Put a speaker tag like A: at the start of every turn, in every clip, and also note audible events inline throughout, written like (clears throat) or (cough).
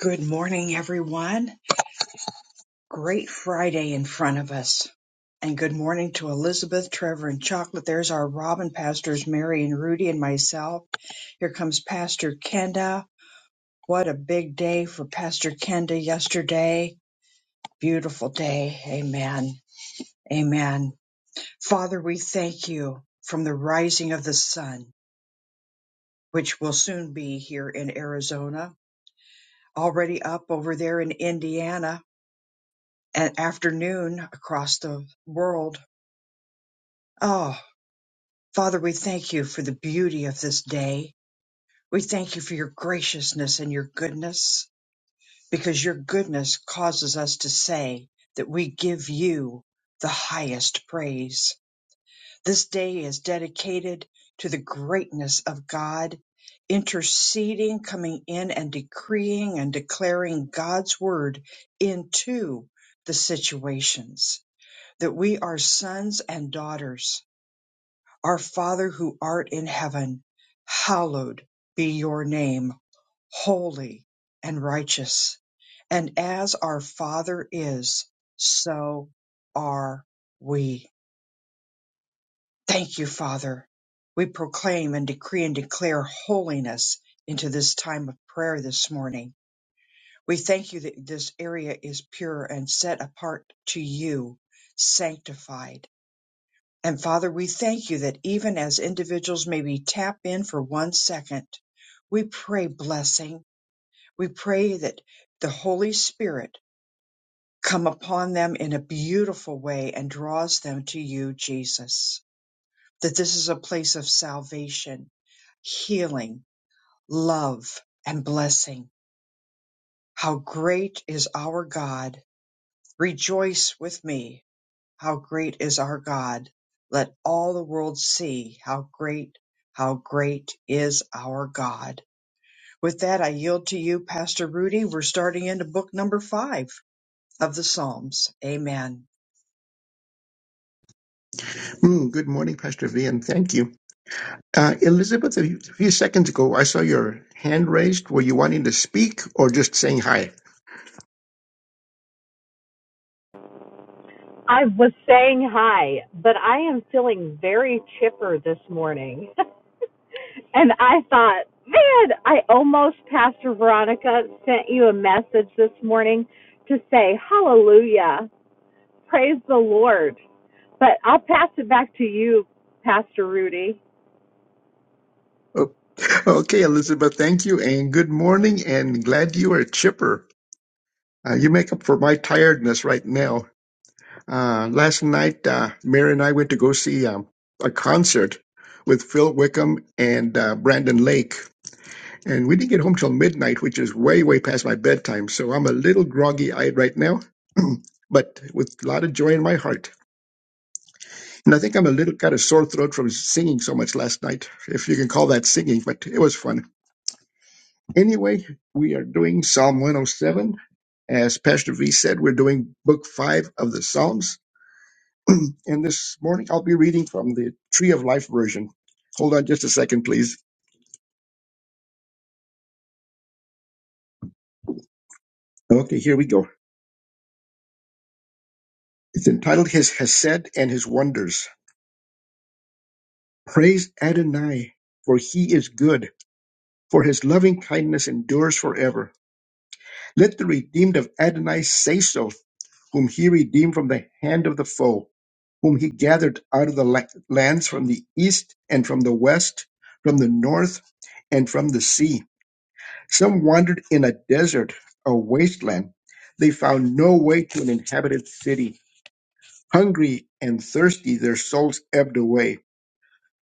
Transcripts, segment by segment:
A: Good morning, everyone. Great Friday in front of us. And good morning to Elizabeth, Trevor, and Chocolate. There's our Robin pastors, Mary and Rudy, and myself. Here comes Pastor Kenda. What a big day for Pastor Kenda yesterday. Beautiful day. Amen. Amen. Father, we thank you from the rising of the sun, which will soon be here in Arizona, already up over there in Indiana and afternoon across the world. Oh, Father, we thank you for the beauty of this day. We thank you for your graciousness and your goodness, because your goodness causes us to say that we give you the highest praise. This day is dedicated to the greatness of God, interceding, coming in and decreeing and declaring God's word into the situations that we are sons and daughters. Our Father who art in heaven, hallowed be your name, holy and righteous. And as our Father is, so are we. Thank you, Father. We proclaim and decree and declare holiness into this time of prayer this morning. We thank you that this area is pure and set apart to you, sanctified. And Father, we thank you that even as individuals maybe tap in for one second, we pray blessing. We pray that the Holy Spirit come upon them in a beautiful way and draws them to you, Jesus. That this is a place of salvation, healing, love, and blessing. How great is our God! Rejoice with me How great is our God! Let all the world see how great, how great is our God. With that, I yield to you, Pastor Rudy. We're starting into book number five of the Psalms. Amen.
B: Mm, good morning, Pastor V, and thank you. Uh, Elizabeth, a few a few seconds ago, I saw your hand raised. Were you wanting to speak or just saying hi?
C: I was saying hi, but I am feeling very chipper this morning. (laughs) and I thought, man, I almost, Pastor Veronica, sent you a message this morning to say, hallelujah, praise the Lord. But I'll pass it back to you, Pastor Rudy.
B: Oh, (laughs) okay, Elizabeth, thank you, and good morning, and glad you are chipper. Uh, you make up for my tiredness right now. Uh, last night, uh, Mary and I went to go see um, a concert with Phil Wickham and uh, Brandon Lake. And we didn't get home till midnight, which is way, way past my bedtime. So I'm a little groggy eyed right now, (clears throat) but with a lot of joy in my heart. And I think I'm a little got a sore throat from singing so much last night, if you can call that singing, but it was fun. Anyway, we are doing Psalm 107. As Pastor V said, we're doing book five of the Psalms. (clears throat) and this morning I'll be reading from the Tree of Life version. Hold on just a second, please. Okay, here we go. It's entitled His Hesed and His Wonders. Praise Adonai, for he is good, for his loving kindness endures forever. Let the redeemed of Adonai say so, whom he redeemed from the hand of the foe, whom he gathered out of the la- lands from the east and from the west, from the north and from the sea. Some wandered in a desert, a wasteland. They found no way to an inhabited city. Hungry and thirsty, their souls ebbed away.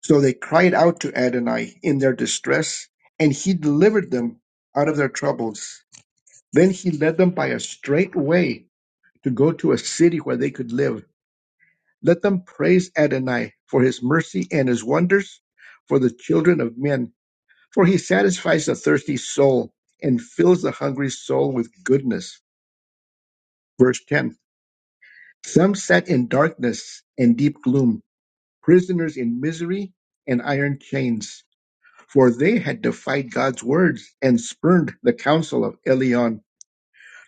B: So they cried out to Adonai in their distress, and he delivered them out of their troubles. Then he led them by a straight way to go to a city where they could live. Let them praise Adonai for his mercy and his wonders for the children of men, for he satisfies the thirsty soul and fills the hungry soul with goodness. Verse 10 Some sat in darkness and deep gloom, prisoners in misery and iron chains. for they had defied God's words and spurned the counsel of Elion.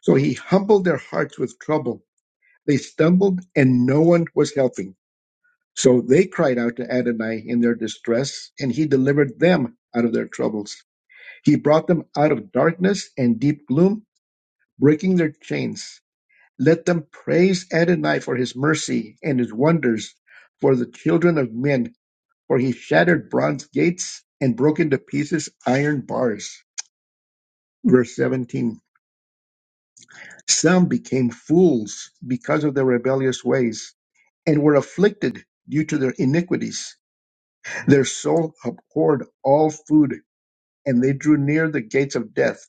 B: So he humbled their hearts with trouble. They stumbled, and no one was helping. So they cried out to Adonai in their distress, and he delivered them out of their troubles. He brought them out of darkness and deep gloom, breaking their chains. Let them praise Adonai for his mercy and his wonders for the children of men, for he shattered bronze gates and broke into pieces iron bars. Verse 17 Some became fools because of their rebellious ways and were afflicted due to their iniquities. Their soul abhorred all food, and they drew near the gates of death.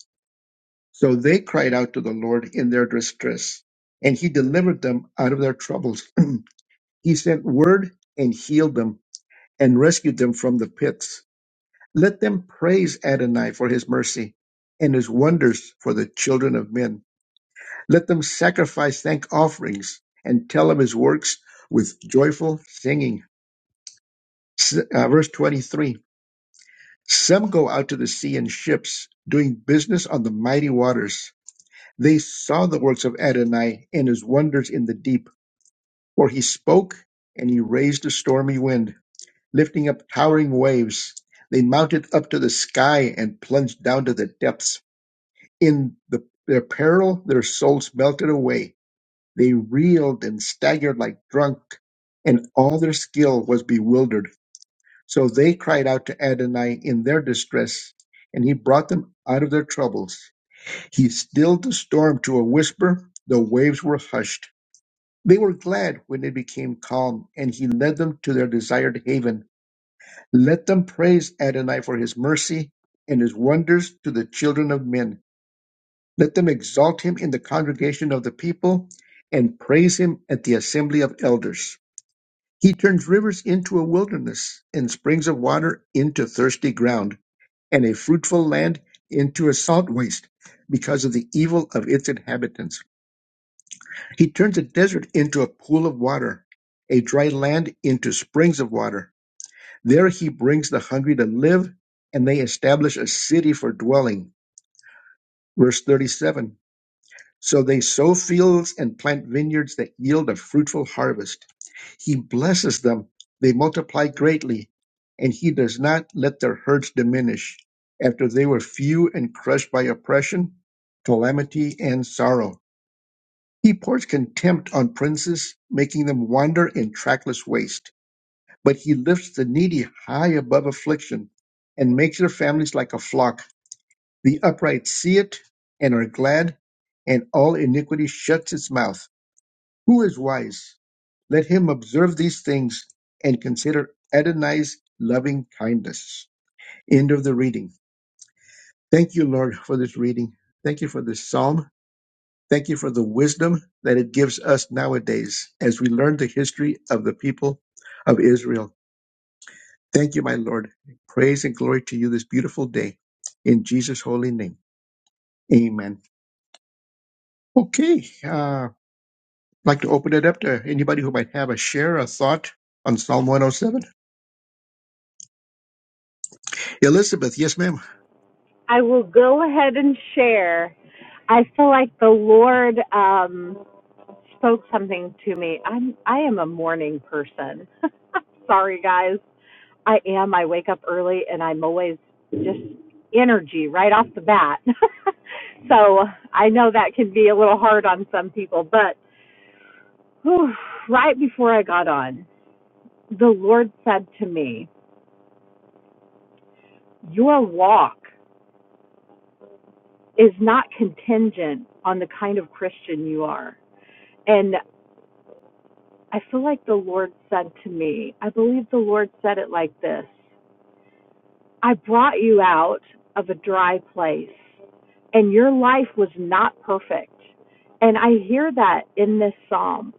B: So they cried out to the Lord in their distress, and he delivered them out of their troubles. (clears throat) He sent word and healed them and rescued them from the pits. Let them praise Adonai for his mercy and his wonders for the children of men Let them sacrifice thank offerings and tell of his works with joyful singing. S- uh, verse 23 Some go out to the sea in ships, doing business on the mighty waters. They saw the works of Adonai and his wonders in the deep, for he spoke and he raised a stormy wind, lifting up towering waves. They mounted up to the sky and plunged down to the depths. In the, their peril, their souls melted away They reeled and staggered like drunk, and all their skill was bewildered. So they cried out to Adonai in their distress, and he brought them out of their troubles. He stilled the storm to a whisper, the waves were hushed. They were glad when it became calm, and he led them to their desired haven. Let them praise Adonai for his mercy and his wonders to the children of men. Let them exalt him in the congregation of the people and praise him at the assembly of elders. He turns rivers into a wilderness, and springs of water into thirsty ground, and a fruitful land into a salt waste because of the evil of its inhabitants. He turns a desert into a pool of water, a dry land into springs of water. There he brings the hungry to live, and they establish a city for dwelling. Verse 37 So they sow fields and plant vineyards that yield a fruitful harvest. He blesses them, they multiply greatly, and he does not let their herds diminish. After they were few and crushed by oppression, calamity, and sorrow, he pours contempt on princes, making them wander in trackless waste. But he lifts the needy high above affliction and makes their families like a flock. The upright see it and are glad, and all iniquity shuts its mouth. Who is wise? Let him observe these things and consider Adonai's loving kindness. End of the reading. Thank you, Lord, for this reading. Thank you for this psalm. Thank you for the wisdom that it gives us nowadays as we learn the history of the people of Israel. Thank you, my Lord. Praise and glory to you this beautiful day. In Jesus' holy name. Amen. Okay. Uh, like to open it up to anybody who might have a share, a thought on Psalm 107. Elizabeth, yes, ma'am.
C: I will go ahead and share. I feel like the Lord um, spoke something to me. I'm I am a morning person. (laughs) Sorry guys. I am. I wake up early and I'm always just energy right off the bat. (laughs) so I know that can be a little hard on some people, but whew, right before I got on, the Lord said to me, Your walk is not contingent on the kind of Christian you are. And I feel like the Lord said to me, I believe the Lord said it like this I brought you out of a dry place and your life was not perfect. And I hear that in this psalm.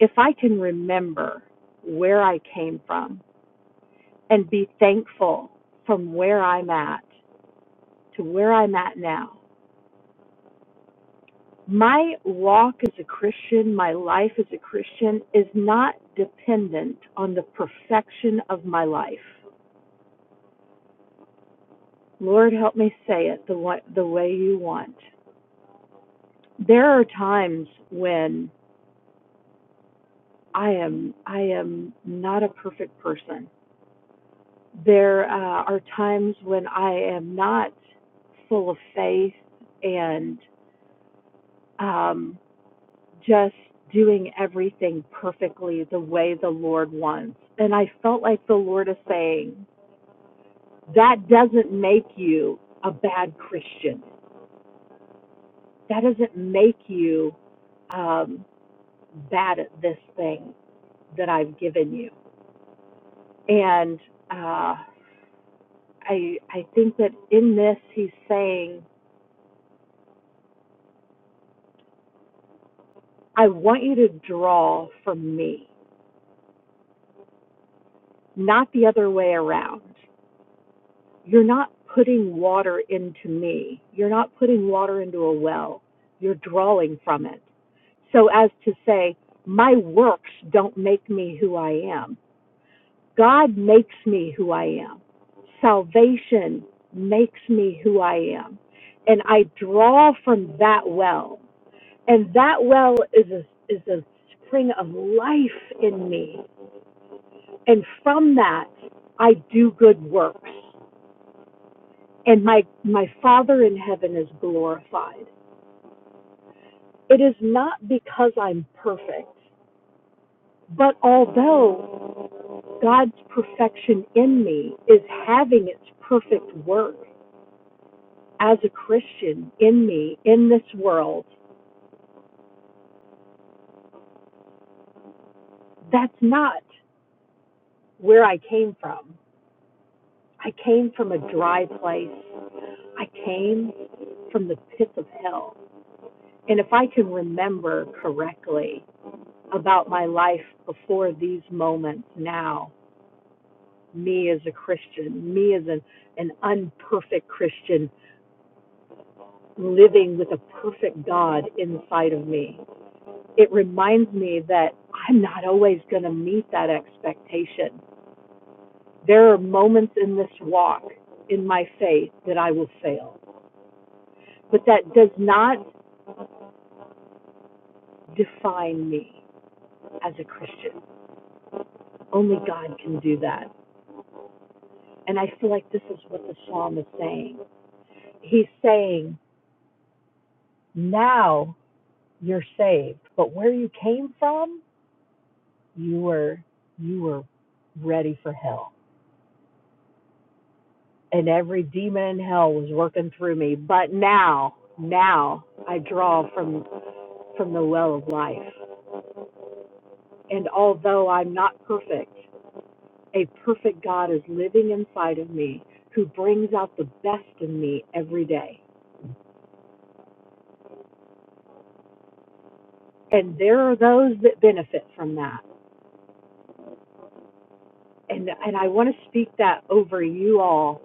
C: If I can remember where I came from and be thankful from where I'm at to where I'm at now, my walk as a Christian, my life as a Christian is not dependent on the perfection of my life. Lord, help me say it the way, the way you want. there are times when I am I am not a perfect person. There uh, are times when I am not full of faith and um, just doing everything perfectly the way the Lord wants. And I felt like the Lord is saying, that doesn't make you a bad Christian. That doesn't make you um, bad at this thing that I've given you. And uh, I I think that in this he's saying, I want you to draw from me, not the other way around. You're not putting water into me. You're not putting water into a well. You're drawing from it. So as to say, my works don't make me who I am. God makes me who I am. Salvation makes me who I am. And I draw from that well. and that well is a is a spring of life in me and from that i do good works and my my father in heaven is glorified it is not because i'm perfect but although god's perfection in me is having its perfect work as a christian in me in this world that's not where i came from i came from a dry place I came from the pits of hell. And if I can remember correctly about my life before these moments now, me as a Christian, me as an, an unperfect Christian living with a perfect God inside of me, it reminds me that I'm not always going to meet that expectation. There are moments in this walk in my faith that I will fail, but that does not define me as a Christian. Only God can do that. And I feel like this is what the psalm is saying. He's saying, now you're saved, but where you came from, you were you were ready for hell. And every demon in hell was working through me, but now, now I draw from from the well of life. And although I'm not perfect, a perfect God is living inside of me who brings out the best in me every day. and there are those that benefit from that. And and I want to speak that over you all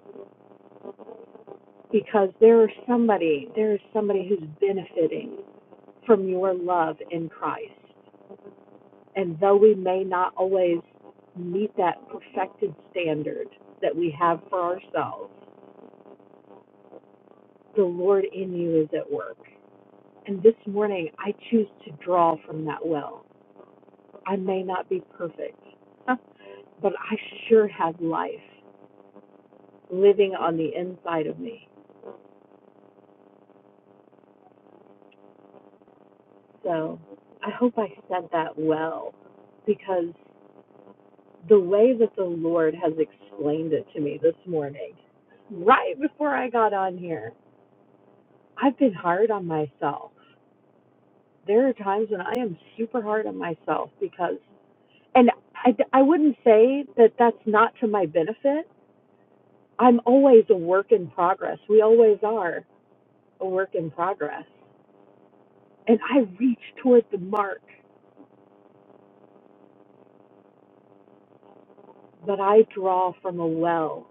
C: because there is somebody, there is somebody who's benefiting from your love in Christ. And though we may not always meet that perfected standard that we have for ourselves, the Lord in you is at work. And this morning I choose to draw from that well. I may not be perfect, but I sure have life living on the inside of me. So I hope I said that well because the way that the Lord has explained it to me this morning, right before I got on here, I've been hard on myself. There are times when I am super hard on myself because, and I, I wouldn't say that that's not to my benefit. I'm always a work in progress. We always are a work in progress. And I reach toward the mark but I draw from a well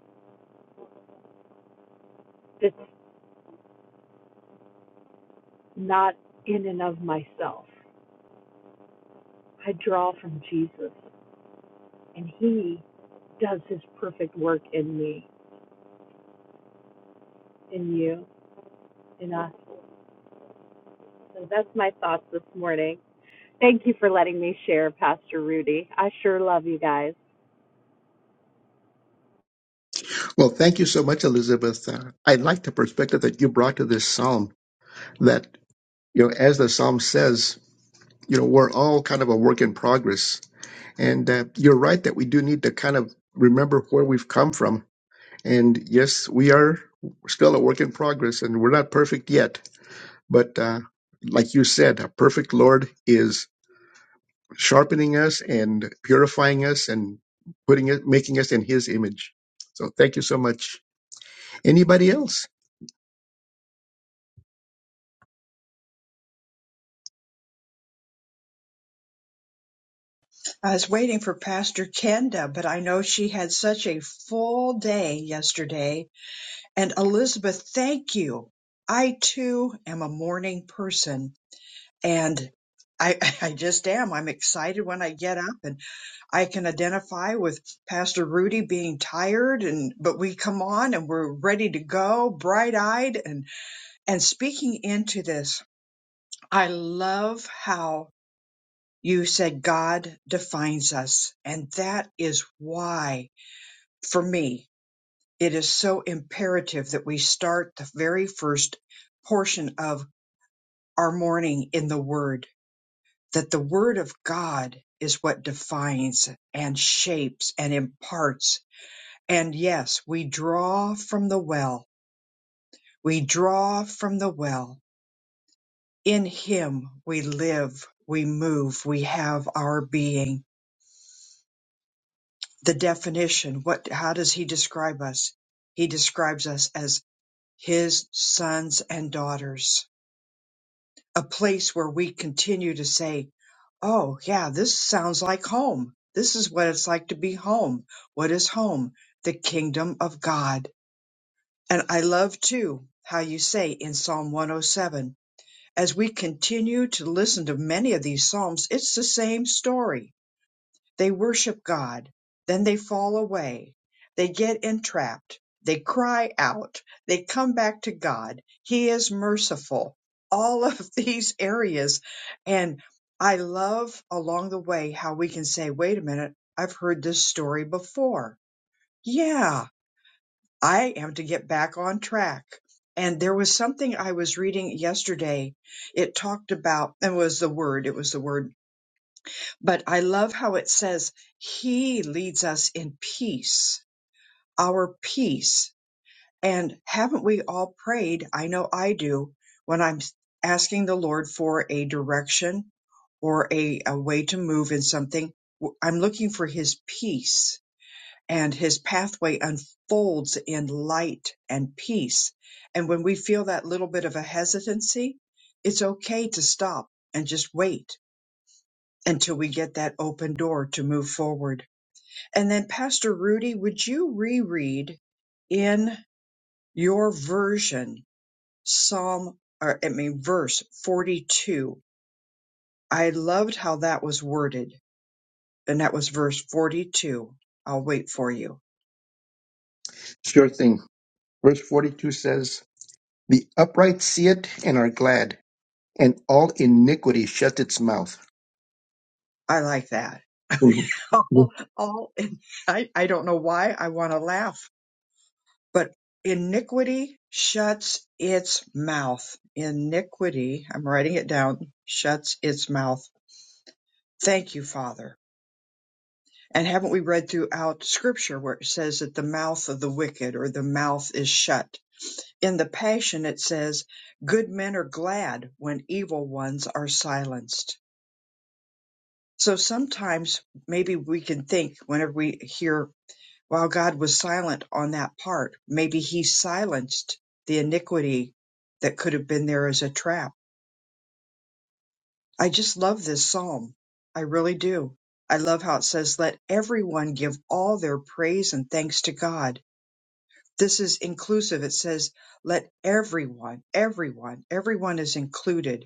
C: that's not in and of myself. I draw from Jesus, and He does His perfect work in me, in you, in us. So that's my thoughts this morning. Thank you for letting me share, Pastor Rudy. I sure love you guys.
B: Well, thank you so much, Elizabeth. Uh, I like the perspective that you brought to this psalm that, you know, as the psalm says, you know, we're all kind of a work in progress. And uh, you're right that we do need to kind of remember where we've come from. And yes, we are still a work in progress and we're not perfect yet. But uh, like you said, a perfect Lord is sharpening us and purifying us and putting it, making us in His image. So thank you so much. Anybody else?
A: I was waiting for Pastor Kenda, but I know she had such a full day yesterday. And Elizabeth, thank you. I too am a morning person and I, (laughs) I just am. I'm excited when I get up and. I can identify with Pastor Rudy being tired and but we come on and we're ready to go, bright-eyed and and speaking into this. I love how you said God defines us and that is why for me it is so imperative that we start the very first portion of our morning in the word that the word of God is what defines and shapes and imparts And yes, we draw from the well. We draw from the well. In Him we live, we move, we have our being. The definition, what, how does He describe us? He describes us as His sons and daughters, a place where we continue to say, Oh yeah, this sounds like home. This is what it's like to be home. What is home? The kingdom of God And I love too how you say in Psalm 107, as we continue to listen to many of these Psalms, it's the same story. They worship God, then they fall away, they get entrapped, they cry out, they come back to God. He is merciful. All of (laughs) these areas. And I love along the way how we can say, wait a minute, I've heard this story before. Yeah, I am to get back on track. And there was something I was reading yesterday. It talked about, and was the word, it was the word, but I love how it says, He leads us in peace, our peace. And haven't we all prayed? I know I do when I'm asking the Lord for a direction or a, a way to move in something. w- I'm looking for His peace and his pathway unfolds in light and peace. And when we feel that little bit of a hesitancy, it's okay to stop and just wait until we get that open door to move forward. And then, Pastor Rudy, would you reread in your version Psalm, or I mean, verse 42? I loved how that was worded, and that was verse 42. I'll wait for you.
B: Sure thing. Verse 42 says, The upright see it and are glad, and all iniquity shut its mouth.
A: I like that.
B: Mhm.
A: (laughs) all, all I, I don't know why I want to laugh, but iniquity shuts its mouth. Iniquity, I'm writing it down, shuts its mouth. Thank you, Father. And haven't we read throughout scripture where it says that the mouth of the wicked or the mouth is shut? In the Passion, it says, good men are glad when evil ones are silenced. So sometimes maybe we can think whenever we hear While God was silent on that part, maybe he silenced the iniquity that could have been there as a trap. I just love this psalm. I really do. I love how it says, Let everyone give all their praise and thanks to God. This is inclusive. It says, Let everyone, everyone, everyone is included.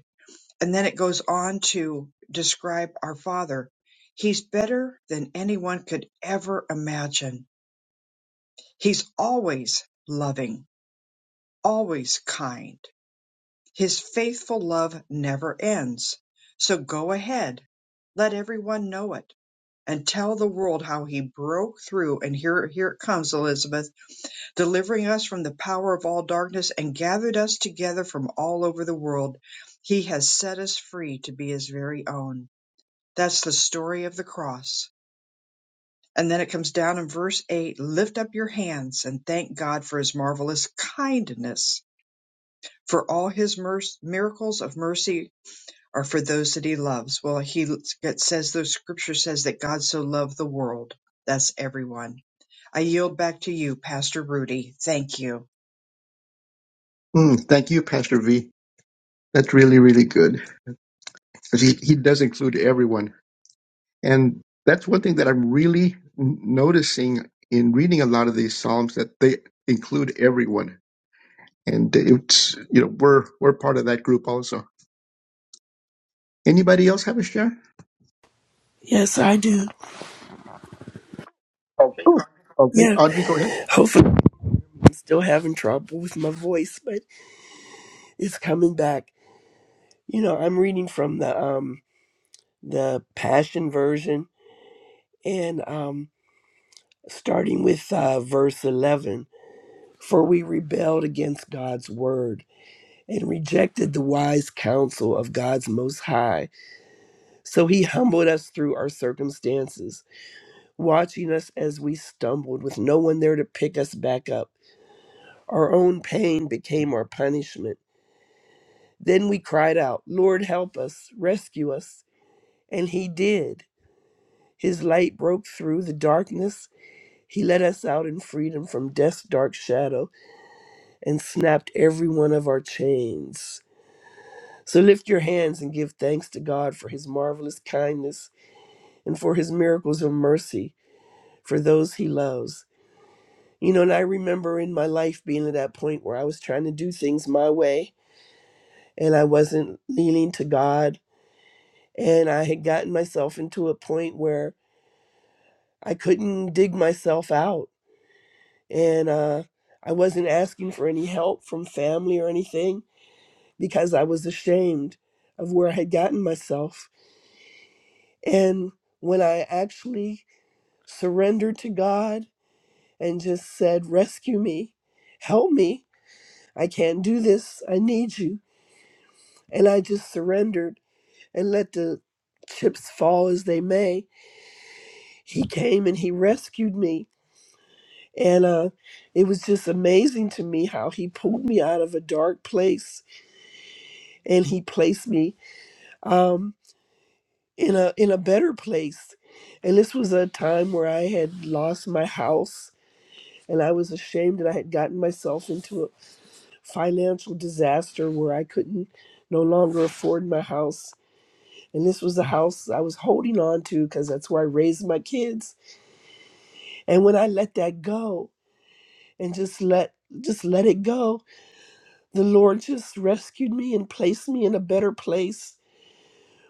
A: And then it goes on to describe our Father. He's better than anyone could ever imagine. He's always loving always kind. His faithful love never ends. So go ahead, let everyone know it, and tell the world how he broke through. And here, here it comes, Elizabeth, delivering us from the power of all darkness and gathered us together from all over the world. He has set us free to be his very own. That's the story of the cross. And then it comes down in verse 8 lift up your hands and thank God for his marvelous kindness For all his mer- miracles of mercy are for those that he loves. Well, he it says the scripture says that God so loved the world. That's everyone. I yield back to you, Pastor Rudy. Thank you.
B: Mm, thank you, Pastor V. That's really, really good. Because he, he does include everyone. And that's one thing that I'm really n- noticing in reading a lot of these Psalms that they include everyone and it's you know we're we're part of that group also. Anybody else have a share?
D: Yes, I do. Okay.
B: Oh, okay.
D: Yeah,
B: Audrey, go ahead.
D: hopefully I'm still having trouble with my voice, but it's coming back. You know, I'm reading from the um the Passion version and um starting with uh, verse 11. For we rebelled against God's word and rejected the wise counsel of God's most high. So he humbled us through our circumstances, watching us as we stumbled with no one there to pick us back up. Our own pain became our punishment Then we cried out, Lord, help us, rescue us. And he did. His light broke through the darkness. He led us out in freedom from death's dark shadow and snapped every one of our chains. So lift your hands and give thanks to God for his marvelous kindness and for his miracles of mercy for those he loves. You know, and I remember in my life being at that point where I was trying to do things my way and I wasn't leaning to God. And I had gotten myself into a point where I couldn't dig myself out. And uh, I wasn't asking for any help from family or anything because I was ashamed of where I had gotten myself. And when I actually surrendered to God and just said, Rescue me, help me, I can't do this, I need you. And I just surrendered and let the chips fall as they may. He came and He rescued me And uh, it was just amazing to me how he pulled me out of a dark place and he placed me um, in a in a better place. And this was a time where I had lost my house and I was ashamed that I had gotten myself into a financial disaster where I couldn't no longer afford my house. And this was the house I was holding on to because that's where I raised my kids. And when I let that go and just let just let it go, the Lord just rescued me and placed me in a better place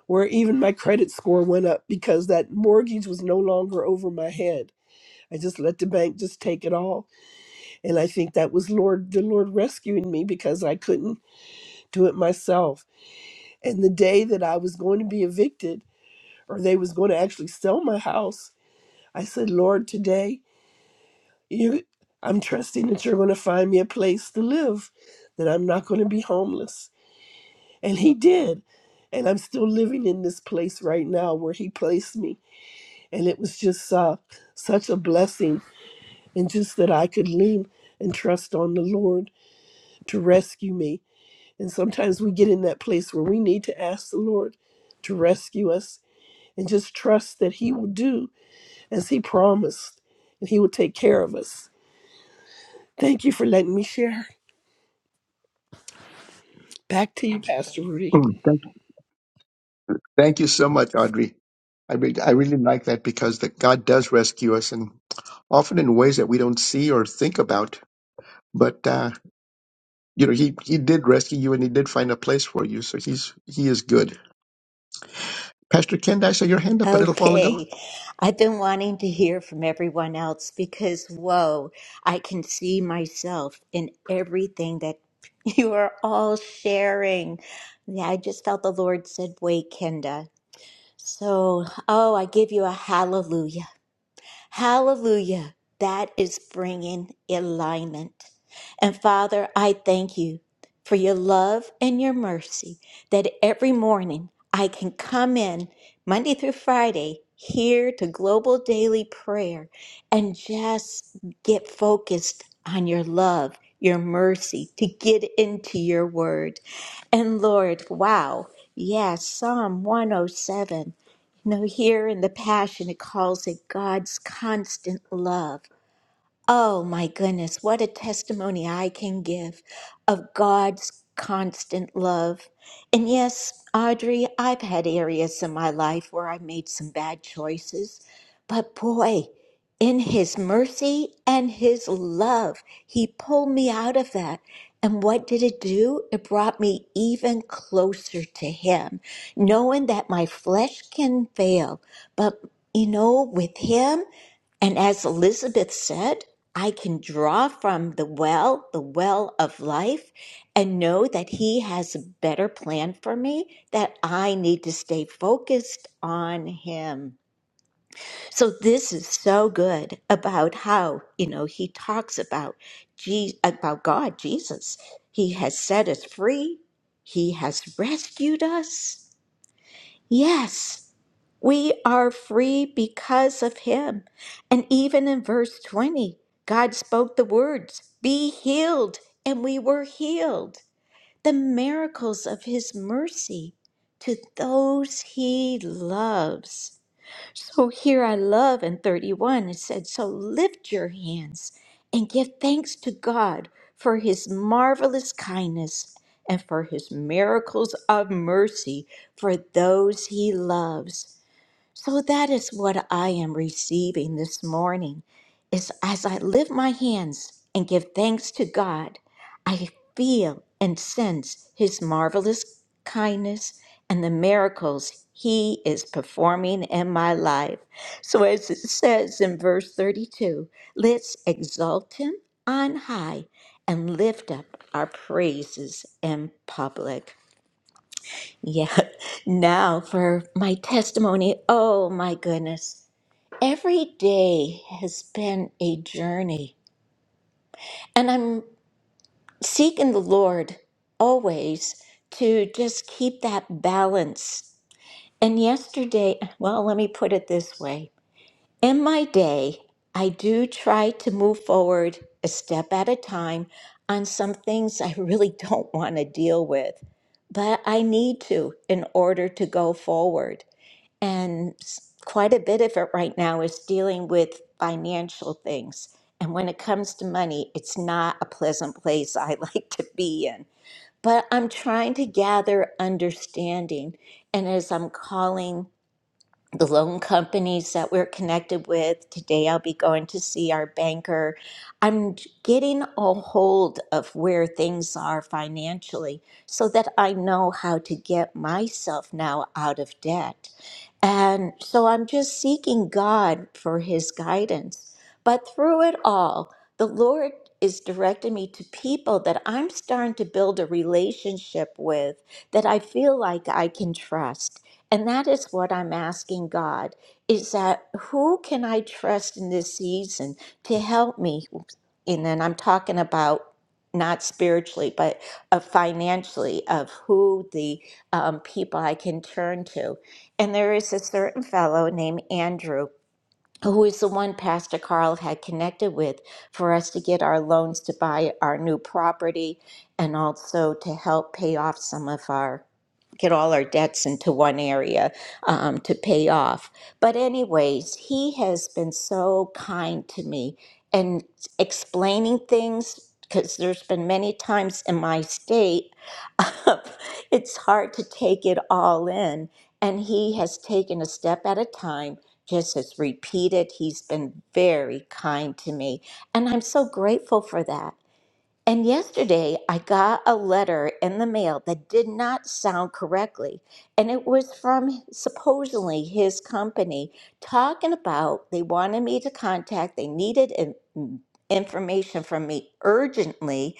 D: where even my credit score went up because that mortgage was no longer over my head. I just let the bank just take it all. And I think that was Lord the Lord rescuing me because I couldn't do it myself. And the day that I was going to be evicted or they was going to actually sell my house, I said, Lord, today you I'm trusting that you're going to find me a place to live, that I'm not going to be homeless. And he did. And I'm still living in this place right now where he placed me. And it was just uh, such a blessing. And just that I could lean and trust on the Lord to rescue me. And sometimes we get in that place where we need to ask the Lord to rescue us and just trust that he will do as he promised and he will take care of us. Thank you for letting me share. Back to you, Pastor Rudy.
B: Mm, thank you. Thank you so much, Audrey. I re- I really like that because that God does rescue us, and often in ways that we don't see or think about. But uh, you know, he he did rescue you, and he did find a place for you. So he's he is good. Pastor Kenda, I saw your hand up a little while ago.
E: Okay. I've been wanting to hear from everyone else because, whoa, I can see myself in everything that (laughs) you are all sharing. Yeah, I just felt the Lord said, Wait, Kenda. So, oh, I give you a hallelujah Hallelujah. That is bringing alignment. And Father, I thank you for your love and your mercy that every morning I can come in Monday through Friday here to Global Daily Prayer and just get focused on your love, your mercy, to get into your word. And Lord, wow. Yes, Psalm 107. You know, here in the Passion, it calls it God's constant love. Oh my goodness, what a testimony I can give of God's constant love. And yes, Audrey, I've had areas in my life where I made some bad choices, but boy, in His mercy and His love, He pulled me out of that. And what did it do? It brought me even closer to Him, knowing that my flesh can fail, but you know, with Him, and as Elizabeth said, I can draw from the well, the well of life, and know that He has a better plan for me, that I need to stay focused on Him. So, this is so good about how, you know, He talks about, Je- about God, Jesus. He has set us free, He has rescued us. Yes, we are free because of him. And even in verse 20, God spoke the words, Be healed, and we were healed. The miracles of his mercy to those he loves. So here I love in 31, it said, So lift your hands and give thanks to God for his marvelous kindness and for his miracles of mercy for those he loves. So that is what I am receiving this morning. Is as I lift my hands and give thanks to God, I feel and sense his marvelous kindness and the miracles he is performing in my life. So as it says in verse 32, let's exalt him on high and lift up our praises in public. Yeah. (laughs) Now for my testimony. Oh my goodness. Every day has been a journey. And I'm seeking the Lord always to just keep that balance. And yesterday, well, let me put it this way in my day, I do try to move forward a step at a time on some things I really don't want to deal with, but I need to in order to go forward. And s- quite a bit of it right now is dealing with financial things. And when it comes to money, it's not a pleasant place I (laughs) like to be in. But I'm trying to gather understanding. And as I'm calling the loan companies that we're connected with. Today I'll be going to see our banker. I'm getting a hold of where things are financially so that I know how to get myself now out of debt. And so I'm just seeking God for his guidance. But through it all, the Lord is directing me to people that I'm starting to build a relationship with that I feel like I can trust. And that is what I'm asking God is that who can I trust in this season to help me? And then I'm talking about not spiritually, but uh, financially, of who the um, people I can turn to. And there is a certain fellow named Andrew who is the one Pastor Carl had connected with for us to get our loans to buy our new property and also to help pay off some of our get all our debts into one area um, to pay off. But anyways, he has been so kind to me and explaining things because there's been many times in my state (laughs) it's hard to take it all in and he has taken a step at a time just has repeated. He's been very kind to me. And I'm so grateful for that. And yesterday I got a letter in the mail that did not sound correctly. And it was from supposedly his company talking about they wanted me to contact, they needed in- mm, information from me urgently.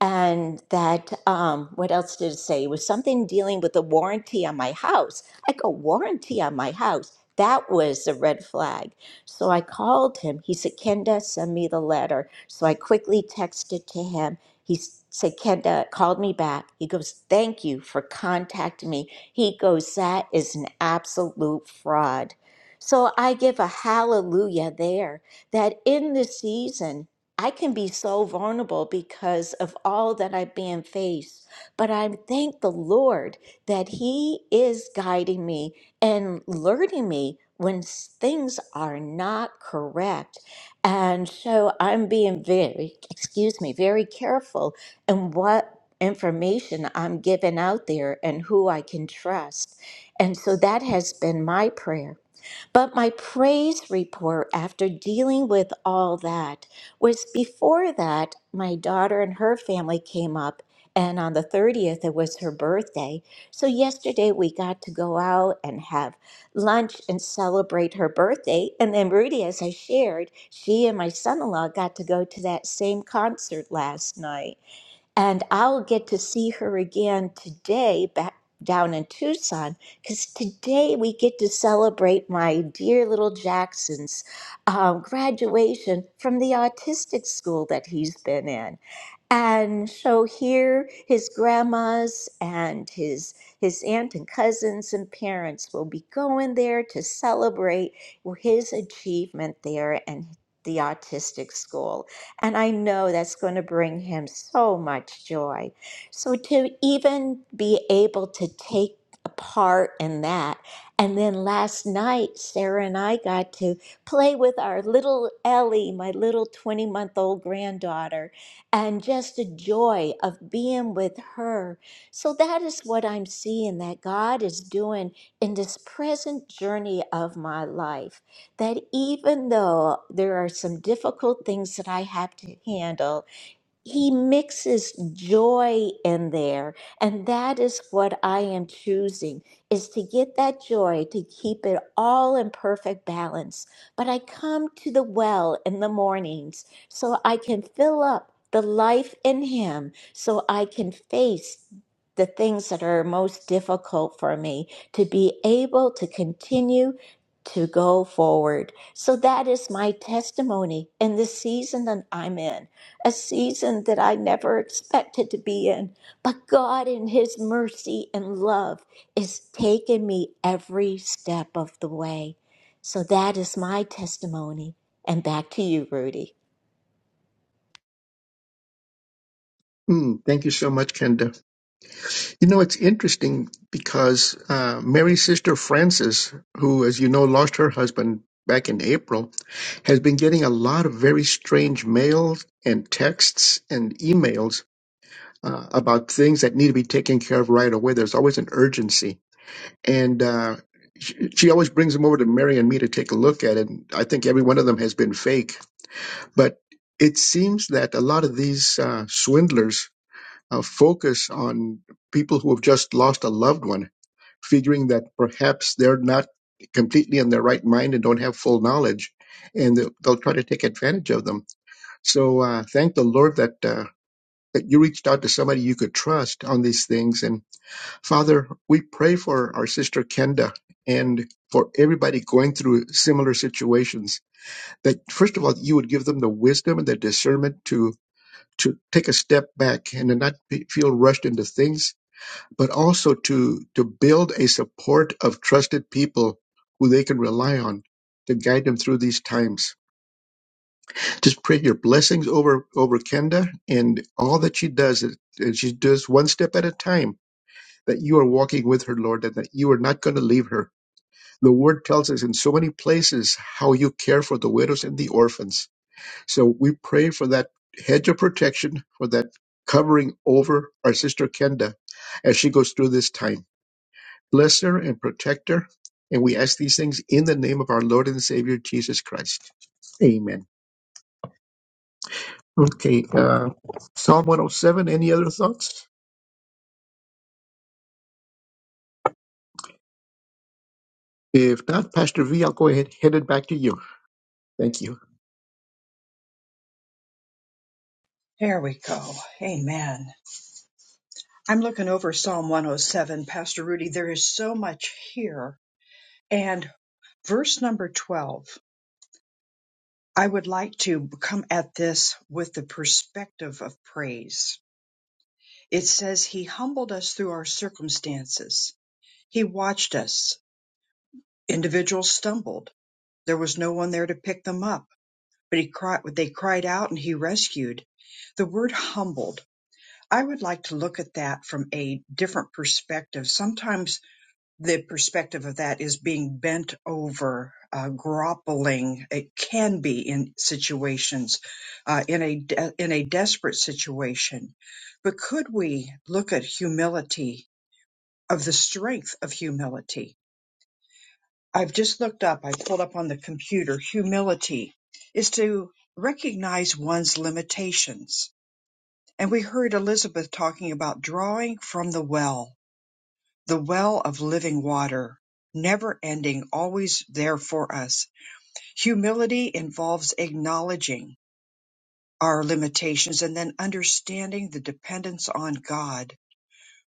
E: And that, um, what else did it say? It was something dealing with a warranty on my house. I go, warranty on my house. That was a red flag. So I called him. He said, Kenda, send me the letter. So I quickly texted to him. He s- said, Kenda called me back. He goes, Thank you for contacting me. He goes, That is an absolute fraud. So I give a hallelujah there that in this season, I can be so vulnerable because of all that I'm being faced. But I thank the Lord that He is guiding me and alerting me when s- things are not correct. And so I'm being very, excuse me, very careful in what information I'm giving out there and who I can trust. And so that has been my prayer but my praise report after dealing with all that was before that, my daughter and her family came up, and on the 30th, it was her birthday. So yesterday, we got to go out and have lunch and celebrate her birthday. And then, Rudy, as I shared, she and my son in law got to go to that same concert last night. And I'll get to see her again today back down in Tucson because today we get to celebrate my dear little Jackson's um, graduation from the autistic school that he's been in. And so here, his grandmas and his his aunt and cousins and parents will be going there to celebrate his achievement there and the autistic school. And I know that's going to bring him so much joy. So to even be able to take a part in that. And then last night, Sarah and I got to play with our little Ellie, my little 20 month old granddaughter and just the joy of being with her. So that is what I'm seeing that God is doing in this present journey of my life. That even though there are some difficult things that I have to handle, he mixes joy in there and that is what i am choosing is to get that joy to keep it all in perfect balance but i come to the well in the mornings so i can fill up the life in him so i can face the things that are most difficult for me to be able to continue to go forward so that is my testimony in the season that i'm in a season that I never expected to be in. But God, in His mercy and love, is taking me every step of the way. So that is my testimony. And back to you, Rudy.
B: Mm, thank you so much, Kenda. You know, it's interesting because uh, Mary's sister Frances, who, as you know, lost her husband back in April, has been getting a lot of very strange mails and texts and emails uh, about things that need to be taken care of right away. There's always an urgency. And uh, she, she always brings them over to Mary and me to take a look at it. I think every one of them has been fake. But it seems that a lot of these uh, swindlers uh, focus on people who have just lost a loved one figuring that perhaps they're not completely in their right mind and don't have full knowledge, and they'll, they'll try to take advantage of them. So uh, thank the Lord that uh, that you reached out to somebody you could trust on these things. And Father, we pray for our sister Kenda and for everybody going through similar situations. That first of all, you would give them the wisdom and the discernment to to take a step back and to not be, feel rushed into things but also to to build a support of trusted people who they can rely on to guide them through these times. Just pray your blessings over over Kenda and all that she does. It, and she does one step at a time. That you are walking with her, Lord, and that you are not going to leave her. The Word tells us in so many places how you care for the widows and the orphans. So we pray for that hedge of protection, for that covering over our sister Kenda as she goes through this time. Bless her and protect her, And we ask these things in the name of our Lord and Savior Jesus Christ. Amen. Okay, uh, Psalm 107. Any other thoughts? If not, Pastor V, I'll go ahead head it back to you. Thank you.
A: There we go. Amen. I'm looking over Psalm 107, Pastor Rudy. There is so much here. And verse number 12, I would like to come at this with the perspective of praise. It says, He humbled us through our circumstances He watched us. Individuals stumbled. There was no one there to pick them up, but he cried, they cried out and he rescued. The word humbled. I would like to look at that from a different perspective. Sometimes the perspective of that is being bent over, uh, groveling. It can be in situations, uh, in a de- in a desperate situation. But could we look at humility of the strength of humility? I've just looked up, I pulled up on the computer, humility is to recognize one's limitations. And we heard Elizabeth talking about drawing from the well, the well of living water, never ending, always there for us. Humility involves acknowledging our limitations and then understanding the dependence on God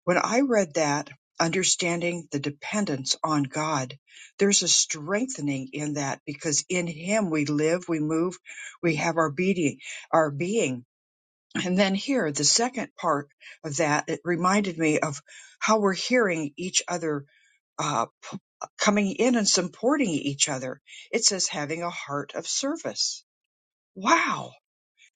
A: When I read that, understanding the dependence on God, there's a strengthening in that because in Him we live, we move, we have our beating, our being. And then here, the second part of that, it reminded me of how we're hearing each other uh, p- coming in and supporting each other. It says having a heart of service. Wow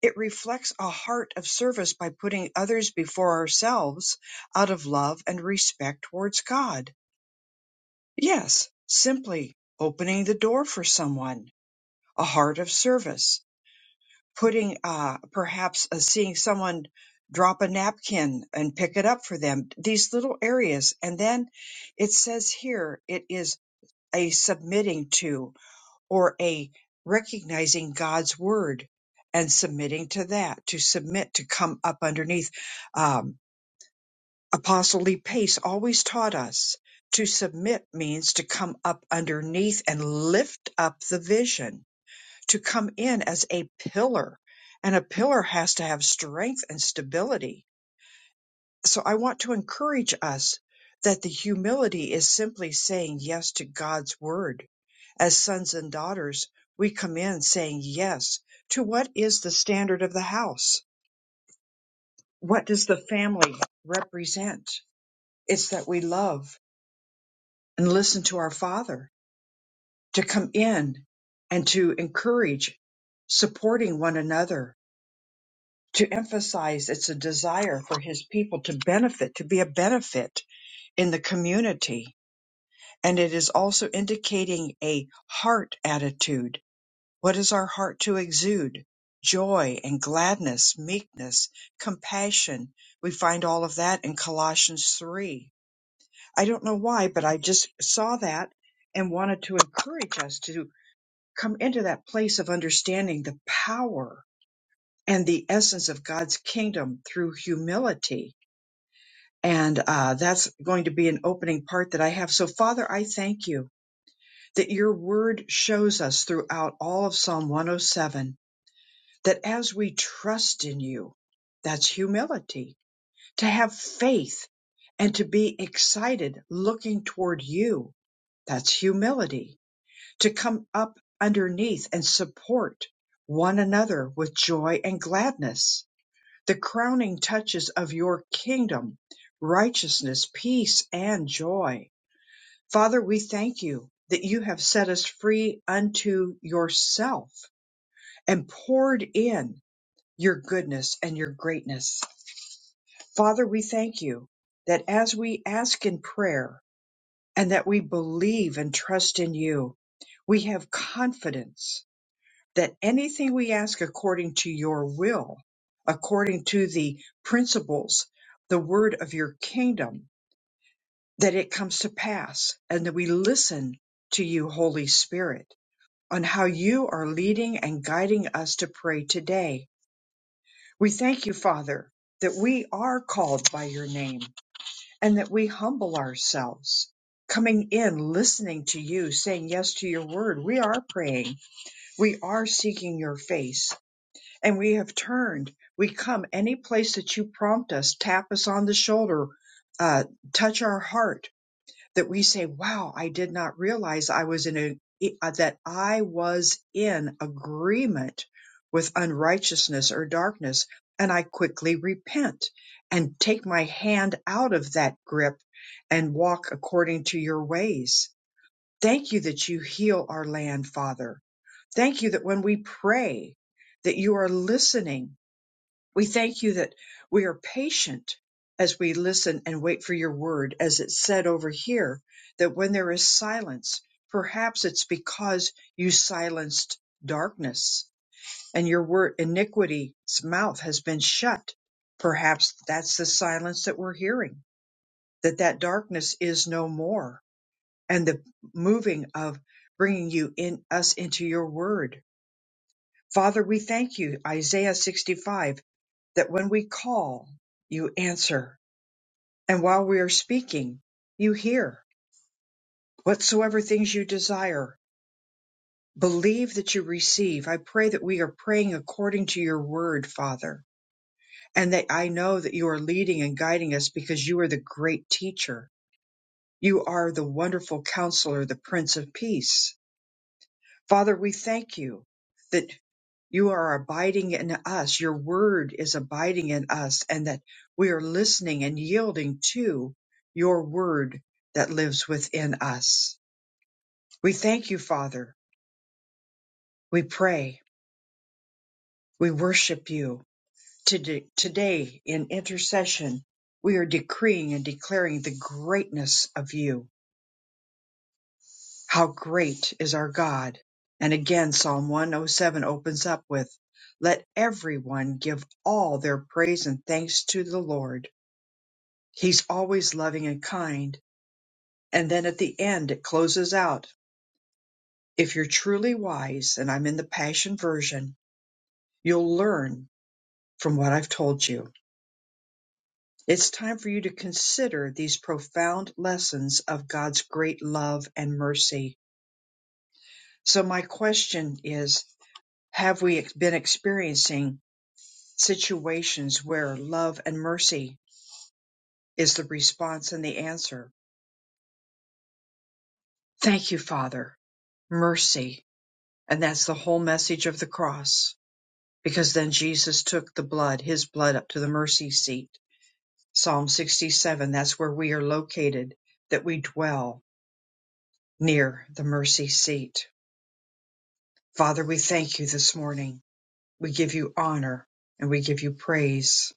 A: it reflects a heart of service by putting others before ourselves out of love and respect towards God. Yes, simply opening the door for someone, a heart of service, putting uh, perhaps uh, seeing someone drop a napkin and pick it up for them, these little areas. And then it says here it is a submitting to or a recognizing God's word and submitting to that, to submit, to come up underneath. Um, Apostle Lee Pace always taught us to submit means to come up underneath and lift up the vision, to come in as a pillar. And a pillar has to have strength and stability so I want to encourage us that the humility is simply saying yes to God's word. As sons and daughters, we come in saying yes to what is the standard of the house? What does the family represent? It's that we love and listen to our Father, to come in and to encourage supporting one another, to emphasize it's a desire for His people to benefit, to be a benefit in the community and it is also indicating a heart attitude. What is our heart to exude? Joy and gladness, meekness, compassion. We find all of that in Colossians 3. I don't know why, but I just saw that and wanted to encourage us to come into that place of understanding the power and the essence of God's kingdom through humility. And uh, that's going to be an opening part that I have. So, Father, I thank you. that your word shows us throughout all of Psalm 107 that as we trust in you, that's humility, to have faith and to be excited looking toward you. That's humility, to come up underneath and support one another with joy and gladness. The crowning touches of your kingdom, righteousness, peace, and joy Father, we thank you that you have set us free unto yourself and poured in your goodness and your greatness. Father, we thank you that as we ask in prayer and that we believe and trust in you, we have confidence that anything we ask according to your will, according to the principles, the word of your kingdom, that it comes to pass and that we listen to you, Holy Spirit on how you are leading and guiding us to pray today. We thank you, Father, that we are called by your name and that we humble ourselves. Coming in, listening to you, saying yes to your word. We are praying. We are seeking your face and we have turned. We come any place that you prompt us, tap us on the shoulder, uh, touch our heart that we say, wow, I did not realize I was in a, uh, that I was in agreement with unrighteousness or darkness. And I quickly repent and take my hand out of that grip and walk according to your ways. Thank you that you heal our land, Father. Thank you that when we pray, that you are listening we thank you that we are patient as we listen and wait for your word, as it's said over here, that when there is silence, perhaps it's because you silenced darkness and your word iniquity's mouth has been shut. Perhaps that's the silence that we're hearing, that that darkness is no more and the moving of bringing you in us into your word Father, we thank you, Isaiah 65, that when we call, you answer. And while we are speaking, you hear whatsoever things you desire. Believe that you receive. I pray that we are praying according to your word, Father, and that I know that you are leading and guiding us because you are the great teacher. You are the wonderful counselor, the Prince of Peace. Father, we thank you You are abiding in us. Your word is abiding in us, and that we are listening and yielding to your word that lives within us. We thank you, Father. We pray. We worship you. Today, today in intercession, we are decreeing and declaring the greatness of you. How great is our God. And again, Psalm 107 opens up with, Let everyone give all their praise and thanks to the Lord He's always loving and kind. And then at the end it closes out. If you're truly wise, and I'm in the Passion Version, you'll learn from what I've told you. It's time for you to consider these profound lessons of God's great love and mercy. So, my question is Have we ex- been experiencing situations where love and mercy is the response and the answer? Thank you, Father. Mercy. And that's the whole message of the cross because then Jesus took the blood, his blood up to the mercy seat. Psalm 67, that's where we are located, that we dwell near the mercy seat. Father, we thank you this morning. We give you honor and we give you praise.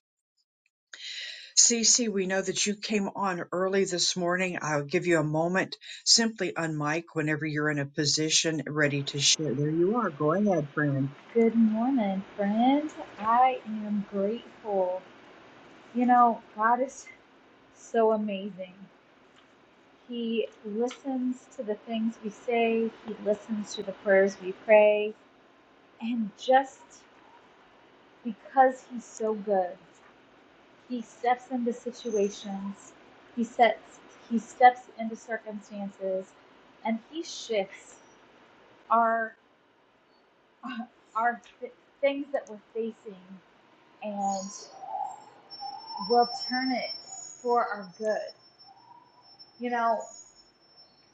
A: Cece, we know that you came on early this morning. I'll give you a moment simply on mic whenever you're in a position ready to share. There you are. Go ahead, friend.
F: Good morning, friend. I am grateful. You know, God is so amazing. He listens to the things we say, He listens to the prayers we pray. And just because He's so good, He steps into situations, He sets He steps into circumstances, and He shifts our our th- things that we're facing and. will turn it for our good. You know,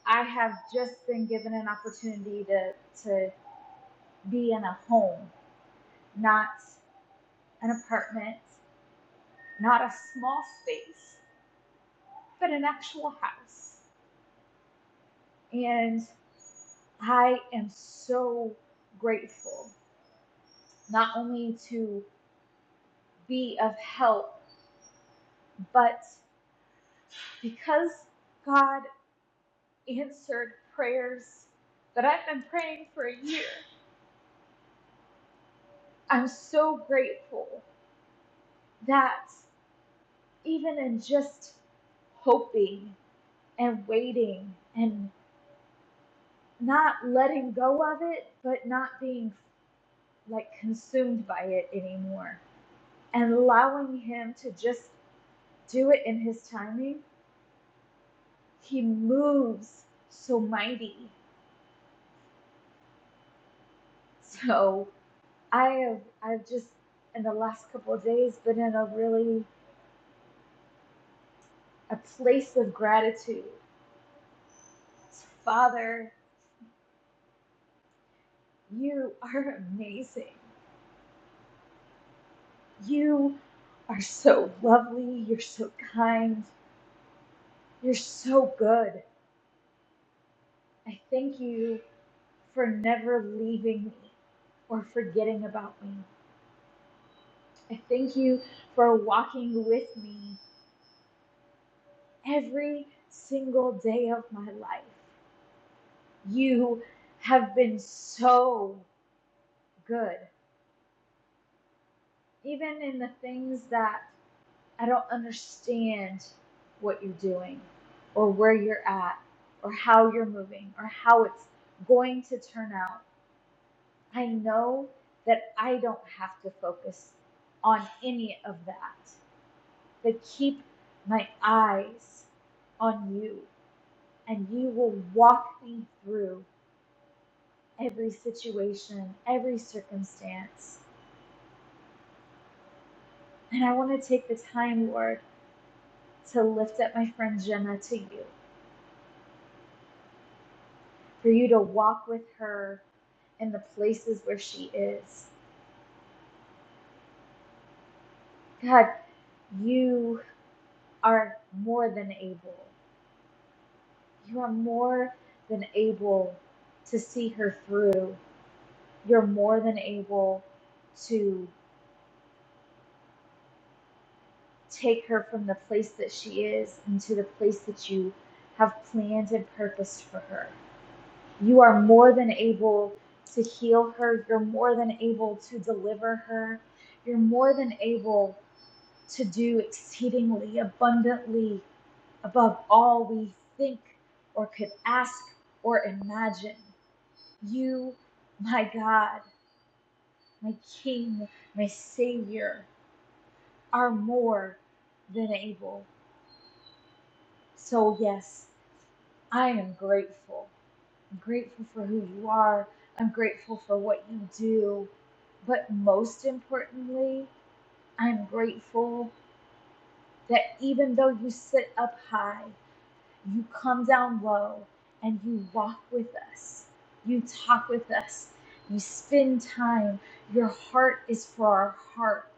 F: I have just been given an opportunity to to be in a home, not an apartment, not a small space, but an actual house. And I am so grateful not only to be of help, but because God answered prayers that I've been praying for a year. I'm so grateful that even in just hoping and waiting and not letting go of it, but not being like consumed by it anymore and allowing him to just do it in his timing, he moves so mighty. So I have, I've just in the last couple of days been in a really a place of gratitude. Father, you are amazing. You are so lovely. You're so kind. You're so good. I thank you for never leaving me or forgetting about me. I thank you for walking with me every single day of my life. You have been so good, even in the things that I don't understand what you're doing or where you're at or how you're moving or how it's going to turn out. I know that I don't have to focus on any of that, but keep my eyes on you and you will walk me through every situation, every circumstance. And I want to take the time, Lord, to lift up my friend Jenna to you. for you to walk with her in the places where she is. God, you are more than able. You are more than able to see her through. You're more than able to take her from the place that she is into the place that you have planned and purposed for her. You are more than able to heal her. You're more than able to deliver her. You're more than able to do exceedingly abundantly above all we think or could ask or imagine. You, my God, my King, my Savior, are more than able. So, yes, I am grateful. I'm grateful for who you are. I'm grateful for what you do. But most importantly, I'm grateful that even though you sit up high, You come down low and you walk with us. You talk with us. You spend time. Your heart is for our heart.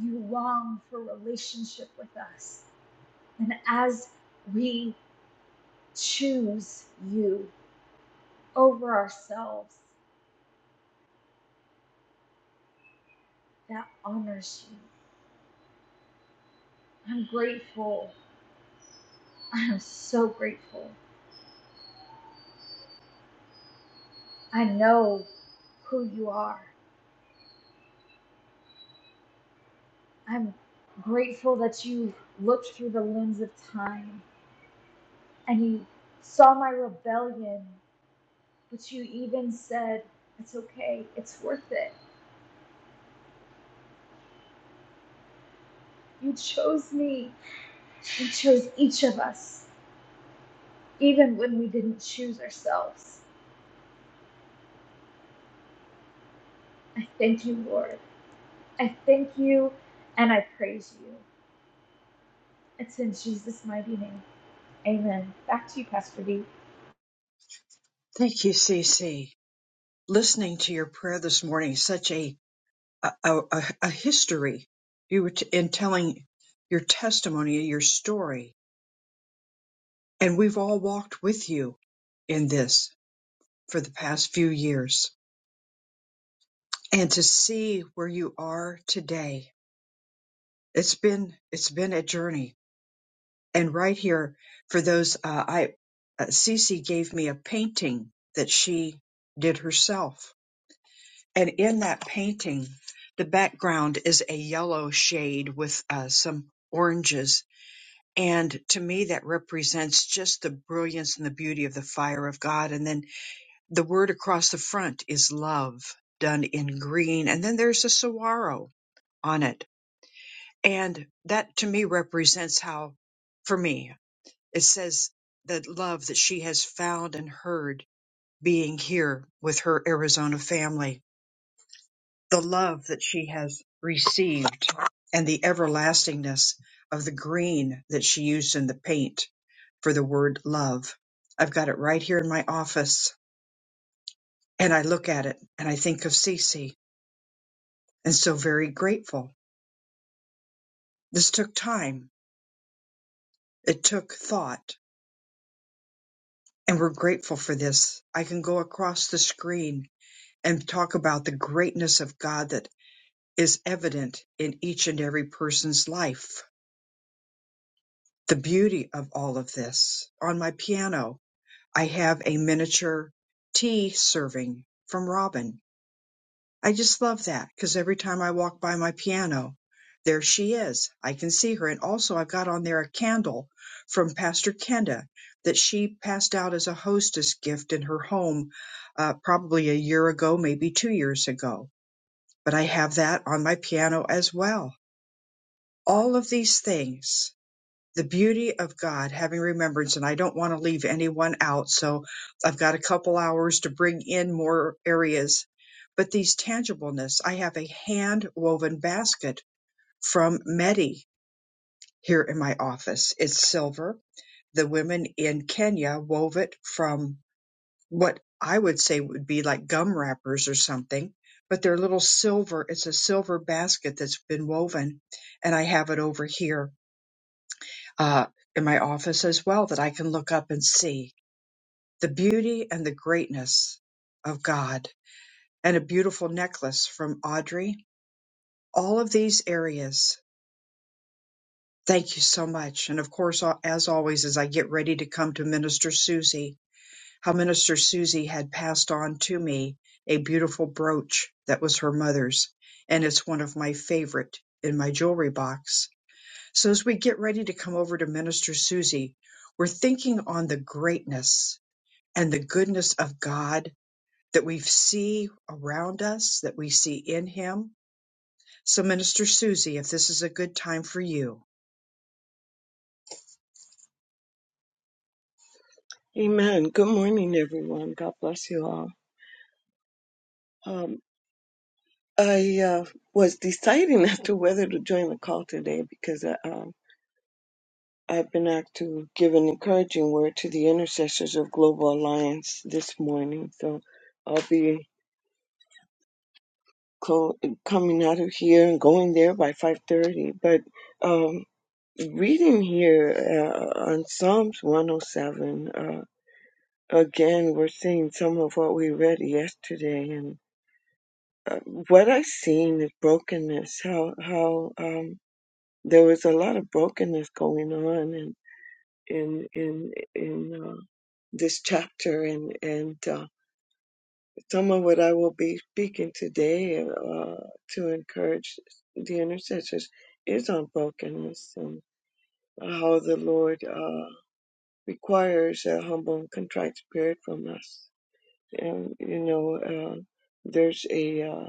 F: You long for relationship with us. And as we choose you over ourselves, that honors you. I'm grateful. I am so grateful. I know who you are. I'm grateful that you looked through the lens of time and you saw my rebellion, but you even said, It's okay, it's worth it. You chose me. You chose each of us, even when we didn't choose ourselves. I thank you, Lord. I thank you and I praise you. It's in Jesus' mighty name. Amen. Back to you, Pastor D.
A: Thank you, Cece. Listening to your prayer this morning, such a a, a, a- history. You were t- in telling your testimony, your story, and we've all walked with you in this for the past few years. And to see where you are today, it's been it's been a journey. And right here for those, uh, I uh, Cece gave me a painting that she did herself, and in that painting, the background is a yellow shade with uh, some oranges And to me, that represents just the brilliance and the beauty of the fire of God. And then the word across the front is love done in green. And then there's a saguaro on it. And that to me represents how, for me, it says the love that she has found and heard being here with her Arizona family, the love that she has received and the everlastingness of the green that she used in the paint for the word love. I've got it right here in my office and I look at it and I think of Cece and so very grateful. This took time. It took thought and we're grateful for this. I can go across the screen and talk about the greatness of God that is evident in each and every person's life. The beauty of all of this. On my piano, I have a miniature tea serving from Robin I just love that because every time I walk by my piano, there she is. I can see her. And also, I've got on there a candle from Pastor Kenda that she passed out as a hostess gift in her home uh, probably a year ago, maybe two years ago. But I have that on my piano as well. All of these things the beauty of God having remembrance, and I don't want to leave anyone out, so I've got a couple hours to bring in more areas. But these tangibleness, I have a hand woven basket from Medi here in my office. It's silver. The women in Kenya wove it from what I would say would be like gum wrappers or something, but they're little silver. It's a silver basket that's been woven, and I have it over here uh, in my office as well that I can look up and see the beauty and the greatness of God and a beautiful necklace from Audrey. All of these areas. Thank you so much. And of course, al- as always, as I get ready to come to Minister Susie, how Minister Susie had passed on to me a beautiful brooch that was her mother's. And it's one of my favorite in my jewelry box. So as we get ready to come over to Minister Susie, we're thinking on the greatness and the goodness of God that we see around us, that we see in Him. So, Minister Susie, if this is a good time for you.
G: Amen. Good morning, everyone. God bless you all. Um, I uh, was deciding (laughs) as to whether to join the call today because uh, um, I've been asked to give an encouraging word to the intercessors of Global Alliance this morning. So I'll be co- coming out of here and going there by 5.30. But um, reading here uh, on Psalms 107, uh, again, we're seeing some of what we read yesterday. uh, what I seen is brokenness. How how um, there was a lot of brokenness going on in in in in uh, this chapter, and and uh, some of what I will be speaking today uh, to encourage the intercessors is on brokenness and how the Lord uh, requires a humble and contrite spirit from us. And you know, uh, there's a uh,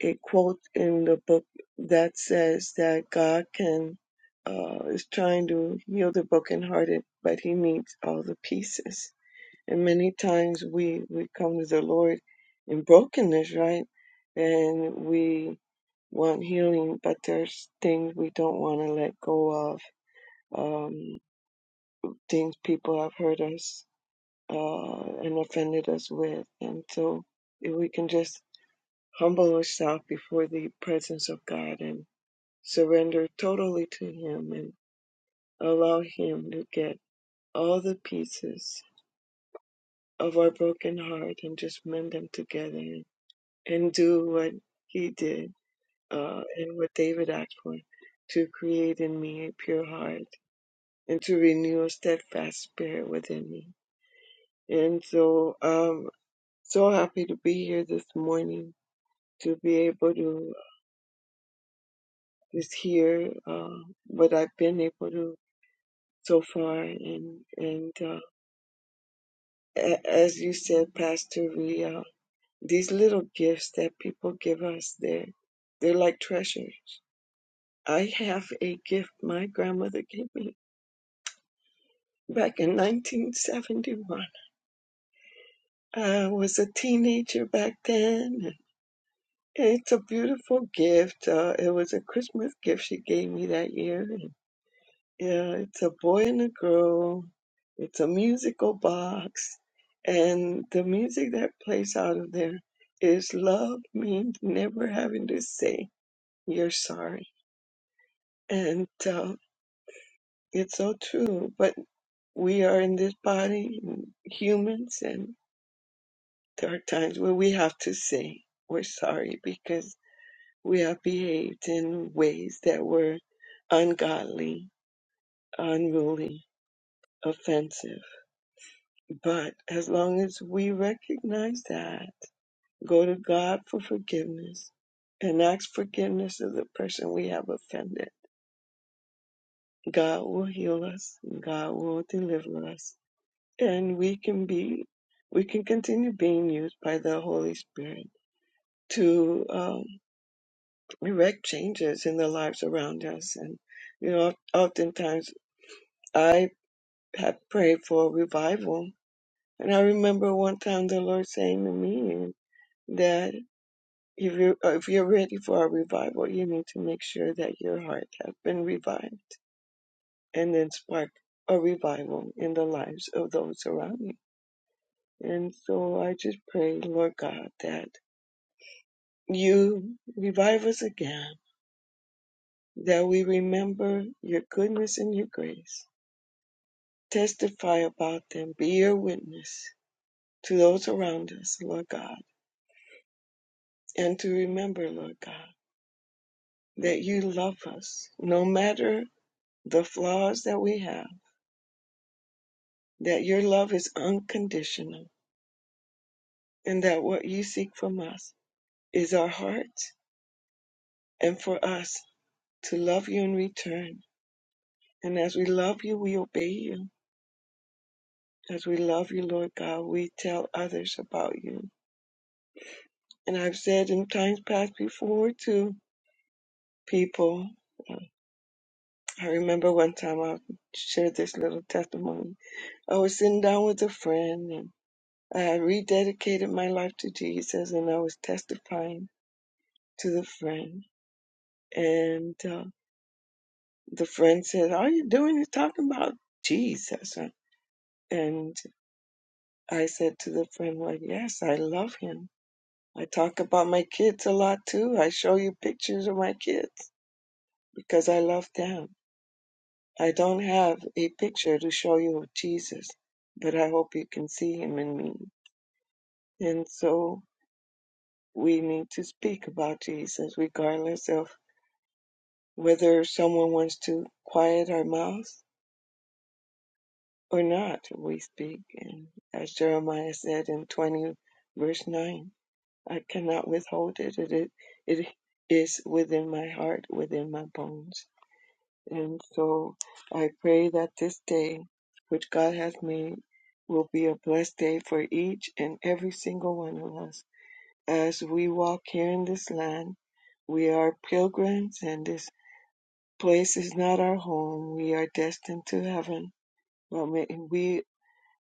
G: a quote in the book that says that God can uh, is trying to heal the brokenhearted, but He needs all the pieces. And many times we we come to the Lord in brokenness, right? And we want healing, but there's things we don't want to let go of, um, things people have hurt us uh, and offended us with. And so if we can just humble ourselves before the presence of God and. Surrender totally to Him and allow Him to get all the pieces of our broken heart and just mend them together and do what He did uh, and what David asked for to create in me a pure heart and to renew a steadfast spirit within me. And so, um, so happy to be here this morning to be able to just hear uh, what I've been able to so far and and uh, a- as you said, Pastor Ria, these little gifts that people give us, they're, they're like treasures. I have a gift my grandmother gave me back in 1971. I was a teenager back then. and It's a beautiful gift. Uh, it was a Christmas gift she gave me that year. Yeah, it's a boy and a girl. It's a musical box. And the music that plays out of there is love means never having to say you're sorry. And uh, it's so true. But we are in this body, humans, and there are times where we have to say we're sorry because we have behaved in ways that were ungodly, unruly, offensive But as long as we recognize that, go to God for forgiveness and ask forgiveness of the person we have offended, God will heal us and God will deliver us. And we can be, we can continue being used by the Holy Spirit to um, erect changes in the lives around us. And, you know, oftentimes I have prayed for revival. And I remember one time the Lord saying to me, that. If you're, if you're ready for a revival, you need to make sure that your heart has been revived and then spark a revival in the lives of those around you. And so I just pray, Lord God, that you revive us again, that we remember your goodness and your grace, testify about them, be your witness to those around us, Lord God, and to remember, Lord God, that you love us no matter the flaws that we have that your love is unconditional and that what you seek from us is our hearts and for us to love you in return. And as we love you, we obey you. As we love you, Lord God, we tell others about you. And I've said in times past before to people, uh, I remember one time I shared this little testimony. I was sitting down with a friend and I rededicated my life to Jesus and I was testifying to the friend. And uh, the friend said, All you're doing is talking about Jesus. And I said to the friend, Well, yes, I love him. I talk about my kids a lot too. I show you pictures of my kids because I love them. I don't have a picture to show you of Jesus, but I hope you can see him in me. And so we need to speak about Jesus, regardless of whether someone wants to quiet our mouths or not, we speak. And as Jeremiah said in 20, verse 9, I cannot withhold it. It, it, it is within my heart, within my bones. And so I pray that this day, which God has made, will be a blessed day for each and every single one of us. As we walk here in this land, we are pilgrims, and this place is not our home. We are destined to heaven. Well, may we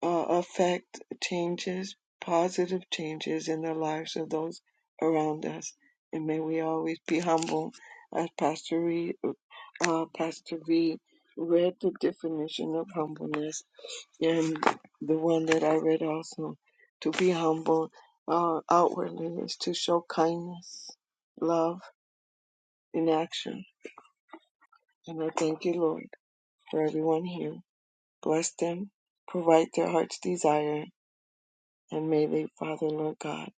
G: uh, affect changes, positive changes in the lives of those around us. And may we always be humble. As Pastor Reed, uh, Pastor V read the definition of humbleness, and the one that I read also, to be humble uh, outwardly is to show kindness, love in action. And I thank you, Lord, for everyone here. Bless them, provide their heart's desire, And may they, Father, Lord God,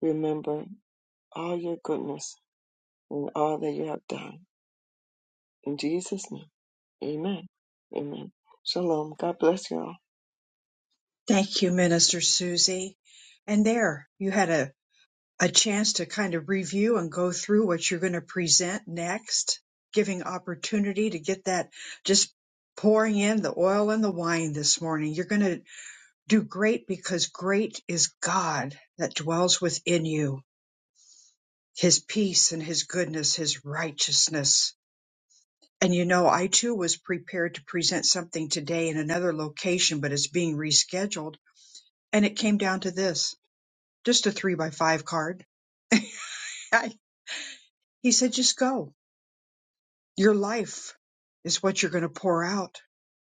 G: remember all your goodness and all that you have done. In Jesus' name, amen. Amen. Shalom. God bless you all.
A: Thank you, Minister Susie. And there, you had a, a chance to kind of review and go through what you're going to present next, giving opportunity to get that just pouring in the oil and the wine this morning. You're going to do great because great is God that dwells within you his peace and his goodness, his righteousness. And you know, I too was prepared to present something today in another location, but it's being rescheduled. And it came down to this just a three by five card. (laughs) I, he said, just go. Your life is what you're going to pour out.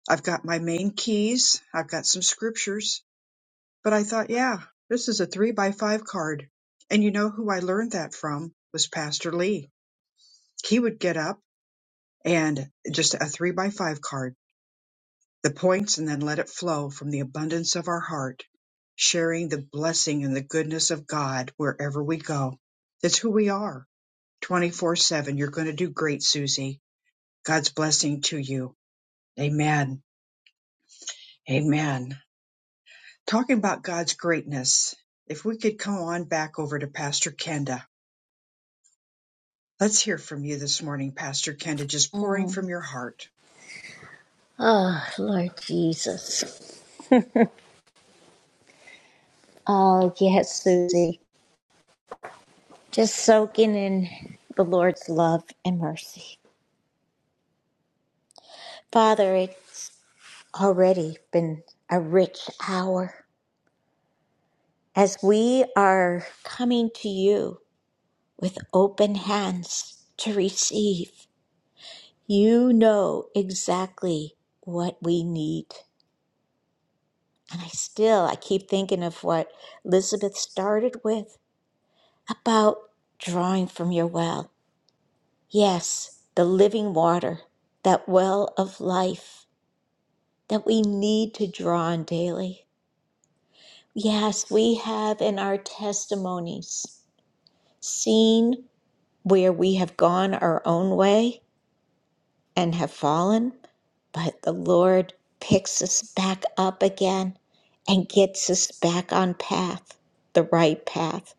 A: I've got my main keys, I've got some scriptures, but I thought, yeah, this is a three by five card. And you know who I learned that from was Pastor Lee. He would get up and just a three by five card the points and then let it flow from the abundance of our heart, sharing the blessing and the goodness of God wherever we go. That's who we are 24 7. You're going to do great, Susie. God's blessing to you. Amen. Amen. Talking about God's greatness, if we could come on back over to Pastor Kenda. Let's hear from you this morning, Pastor Kenda, just pouring
E: Mm.
A: from your heart.
E: Oh, Lord Jesus. (laughs) Oh, yes, Susie. Just soaking in the Lord's love and mercy. Father, it's already been a rich hour as we are coming to you. with open hands to receive. You know exactly what we need. And I still I keep thinking of what Elizabeth started with about drawing from your well. Yes, the living water, that well of life that we need to draw on daily. Yes, we have in our testimonies seen where we have gone our own way and have fallen, but the Lord picks us back up again and gets us back on path, the right path.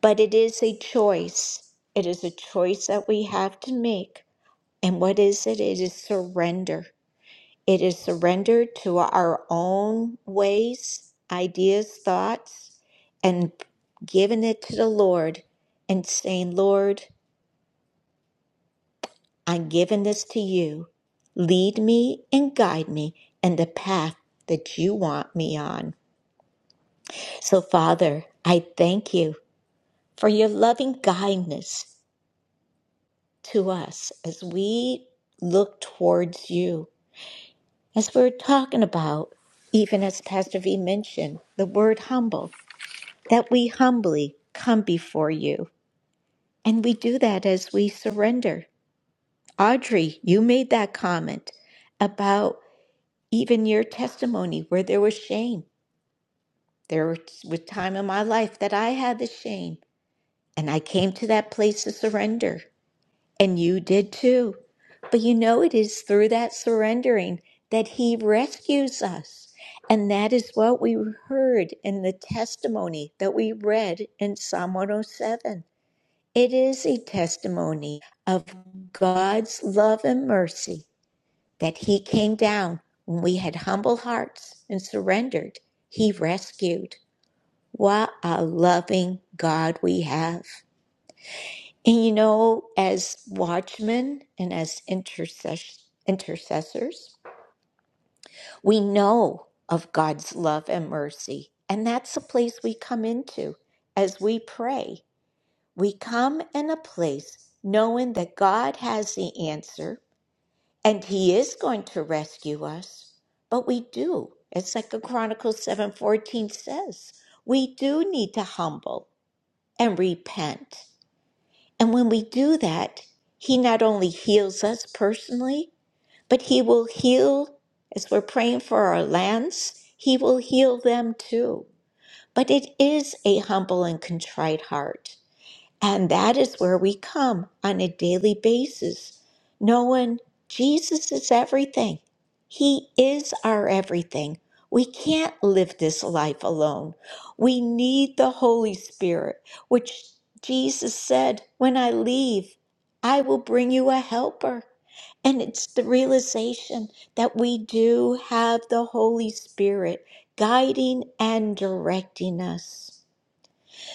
E: But it is a choice. It is a choice that we have to make. And what is it? It is surrender. It is surrender to our own ways, ideas, thoughts, and giving it to the Lord and saying, Lord, I'm giving this to you. Lead me and guide me in the path that you want me on. So, Father, I thank you for your loving kindness to us as we look towards you. As we we're talking about, even as Pastor V mentioned, the word humble, that we humbly come before you. And we do that as we surrender. Audrey, you made that comment about even your testimony where there was shame. There was was time in my life that I had the shame, and I came to that place of surrender, and you did too. But you know, it is through that surrendering that He rescues us. And that is what we heard in the testimony that we read in Psalm 107. It is a testimony of God's love and mercy that he came down when we had humble hearts and surrendered. He rescued. What a loving God we have. And you know, as watchmen and as intercess- intercessors, we know of God's love and mercy. And that's the place we come into as we pray. We come in a place knowing that God has the answer and he is going to rescue us but we do as second chronicles 7.14 says we do need to humble and repent and when we do that he not only heals us personally but he will heal as we're praying for our lands he will heal them too but it is a humble and contrite heart and that is where we come on a daily basis, knowing Jesus is everything. He is our everything. We can't live this life alone. We need the Holy Spirit, which Jesus said, When I leave, I will bring you a helper. And it's the realization that we do have the Holy Spirit guiding and directing us.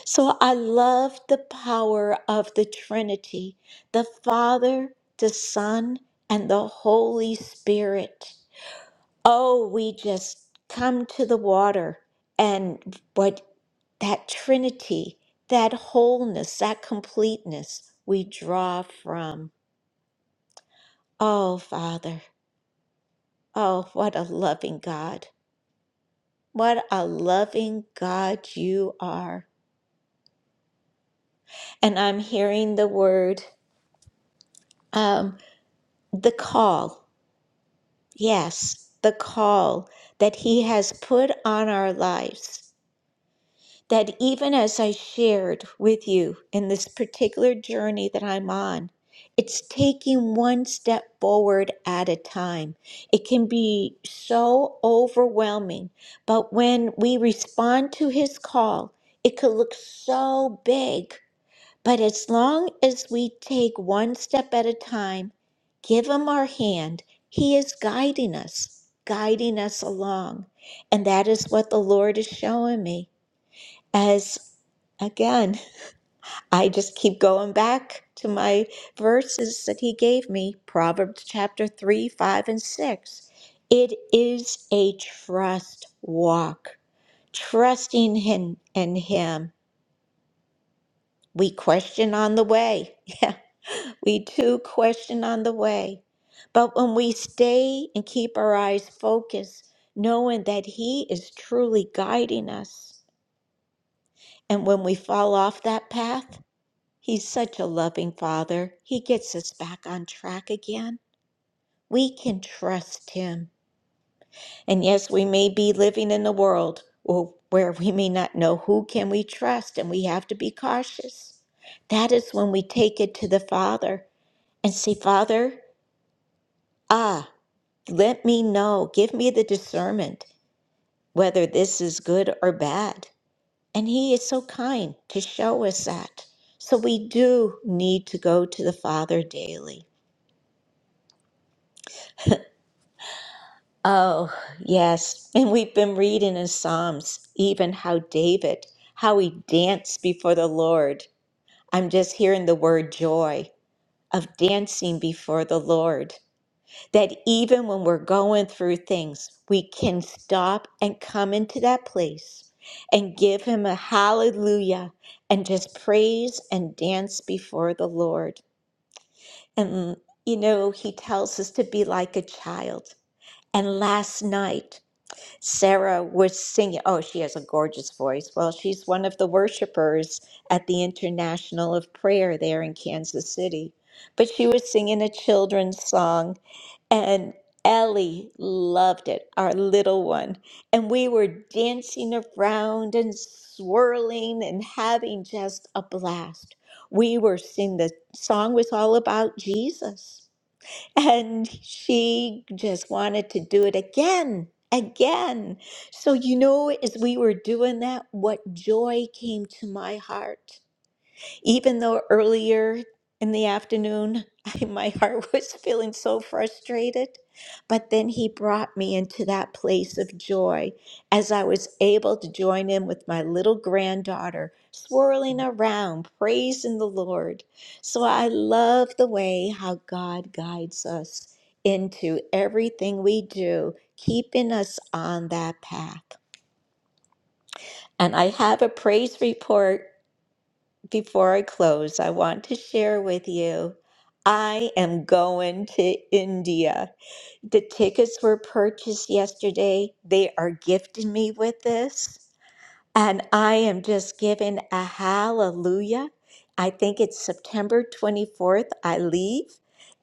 E: So I love the power of the Trinity, the Father, the Son, and the Holy Spirit. Oh, we just come to the water and what that Trinity, that wholeness, that completeness we draw from. Oh, Father, oh, what a loving God. What a loving God you are. And I'm hearing the word, um, the call. Yes, the call that He has put on our lives. That even as I shared with you in this particular journey that I'm on, it's taking one step forward at a time. It can be so overwhelming, but when we respond to His call, it could look so big. But as long as we take one step at a time, give Him our hand, He is guiding us, guiding us along. And that is what the Lord is showing me. As again, (laughs) I just keep going back to my verses that He gave me Proverbs chapter 3, 5, and 6. It is a trust walk, trusting Him and Him. We question on the way. (laughs) We too question on the way, but when we stay and keep our eyes focused, knowing that He is truly guiding us, and when we fall off that path, He's such a loving Father. He gets us back on track again. We can trust Him. And yes, we may be living in a world w- where we may not know who can we trust, and we have to be cautious. That is when we take it to the Father and say, Father, ah. Let me know, give me the discernment whether this is good or bad. And He is so kind to show us that. So we do need to go to the Father daily. Oh, yes. And we've been reading in Psalms, even how David, how he danced before the Lord. I'm just hearing the word joy of dancing before the Lord. that even when we're going through things, we can stop and come into that place and give Him a hallelujah and just praise and dance before the Lord. And, you know, He tells us to be like a child. And last night, Sarah was singing. Oh, she has a gorgeous voice. Well, she's one of the worshipers at the International of Prayer there in Kansas City. But she was singing a children's song and Ellie loved it, our little one. And we were dancing around and swirling and having just a blast. We were singing, the song was all about Jesus. And she just wanted to do it again, again. So, you know, as we were doing that, what joy came to my heart even though earlier in the afternoon, (laughs) I, my heart (laughs) was feeling so frustrated, but then he brought me into that place of joy as I was able to join in with my little granddaughter, swirling around, praising the Lord. So I love the way how God guides us into everything we do, keeping us on that path. And I have a praise report before I close, I want to share with you I am going to India. The tickets were purchased yesterday. They are gifting me with this. And I am just giving a hallelujah. I think it's September 24th. I leave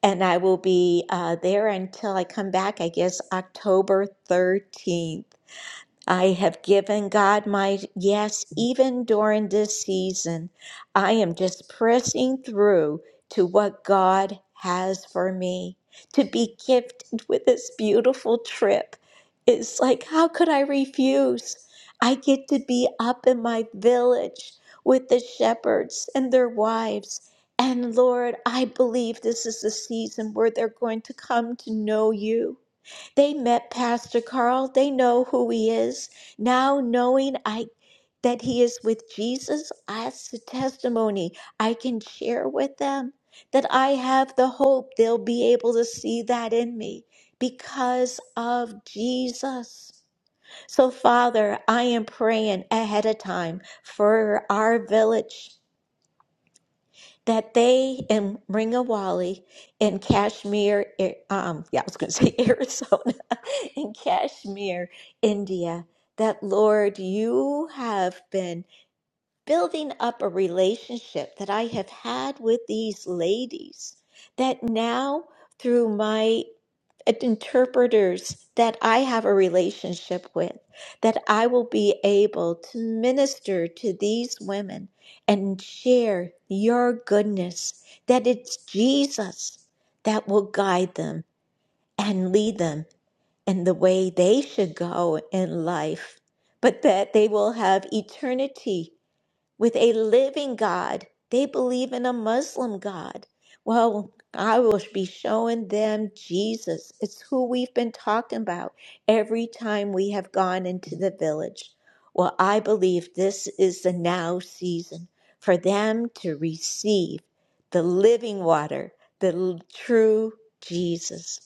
E: and I will be uh, there until I come back, I guess October 13th. I have given God my yes, even during this season. I am just pressing through to what God has for me. To be gifted with this beautiful trip is like, how could I refuse? I get to be up in my village with the shepherds and their wives. And Lord, I believe this is the season where they're going to come to know you. They met Pastor Carl. They know who he is. Now knowing I that he is with Jesus, that's a testimony I can share with them. That I have the hope they'll be able to see that in me because of Jesus. So, Father, I am praying ahead of time for our village that they in Ringawali in Kashmir, eh, um, yeah, I was going to say (laughs) Arizona, in Kashmir, India, that Lord, you have been building up a relationship that I have had with these ladies, that now through my interpreters that I have a relationship with, that I will be able to minister to these women and share your goodness, that it's Jesus that will guide them and lead them in the way they should go in life, but that they will have eternity with a living God. They believe in a Muslim God. Well, I will be showing them Jesus. It's who we've been talking about every time we have gone into the village. Well, I believe this is the now season for them to receive the living water, the l- true Jesus.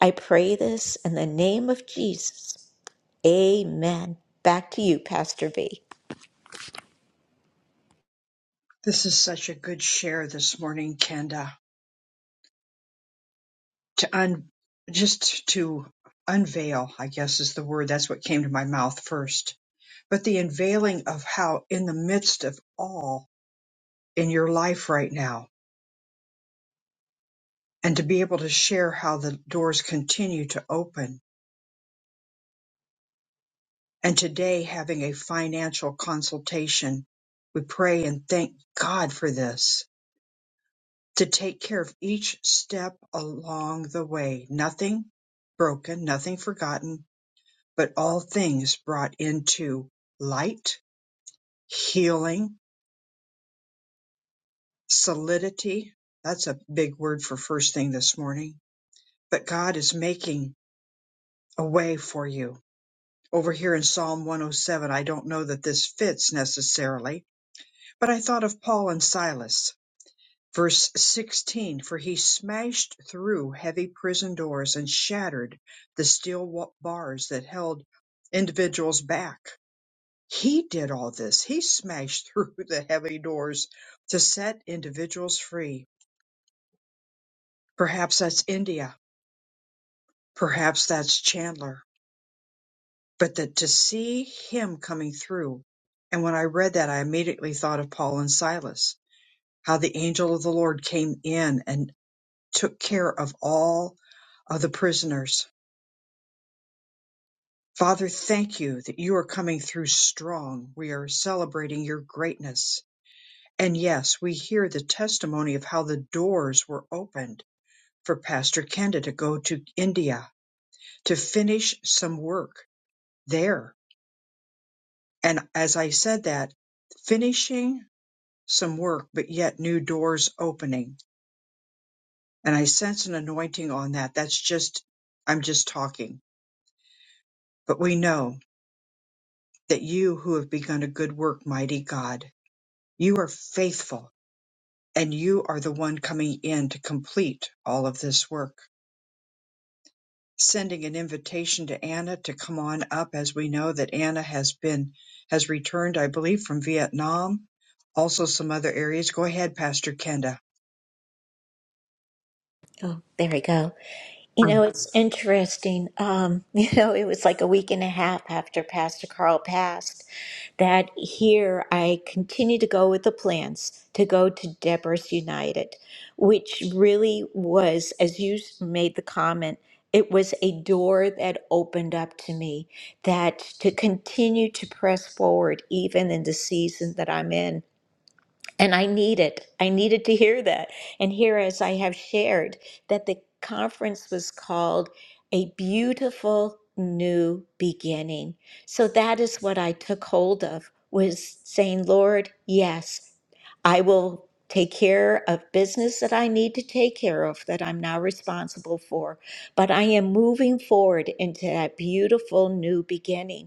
E: I pray this in the name of Jesus. Amen. Back to you, Pastor V.
A: This is such a good share this morning, Kenda. to un just to unveil i guess is the word that's what came to my mouth first but the unveiling of how in the midst of all in your life right now and to be able to share how the doors continue to open and today having a financial consultation we pray and thank god for this to take care of each step along the way nothing broken nothing forgotten but all things brought into light healing, solidity. That's a big word for first thing this morning. But God is making a way for you. Over here in Psalm 107, I don't know that this fits necessarily, but I thought of Paul and Silas. Verse 16, for he smashed through heavy prison doors and shattered the steel wa- bars that held individuals back. He did all this. He smashed (laughs) through the heavy doors to set individuals free Perhaps that's India. Perhaps that's Chandler. But that to see him coming through. And when I read that, I immediately thought of Paul and Silas, how the angel of the Lord came in and took care of all of the prisoners. Father, thank you that you are coming through strong. We are celebrating your greatness. And yes, we hear the testimony of how the doors were opened for Pastor Kenda to go to India to finish some work there And as I said that, finishing some work, but yet new doors opening. And I sense an anointing on that. That's just, I'm just talking. But we know that you who have begun a good work, mighty God, you are faithful and you are the one coming in to complete all of this work. Sending an invitation to Anna to come on up as we know that Anna has been, has returned, I believe, from Vietnam, also some other areas. Go ahead, Pastor Kenda.
E: Oh, there we go. You know, it's interesting. Um, (laughs) you know, it was like a week and a half after Pastor Carl passed that here I continued to go with the plans to go to Deborah's United, which really was, as you made the comment, it was a door that opened up to me that to continue to press forward even in the season that I'm in. And I need it. I needed to hear that. And here, as I have shared, that the conference was called A Beautiful New Beginning. So that is what I took hold of was saying, Lord, yes, I will take care of business that I need to take care of that I'm now responsible for. But I am moving forward into that beautiful new beginning.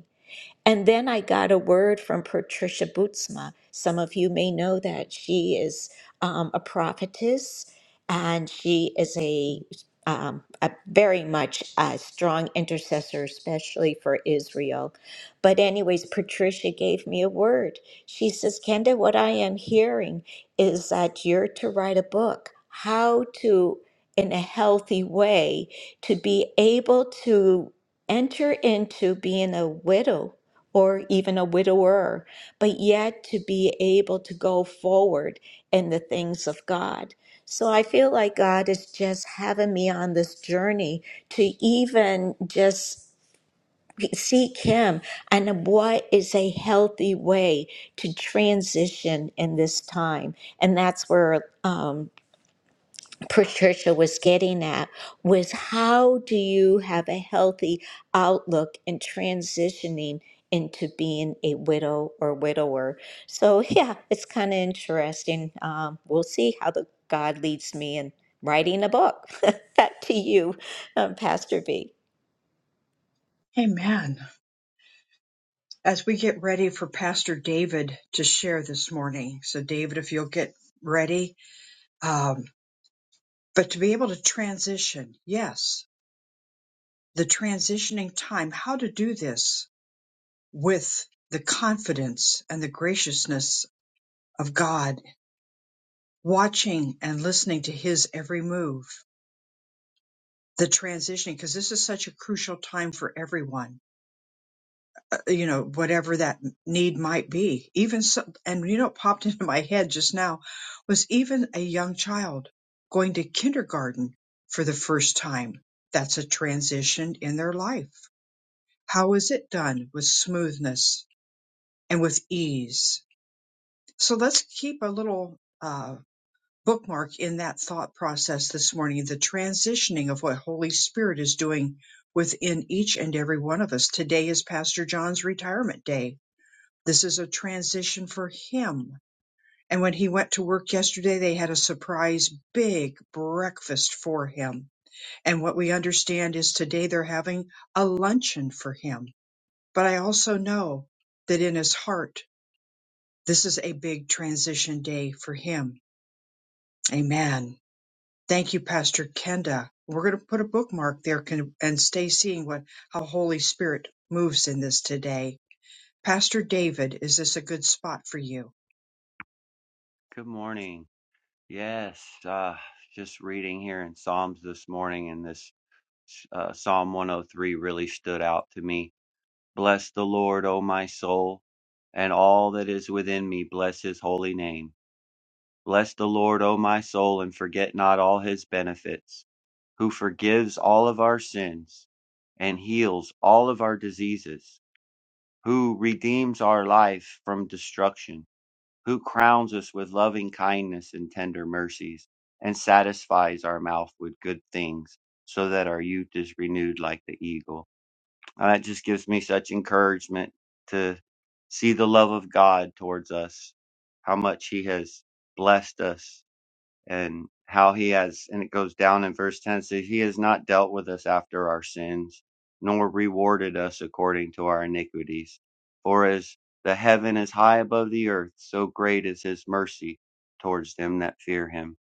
E: And then I got a word from Patricia Bootsma. Some of you may know that she is um, a prophetess and she is a, um, a very much a strong intercessor, especially for Israel. But, anyways, Patricia gave me a word. She says, Kenda, what I am hearing is that you're to write a book, how to, in a healthy way, to be able to enter into being a widow or even a widower, but yet to be able to go forward in the things of God. So I feel like God is just having me on this journey to even just seek Him and what is a healthy way to transition in this time. And that's where. Um, Patricia was getting at was how do you have a healthy outlook in transitioning into being a widow or widower? So, (laughs) yeah, it's kind of interesting. Um, we'll see how the God leads me in writing a book. (laughs) Back to you, um, Pastor B.
A: Amen. As we get ready for Pastor David to share this morning, so David, if you'll get ready, um, but to be able to transition, yes, the transitioning time, how to do this with the confidence and the graciousness of God, watching and listening to his every move, the transitioning, because this is such a crucial time for everyone you know, whatever that need might be. Even so, and you know, it popped (laughs) into my head just now was even a young child going to kindergarten for the first time. That's a transition in their life. How is it done with smoothness and with ease? So let's keep a little uh, bookmark in that thought process this morning, the transitioning of what Holy Spirit is doing within each and every one of us. Today is Pastor John's retirement day this is a transition for him. And when he went to work yesterday, they had a surprise big breakfast for him. And what we understand is today they're having a luncheon for him. But I also know that in his heart, this is a big transition day for him. Amen. Thank you, Pastor Kenda. We're going to put a bookmark there can, and stay seeing what how Holy Spirit moves in this today. Pastor David, is this a good spot for you?
H: Good morning. Yes, uh, just reading here in Psalms this morning, and this uh, Psalm 103 really stood out to me. Bless the Lord, O my soul, and all that is within me, bless his holy name. Bless the Lord, O my soul, and forget not all his benefits, who forgives all of our sins and heals all of our diseases, who redeems our life from destruction who crowns us with loving kindness and tender mercies, and satisfies our mouth with good things, so that our youth is renewed like the eagle. And that just gives me such encouragement to see the love of God towards us, how much He has blessed us and how he has, and it goes down in verse 10 says, He has not dealt with us after our sins, nor rewarded us according to our iniquities. For as the heaven is high above the earth, so great is his mercy towards them that fear him.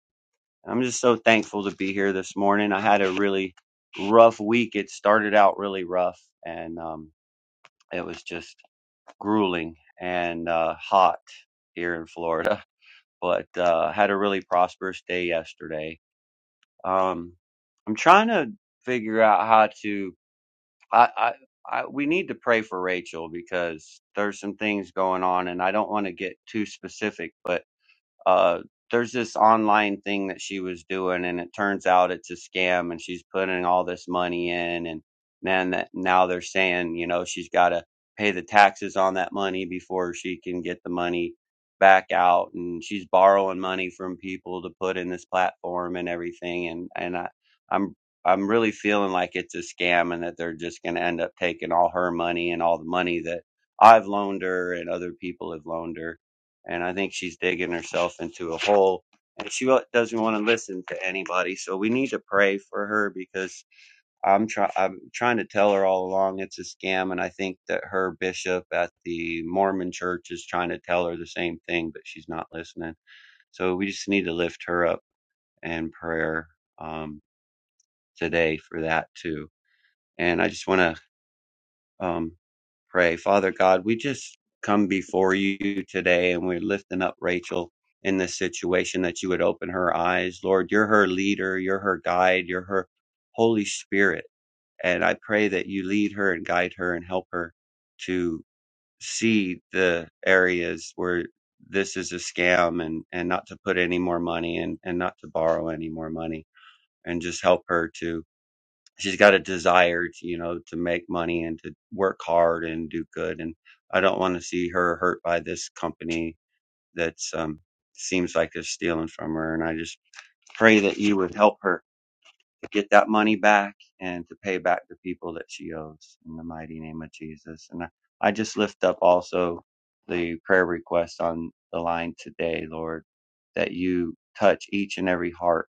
H: And I'm just so thankful to be here this morning. I had a really rough week. It started out really rough, and um, it was just grueling and uh, hot here in Florida. (laughs) But uh, had a really prosperous day yesterday um, I'm trying to figure out how to. I, I, I, we need to pray for Rachel because there's some things going on, and I don't want to get too specific, but uh, there's this online thing that she was doing, and it turns out it's a scam, and she's putting all this money in, and then that now they're saying, you know, she's got to pay the taxes on that money before she can get the money back out, and she's borrowing money from people to put in this platform and everything, and and I, I'm. I'm really feeling like it's a scam and that they're just going to end up taking all her money and all the money that I've loaned her and other people have loaned her and I think she's digging herself into a hole. And she doesn't want to listen to anybody, so we need to pray for her because I'm try I'm trying to tell her all along it's a scam, and I think that her bishop at the Mormon church is trying to tell her the same thing, but she's not listening. So we just need to lift her up in prayer um, today for that too. And I just want to um, pray. Father God, we just come before you today and we're lifting up Rachel in this situation that you would open her eyes. Lord, you're her leader, you're her guide, you're her Holy Spirit. And I pray that you lead her and guide her and help her to see the areas where this is a scam and, and not to put any more money in and not to borrow any more money and just help her to she's got a desire to, you know to make money and to work hard and do good and i don't want to see her hurt by this company that's um seems like they're stealing from her and i just pray that you would help her to get that money back and to pay back the people that she owes in the mighty name of jesus and i, I just lift up also the prayer request on the line today lord that you touch each and every heart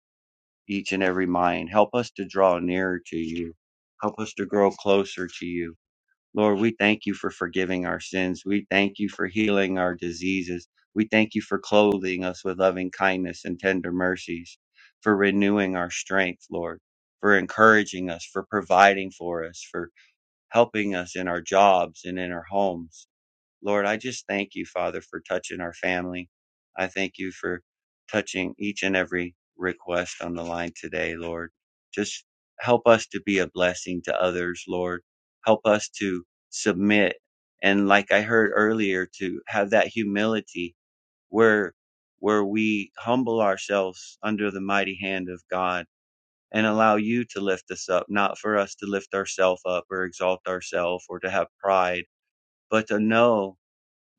H: each and every mind. Help us to draw nearer to you. Help us to grow closer to you. Lord, we thank you for forgiving our sins. We thank you for healing our diseases. We thank you for clothing us with loving kindness and tender mercies, for renewing our strength, Lord, for encouraging us, for providing for us, for helping us in our jobs and in our homes. Lord, I just thank you, Father, for touching our family. I thank you for touching each and every request on the line today, Lord. Just help us to be a blessing to others, Lord. Help us to submit. And like I heard earlier, to have that humility where, where we humble ourselves under the mighty hand of God and allow you to lift us up, not for us to lift ourselves up or exalt ourselves or to have pride, but to know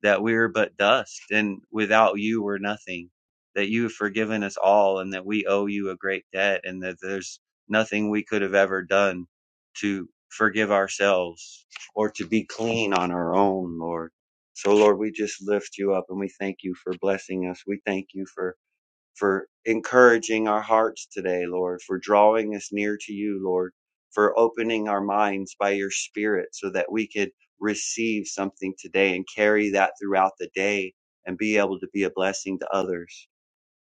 H: that we are but dust and without you we're nothing, that you have forgiven us all and that we owe you a great debt and that there's nothing we could have ever done to forgive ourselves or to be clean on our own, Lord. So Lord, we just lift you up and we thank you for blessing us. We thank you for for encouraging our hearts today, Lord, for drawing us near to you, Lord, for opening our minds by your Spirit so that we could receive something today and carry that throughout the day and be able to be a blessing to others.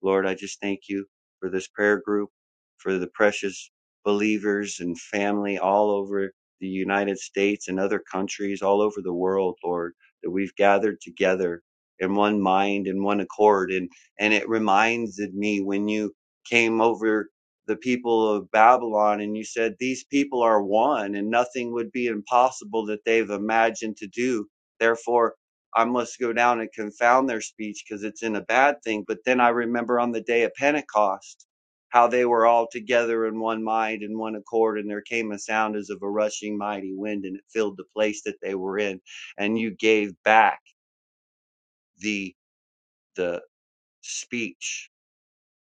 H: Lord, I just thank you for this prayer group, for the precious believers and family all over the United States and other countries all over the world, Lord, that we've gathered together in one mind in one accord. And, and it reminded me when you came over the people of Babylon and you said, These people are one and nothing would be impossible that they've imagined to do. Therefore, I must go down and confound their speech because it's in a bad thing. But then I remember on the day of Pentecost how they were all together in one mind and one accord, and there came a sound as of a rushing mighty wind, and it filled the place that they were in. And you gave back the the speech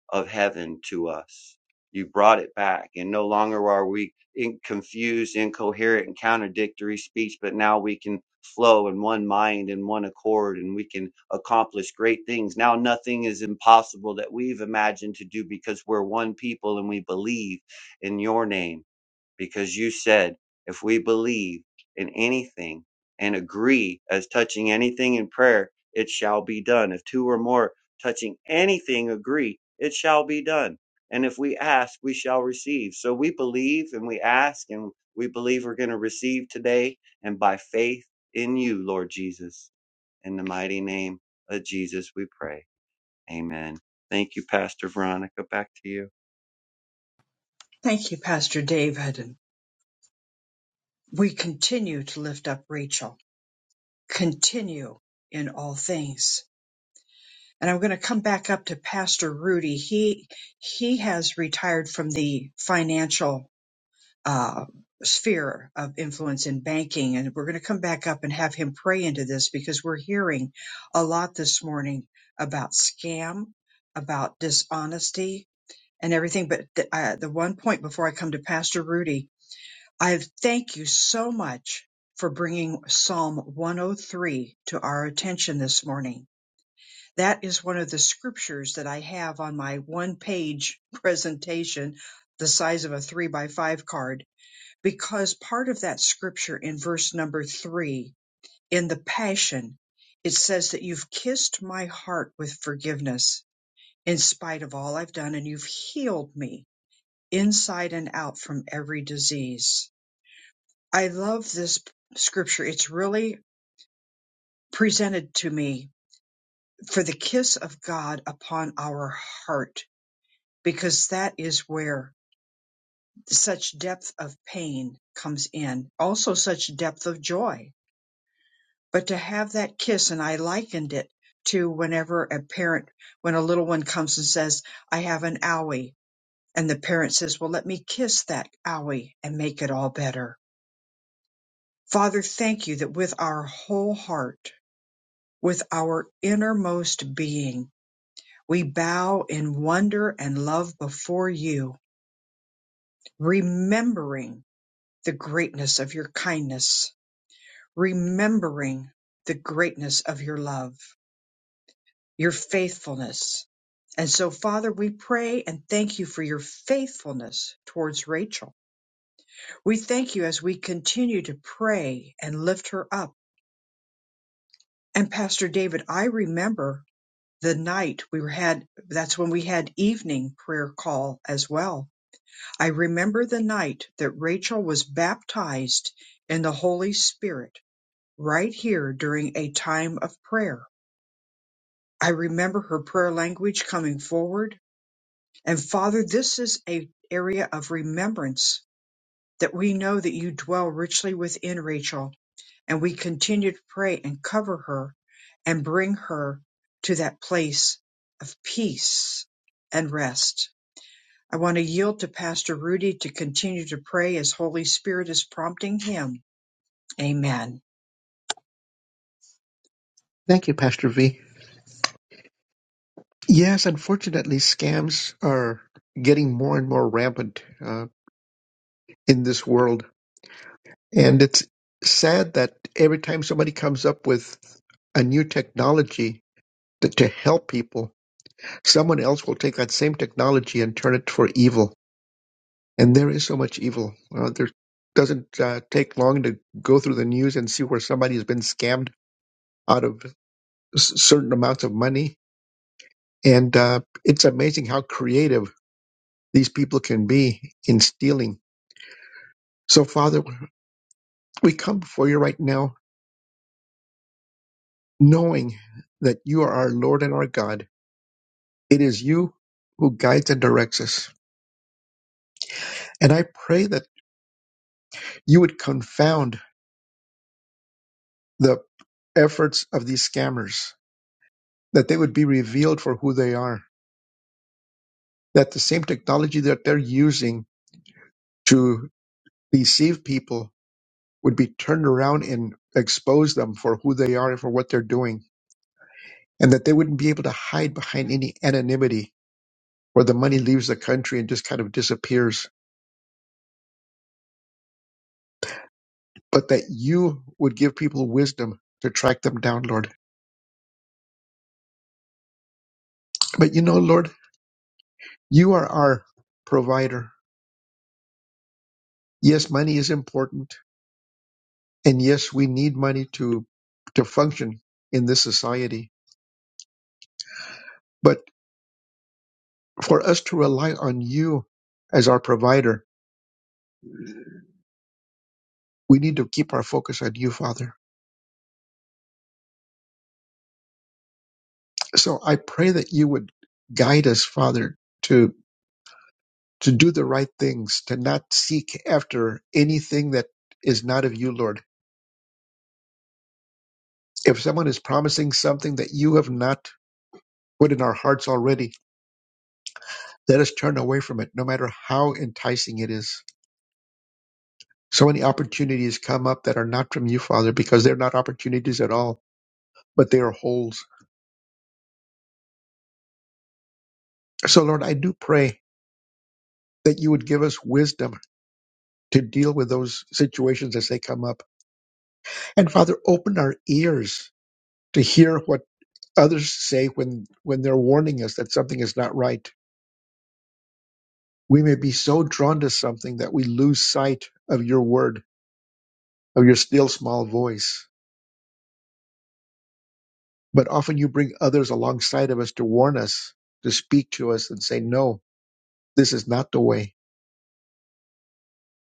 H: of heaven to us. You brought it back, and no longer are we in confused, incoherent, and contradictory speech, but now we can flow in one mind and one accord, and we can accomplish great things. Now, nothing is impossible that we've imagined to do because we're one people and we believe in your name because you said if we believe in anything and agree as touching anything in prayer, it shall be done. If two or more touching anything agree, it shall be done. And if we ask, we shall receive. So we believe and we ask and we believe we're going to receive today and by faith in you, Lord Jesus. In the mighty name of Jesus, we pray. Amen. Thank you, Pastor Veronica. Back to you.
A: Thank you, Pastor David. And we continue to lift up Rachel, continue in all things. And I'm going to come back up to Pastor Rudy. He, he has retired from the financial uh, sphere of influence in banking. And we're going to come back up and have him pray into this because we're hearing a lot this morning about scam, about dishonesty, and everything. But the, uh, the one point before I come to Pastor Rudy, I thank you so much for bringing Psalm 103 to our attention this morning. That is one of the scriptures that I have on my one page (laughs) presentation, the size of a three by five card, because part of that scripture in verse number three in the Passion, it says that you've kissed my heart with forgiveness in spite of all I've done, and you've healed me inside and out from every disease I love this scripture. It's really presented to me for the kiss of God upon our heart, because that is where such depth of pain comes in, also such depth of joy. But to have that kiss, and I likened it to whenever a parent, when a little one comes and says, I have an owie, and the parent says, Well, let me kiss that owie and make it all better. Father, thank you that with our whole heart, With our innermost being, we bow in wonder and love before you, remembering the greatness of your kindness, remembering the greatness of your love, your faithfulness. And so, Father, we pray and thank you for your faithfulness towards Rachel. We thank you as we continue to pray and lift her up. And Pastor David, I remember the night we were had that's when we had evening prayer call as well. I remember the night that Rachel was baptized in the Holy Spirit right here during a time of prayer. I remember her prayer language coming forward. And Father, this is a area of remembrance that we know that you dwell richly within Rachel And we continue to pray and cover her and bring her to that place of peace and rest. I want to yield to Pastor Rudy to continue to pray as Holy Spirit is prompting him. Amen.
B: Thank you, Pastor V. Yes, unfortunately, scams are getting more and more rampant uh, in this world, and it's sad that every time somebody comes up with a new technology to, to help people, Someone else will take that same technology and turn it for evil. And there is so much evil. Uh, there doesn't uh, take long to go through the news and see where somebody has been scammed out of s- certain amounts of money. And uh, it's amazing how creative these people can be in stealing. So, Father, we come before you right now knowing that you are our Lord and our God. It is you who guides and directs us. And I pray that you would confound the efforts of these scammers, that they would be revealed for who they are, that the same technology that they're using to deceive people would be turned around and expose them for who they are and for what they're doing, and that they wouldn't be able to hide behind any anonymity where the money leaves the country and just kind of disappears, but that you would give people wisdom to track them down, Lord. But you know, Lord, you are our provider. Yes, money is important And yes, we need money to to function in this society. But for us to rely on you as our provider, we need to keep our focus on you, Father. So I pray that you would guide us, Father, to to do the right things, to not seek after anything that is not of you, Lord. If someone is promising something that you have not put in our hearts already, let us turn away from it, no matter how enticing it is. So many opportunities come up that are not from you, Father, because they're not opportunities at all, but they are holes. So, Lord, I do pray that you would give us wisdom to deal with those situations as they come up. And Father, open our ears to hear what others say when, when they're warning us that something is not right. We may be so drawn to something that we lose sight of your word, of your still small voice. But often you bring others alongside of us to warn us, to speak to us and say, no, this is not the way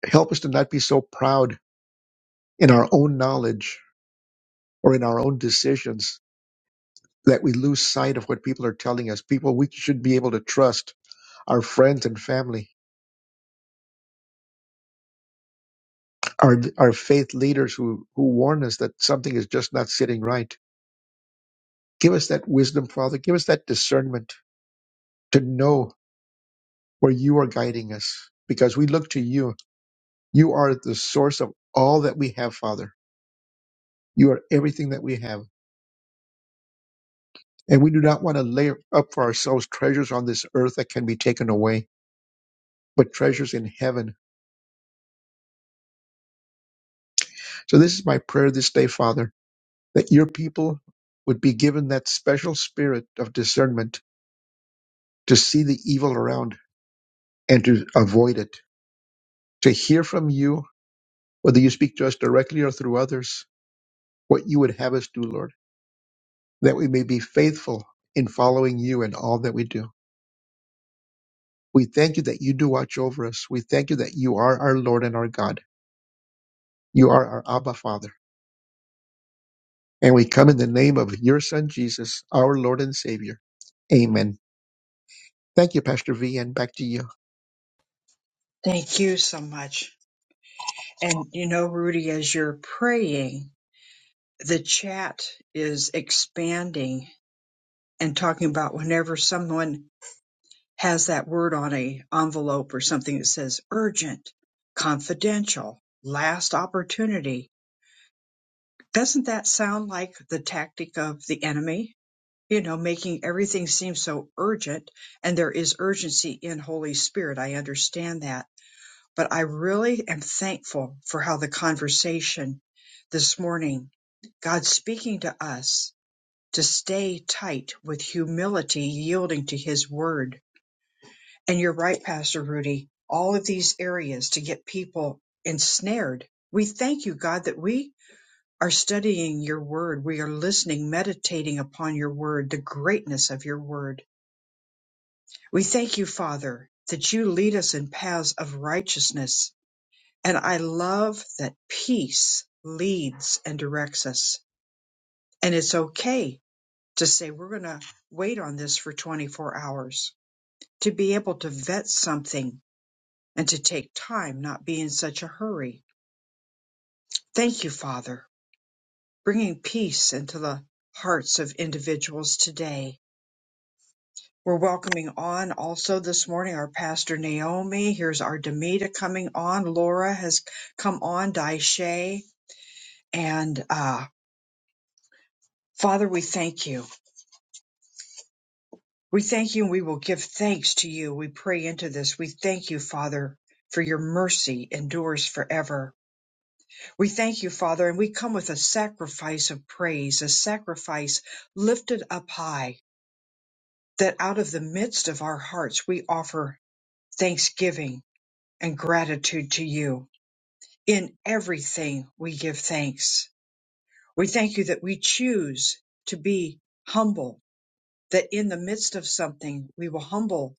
B: Help us to not be so proud in our own knowledge or in our own decisions that we lose sight of what people are telling us. People we should be able to trust, our friends and family, our, our faith leaders who, who warn us that something is just not sitting right. Give us that wisdom, Father. Give us that discernment to know where you are guiding us because we look to you. You are the source of all that we have, Father. You are everything that we have. And we do not want to lay up for ourselves treasures on this earth that can be taken away but treasures in heaven. So this is my prayer this day, Father, that your people would be given that special spirit of discernment to see the evil around and to avoid it, to hear from you, whether you speak to us directly or through others, what you would have us do, Lord, that we may be faithful in following you in all that we do. We thank you that you do watch over us. We thank you that you are our Lord and our God. You are our Abba Father. And we come in the name of your Son, Jesus, our Lord and Savior. Amen. Thank you, Pastor V, and back to you.
A: Thank you so much. And you know, Rudy, as you're praying, the chat is expanding and talking about whenever someone has that word on a envelope or something that says urgent, confidential, last opportunity. Doesn't that sound like the tactic of the enemy? You know, making everything seem so urgent and there is urgency in Holy Spirit. I understand that, but I really am thankful for how the conversation this morning, God speaking to us to stay tight with humility, yielding to his word And you're right, Pastor Rudy. All of these areas to get people ensnared. We thank you, God, that we are studying your word. We are listening, meditating upon your word, the greatness of your word. We thank you, Father, that you lead us in paths of righteousness. And I love that peace leads and directs us. And it's okay to say, we're going to wait on this for 24 hours, to be able to vet something and to take time, not be in such a hurry. Thank you, Father, bringing peace into the hearts of individuals today. We're welcoming on also this morning our pastor Naomi. Here's our Demita coming on. Laura has come on, Daisha. And uh, Father, we thank you. We thank you and we will give thanks to you. We pray into this. We thank you, Father, for your mercy endures forever. We thank you, Father, and we come with a sacrifice of praise, a sacrifice lifted up high, that out of the midst of our hearts we offer thanksgiving and gratitude to you. In everything we give thanks. We thank you that we choose to be humble, that in the midst of something we will humble,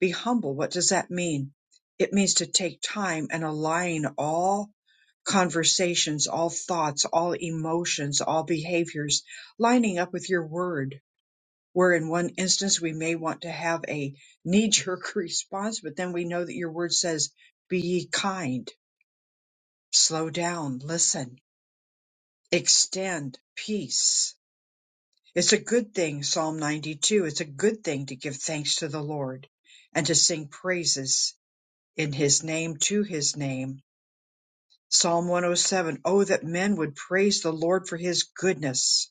A: be humble. What does that mean? It means to take time and align all conversations, all thoughts, all emotions, all behaviors lining up with your word. Where in one instance we may want to have a knee jerk (laughs) response, but then we know that your word says, Be ye kind, slow down, listen, extend peace. It's a good thing, Psalm 92. It's a good thing to give thanks to the Lord and to sing praises in his name to his name. Psalm 107. Oh, seven, oh, that men would praise the Lord for his goodness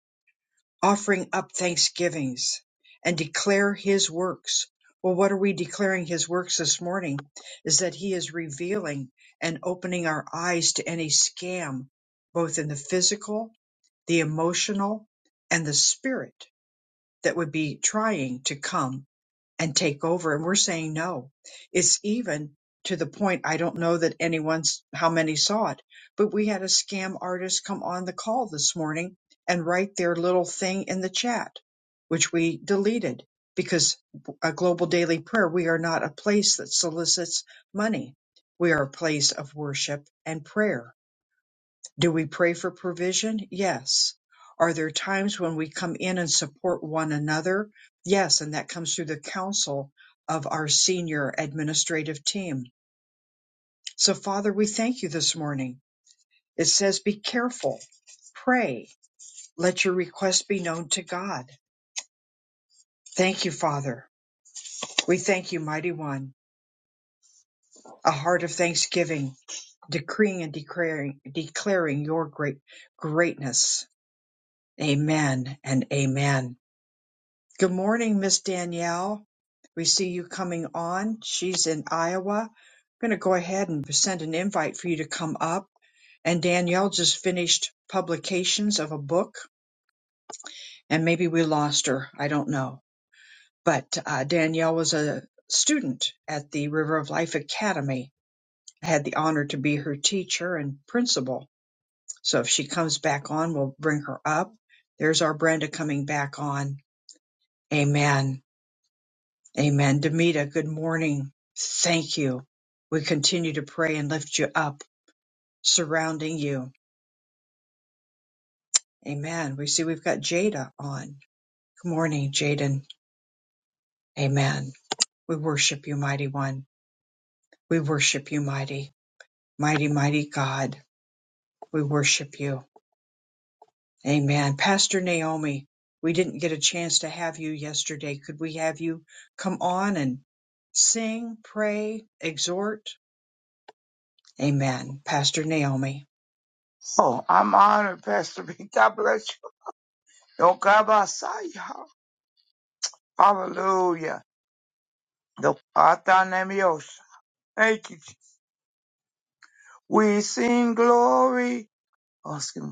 A: offering up thanksgivings and declare his works. Well, what are we declaring his works this morning? Is that he is revealing and opening our eyes to any scam, both in the physical, the emotional, and the spirit that would be trying to come and take over. And we're saying no. It's even to the point, I don't know that anyone's, how many saw it, but we had a scam artist come on the call this morning and write their little thing in the chat, which we deleted because a global daily prayer, we are not a place that solicits money. We are a place of worship and prayer do we pray for provision? Yes. Are there times when we come in and support one another? Yes, and that comes through the counsel of our senior administrative team. So, Father, we thank you this morning. It says, Be careful, pray, let your request be known to God. Thank you, Father. We thank you, Mighty One, a heart of thanksgiving, decreeing and declaring, declaring your great greatness. Amen and amen. Good morning, Miss Danielle. We see you coming on. She's in Iowa. I'm going to go ahead and send an invite for you to come up. And Danielle just finished publications of a book, and maybe we lost her. I don't know. But uh, Danielle was a student at the River of Life Academy. I had the honor to be her teacher and principal. So if she comes back on, we'll bring her up. There's our Brenda coming back on. Amen. Amen. Demita, good morning. Thank you. We continue to pray and lift you up, surrounding you. Amen. We see we've got Jada on. Good morning, Jaden. Amen. We worship you, mighty one. We worship you, mighty, mighty, mighty God. We worship you. Amen. Pastor Naomi, we didn't get a chance to have you yesterday. Could we have you come on and sing, pray, exhort? Amen. Pastor Naomi.
I: Oh, I'm honored, Pastor B. (laughs) God bless you. Yokabasaya. Hallelujah. Yokatanemios. Thank you. We sing glory. Oh, excuse me.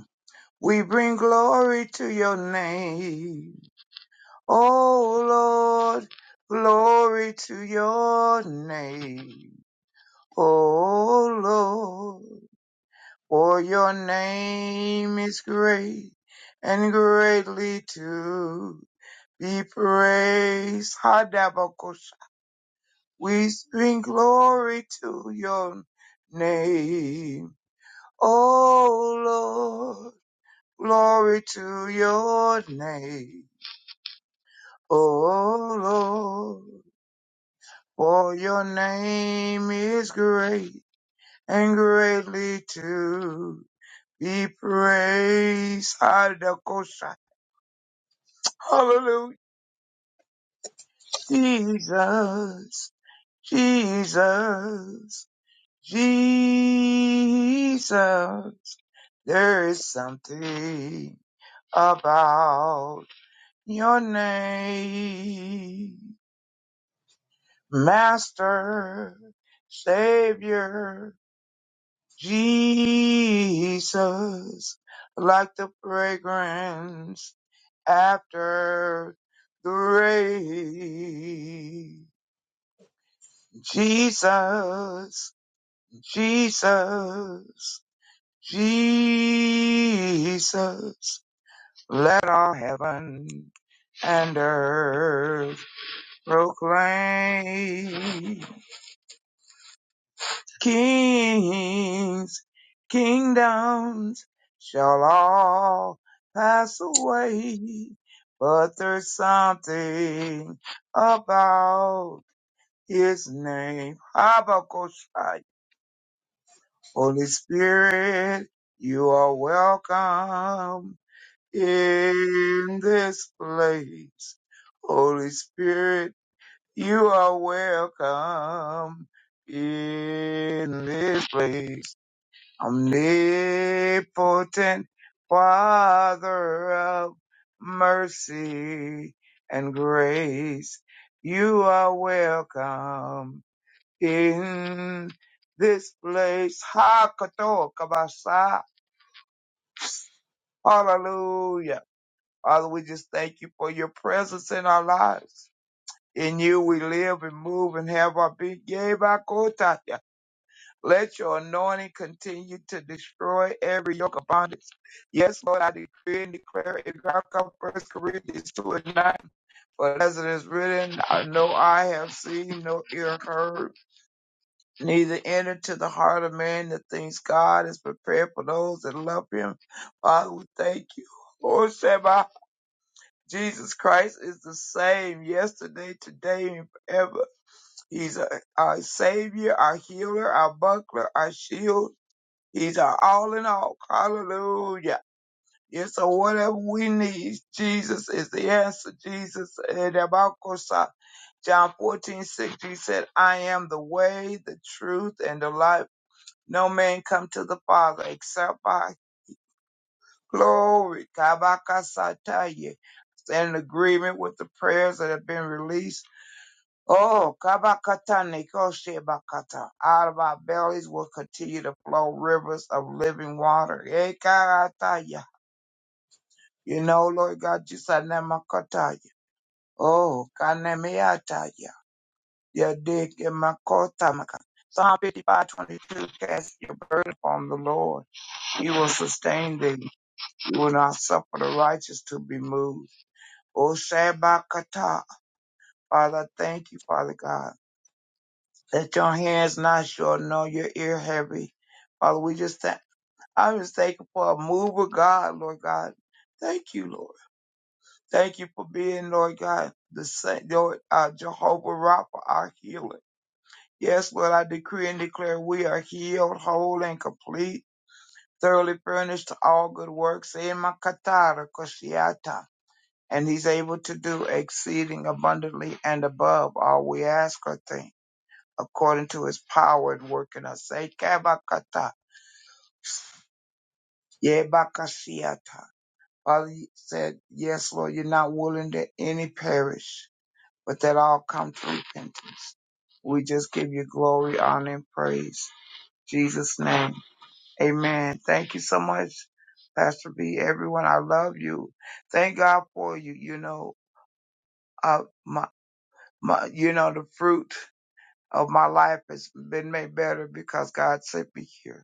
I: We bring glory to your name. Oh, Lord, glory to your name. Oh, Lord, for your name is great and greatly too. be praised. Hadabakosha. We sing glory to your name. Oh Lord, glory to your name. Oh Lord, for your name is great and greatly to be praised. Hadakosha. Hallelujah. Jesus, Jesus. Jesus, there is something about your name. Master, Savior, Jesus, like the fragrance after the rain. Jesus, Jesus, Jesus. Let all heaven and earth proclaim. Kings, kingdoms shall all pass away, but there's something about his name. Habakkuk. Holy Spirit, you are welcome in this place. Holy Spirit, You are welcome in this place, omnipotent Father of mercy and grace. You are welcome in this place. Hakatoa kabasa. Hallelujah. Father, we just thank you for your presence in our lives. In you we live and move and have our being. Let your anointing continue to destroy every yoke of bondage. Yes, Lord, I decree and declare in Malachi 1 Corinthians 2 and 9. For as it is written, I know I have seen, no ear heard, neither entered to the heart of man the things God has prepared for those that love him. Father, we thank you. Lord Shabbat, Jesus Christ is the same yesterday, today, and forever. He's a- our Savior, our healer, our buckler, our shield He's our all in all. Hallelujah. Yes, so whatever we need, Jesus is the answer. Jesus, eh, Rabakosa. John 14 6, he said, I am the way, the truth, and the life. No man come to the Father except by glory. Kabakasataya. Stand in agreement with the prayers that have been released Oh, Kabakata Nekoshebakata. Out of our bellies will continue to flow rivers of living water. Ekarataya. You know, Lord God, you said Nemakotaya. Oh, Kanemiataya. You dig in Makotamaka. Psalm 55 22. cast your burden upon the Lord. He will sustain thee. He will not suffer the righteous to be moved. Oh, Shabakata. Father, thank you, Father God. Let your hands not short, nor your ear heavy. Father, we just thank, I'm just thankful for a move of God, Lord God. Thank you, Lord. Thank you for being, Lord God, the Saint, Lord, uh, Jehovah Rapha, our healer. Yes, Lord, I decree and declare we are healed, whole, and complete, thoroughly furnished to all good works. Ema katara koshiata. And he's able to do exceeding abundantly and above all we ask or think. according to his power at work in us. Say, "Kabakata, yebakasiata." Father you said, Yes, Lord, you're not willing that any perish, but that all come to repentance. We just give you glory, honor, and praise. In Jesus' name. Amen. Thank you so much, Pastor B. Everyone, I love you. Thank God for you. You know, uh, my, my, you know, the fruit of my life has been made better because God sent me here.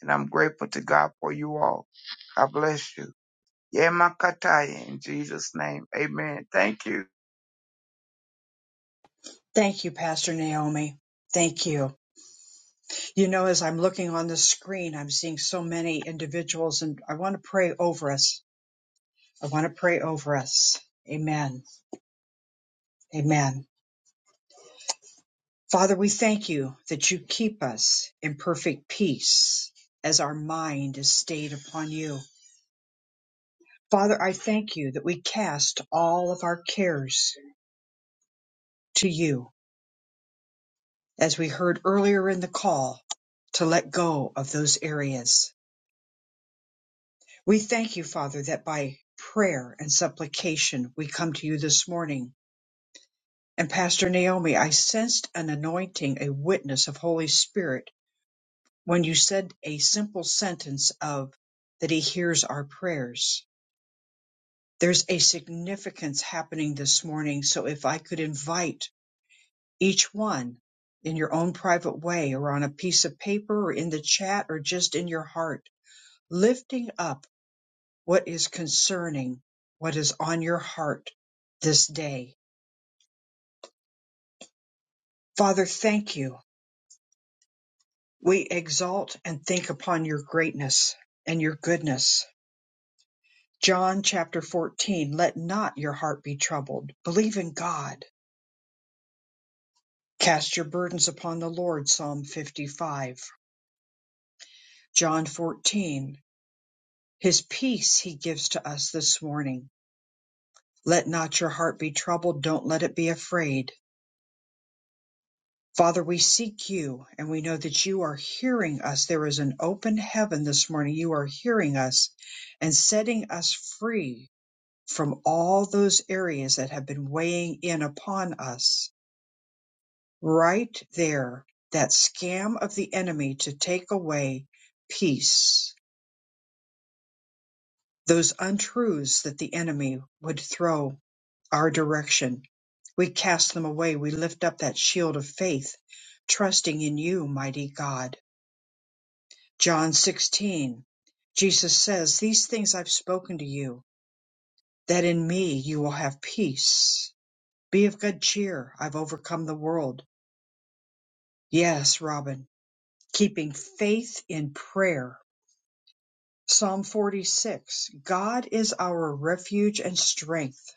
I: and I'm grateful to God for you all. God bless you. Yeah, Makataya, in Jesus' name. Amen. Thank you.
A: Thank you, Pastor Naomi. Thank you. You know, as I'm looking on the screen, I'm seeing so many individuals, and I want to pray over us. I want to pray over us. Amen. Amen. Father, we thank you that you keep us in perfect peace as our mind is stayed upon you. Father, I thank you that we cast all of our cares to you, as we heard earlier in the call, to let go of those areas We thank you, Father, that by prayer and supplication we come to you this morning. And Pastor Naomi, I sensed an anointing, a witness of Holy Spirit when you said a simple sentence of that he hears our prayers. There's a significance happening this morning. So if I could invite each one in your own private way or on a piece of paper or in the chat or just in your heart, lifting up what is concerning, what is on your heart this day. Father, thank you. We exalt and think upon your greatness and your goodness. John chapter 14, let not your heart be troubled. Believe in God. Cast your burdens upon the Lord, Psalm 55. John 14, his peace he gives to us this morning. Let not your heart be troubled. Don't let it be afraid. Father, we seek you and we know that you are hearing us. There is an open heaven this morning. You are hearing us and setting us free from all those areas that have been weighing in upon us. Right there, that scam of the enemy to take away peace, those untruths that the enemy would throw our direction. We cast them away. We lift up that shield of faith, trusting in you, mighty God John 16, Jesus says, These things I've spoken to you, that in me you will have peace. Be of good cheer. I've overcome the world. Yes, Robin, keeping faith in prayer. Psalm 46 God is our refuge and strength,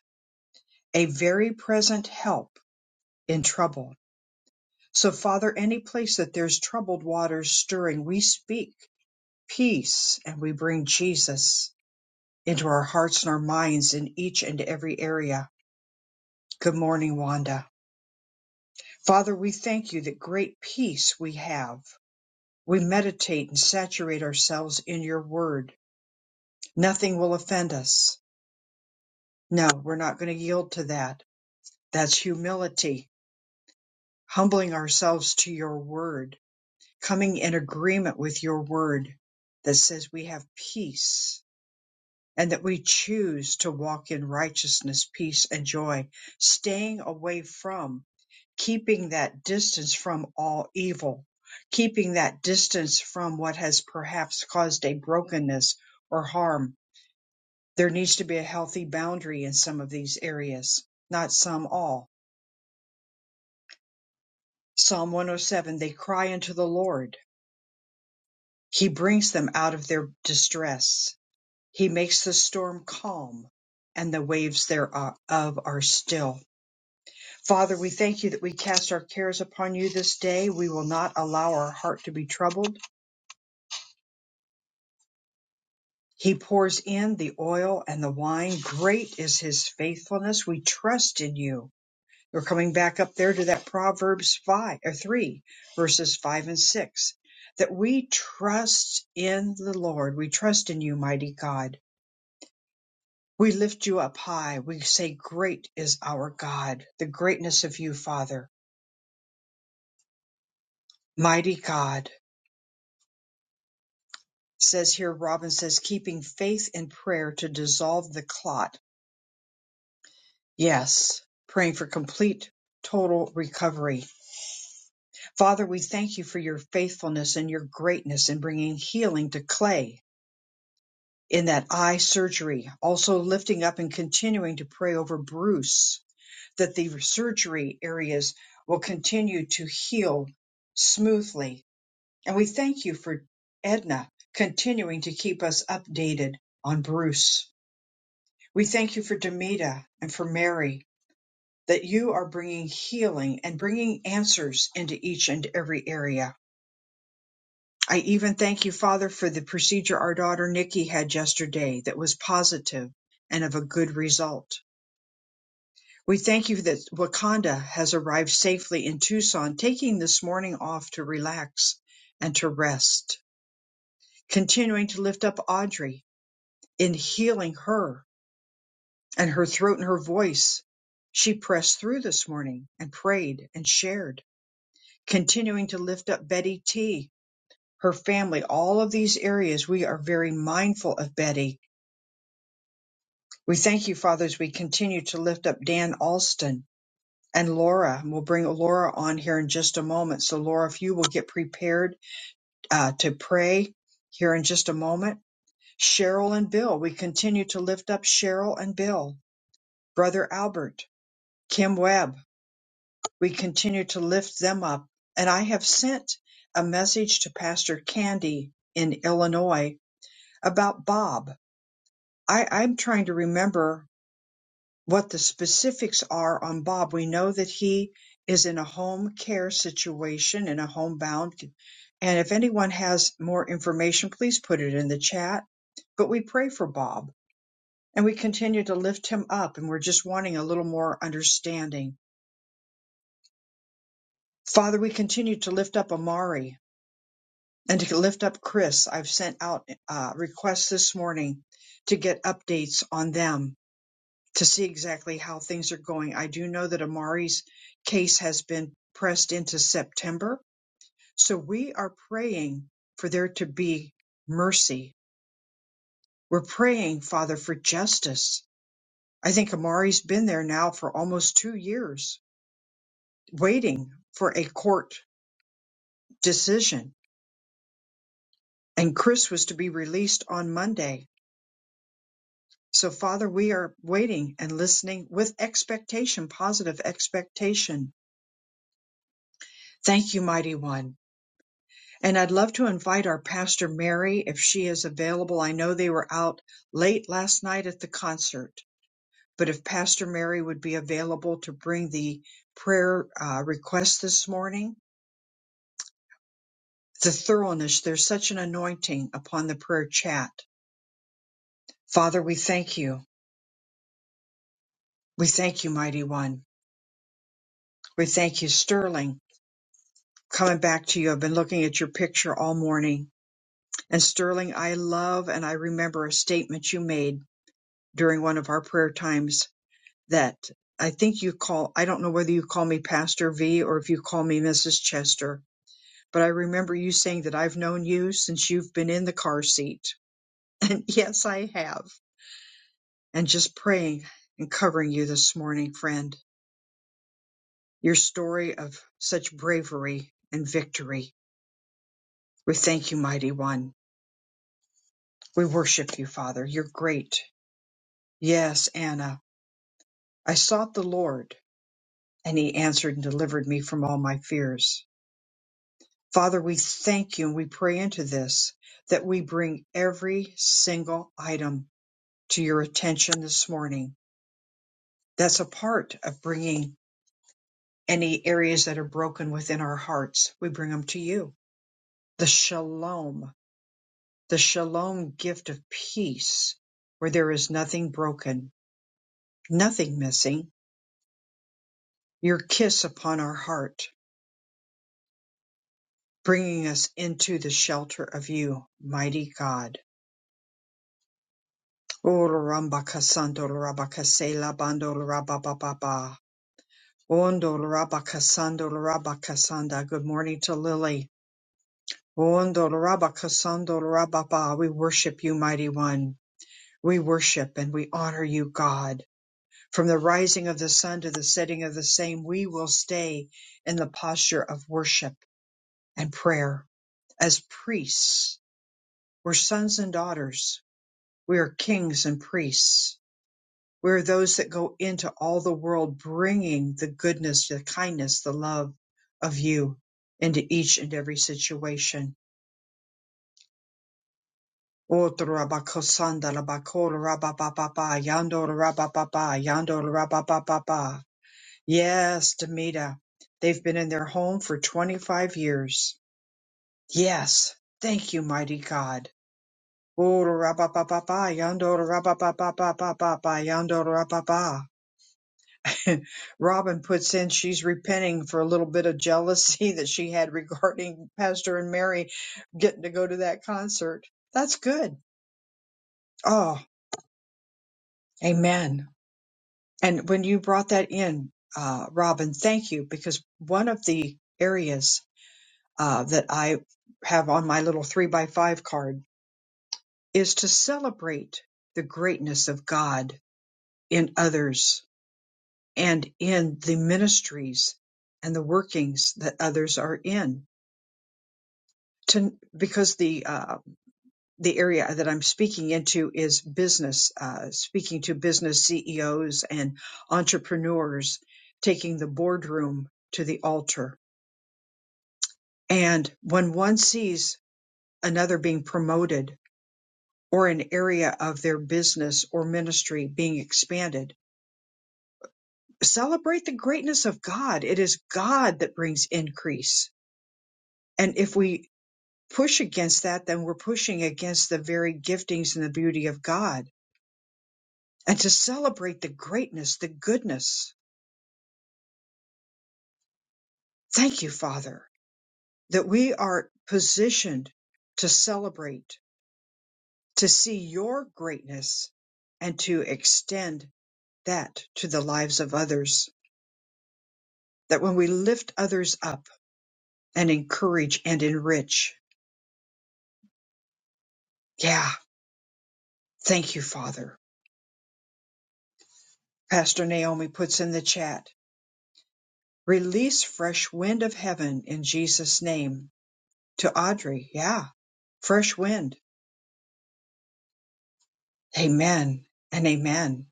A: a very present help in trouble. So, Father, any place that there's troubled waters stirring, we speak peace and we bring Jesus. into our hearts and our minds in each and every area. Good morning, Wanda. Father, we thank you that great peace we have. We meditate and saturate ourselves in your word. Nothing will offend us. No, we're not going to yield to that. That's humility, humbling ourselves to your word, coming in agreement with your word that says we have peace and that we choose to walk in righteousness, peace, and joy, staying away from, keeping that distance from all evil, keeping that distance from what has perhaps caused a brokenness or harm. There needs to be a healthy boundary in some of these areas, not some, all. Psalm 107 They cry unto the Lord. He brings them out of their distress. He makes the storm calm, and the waves thereof are still Father, we thank you that we cast our cares upon you this day. We will not allow our heart to be troubled. He pours in the oil and the wine. Great is his faithfulness. We trust in you. We're coming back up there to that Proverbs 5 or 3 verses 5 and 6 that we trust in the Lord. We trust in you, mighty God. We lift you up high. We say great is our God. The greatness of you, Father. Mighty God says here Robin says keeping faith and prayer to dissolve the clot. Yes, praying for complete total recovery. Father, we thank you for your faithfulness and your greatness in bringing healing to Clay in that eye surgery, also lifting up and continuing to pray over Bruce that the surgery areas will continue to heal smoothly. And we thank you for Edna continuing to keep us updated on Bruce. We thank you for Demita and for Mary, that you are bringing healing and bringing answers into each and every area. I even thank you, Father, for the procedure our daughter Nikki had yesterday that was positive and of a good result. We thank you that Wakanda has arrived safely in Tucson, taking this morning off to relax and to rest, continuing to lift up Audrey in healing her and her throat and her voice. She pressed through this morning and prayed and shared, continuing to lift up Betty T, her family, all of these areas. We are very mindful of Betty. We thank you, Father, as we continue to lift up Dan Alston and Laura. We'll bring Laura on here in just a moment. So, Laura, if you will get prepared uh, to pray here in just a moment. Cheryl and Bill, we continue to lift up Cheryl and Bill, Brother Albert, Kim Webb. We continue to lift them up. And I have sent a message to Pastor Candy in Illinois about Bob. I, I'm trying to remember what the specifics are on Bob. We know that he is in a home care situation, in a homebound. And if anyone has more information, please put it in the chat. But we pray for Bob and we continue to lift him up, and we're just wanting a little more understanding. Father, we continue to lift up Amari and to lift up Chris, I've sent out uh, requests this morning to get updates on them to see exactly how things are going. I do know that Amari's case has been pressed into September, so we are praying for there to be mercy. We're praying, Father, for justice. I think Amari's been there now for almost two years, waiting for a court decision, and Chris was to be released on Monday So, Father, we are waiting and listening with expectation, positive expectation. Thank you, Mighty One. And I'd love to invite our Pastor Mary if she is available. I know they were out late last night at the concert, but if Pastor Mary would be available to bring the prayer uh, request this morning, the thoroughness, there's such an anointing upon the prayer chat. Father, we thank you. We thank you, Mighty One. We thank you, Sterling. coming back to you. I've been looking at your picture all morning. And Sterling, I love and I remember a statement you made during one of our prayer times that I think you call, I don't know whether you call me Pastor V or if you call me Mrs. Chester, but I remember you saying that I've known you since you've been in the car seat. (laughs) And yes, I have. And just praying and covering you this morning, friend. Your story of such bravery and victory. We thank you, mighty one. We worship you, Father. You're great. Yes, Anna, I sought the Lord, and he answered and delivered me from all my fears. Father, we thank you and we pray into this that we bring every single item to your attention this morning. That's a part of bringing any areas that are broken within our hearts. We bring them to you. The shalom, the shalom gift of peace, where there is nothing broken, nothing missing your kiss upon our heart, bringing us into the shelter of you, mighty God. O Larambakasando Larabakase Labando Larabababa. Ondo Larabakasando Larabakasanda. Good morning to Lily. Ondo Larabakasando Larababa. We worship you, mighty one. We worship and we honor you, God. From the rising of the sun to the setting of the same, we will stay in the posture of worship and prayer as priests We're sons and daughters. We are kings and priests. We are those that go into all the world bringing the goodness, the kindness, the love of you into each and every situation. Yes, Demita, they've been in their home for 25 years. Yes, thank you, mighty God. Oh, Ora rapa pa pa pa, yonder rapa pa pa pa pa pa pa, yonder rapa pa. (laughs) Robin puts in she's repenting for a little bit of jealousy (laughs) that she had regarding Pastor and Mary getting to go to that concert. That's good. Oh, amen. And when you brought that in, uh, Robin, thank you because one of the areas uh, that I have on my little three by five card is to celebrate the greatness of God in others and in the ministries and the workings that others are in. To, because the uh, the area that I'm speaking into is business, uh, speaking to business CEOs and entrepreneurs, taking the boardroom to the altar. And when one sees another being promoted or an area of their business or ministry being expanded, celebrate the greatness of God. It is God that brings increase. And if we push against that, then we're pushing against the very giftings and the beauty of God and to celebrate the greatness, the goodness. Thank you, Father, that we are positioned to celebrate, to see your greatness and to extend that to the lives of others. That when we lift others up and encourage and enrich. Yeah. Thank you, Father. Pastor Naomi puts in the chat, release fresh wind of heaven in Jesus' name To Audrey, yeah. Fresh wind. Amen and amen.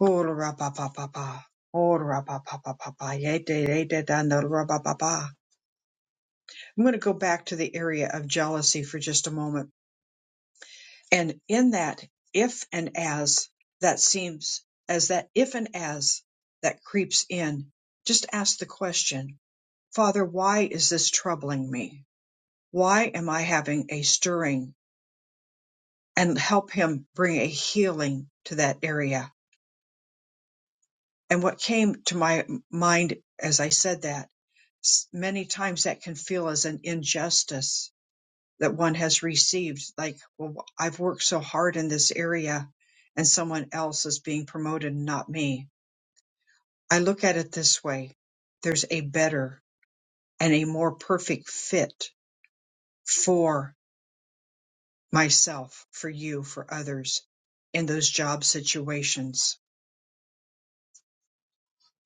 A: Ora ba ba ba ba. Ora ba ba ba ba ba. Ye de de de dun da na ra ba ba ba. I'm going to go back to the area of jealousy for just a moment. And in that if and as that seems as that if and as that creeps in, just ask the question, Father, why is this troubling me? Why am I having a stirring? And help him bring a healing to that area And what came to my mind as I said that, s- many times that can feel as an injustice that one has received. Like, well, I've worked so hard in this area and someone else is being promoted, not me. I look at it this way. There's a better and a more perfect fit for myself, for you, for others in those job situations.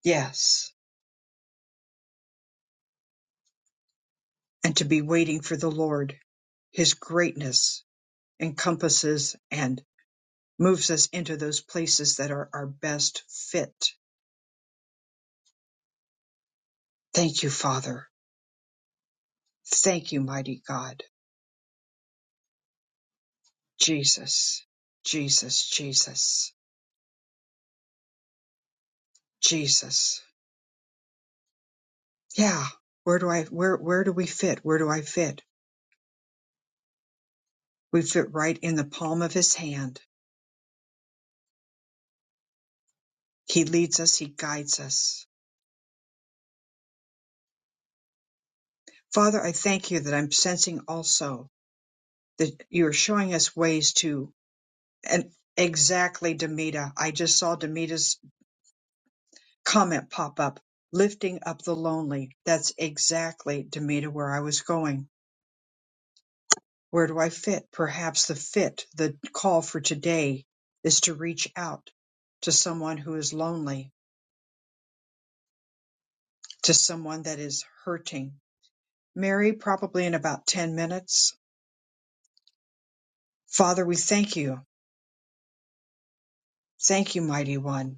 A: Yes. And to be waiting for the Lord, his greatness encompasses and moves us into those places that are our best fit. Thank you, Father. Thank you, mighty God. Jesus, Jesus, Jesus, Jesus. Yeah. Where do I, where, where do we fit? Where do I fit? We fit right in the palm of his hand. He leads us. He guides us. Father, I thank you that I'm sensing also that you're showing us ways to, and exactly, Demita. I just saw Demita's Comment pop up, lifting up the lonely. That's exactly, Demita, where I was going. Where do I fit? Perhaps the fit, the call for today is to reach out to someone who is lonely, to someone that is hurting. Mary, probably in about 10 minutes. Father, we thank you. Thank you, mighty one.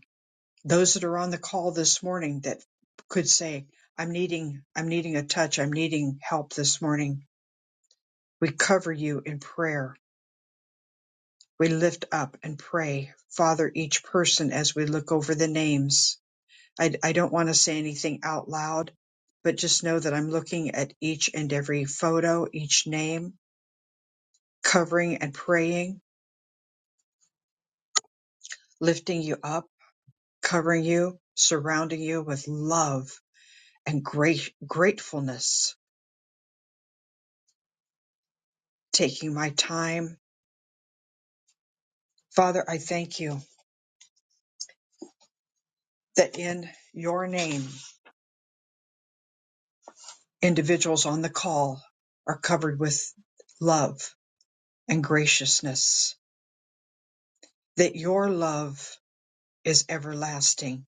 A: Those that are on the call this morning that could say, I'm needing, I'm needing a touch. I'm needing help this morning. We cover you in prayer we lift up and pray, Father, each person as we look over the names. I, I don't want to say anything out loud, but just know that I'm looking at each and every photo, each name, covering and praying, lifting you up, covering you, surrounding you with love and great gratefulness, taking my time. Father, I thank you that in your name, individuals on the call are covered with love and graciousness that your love is everlasting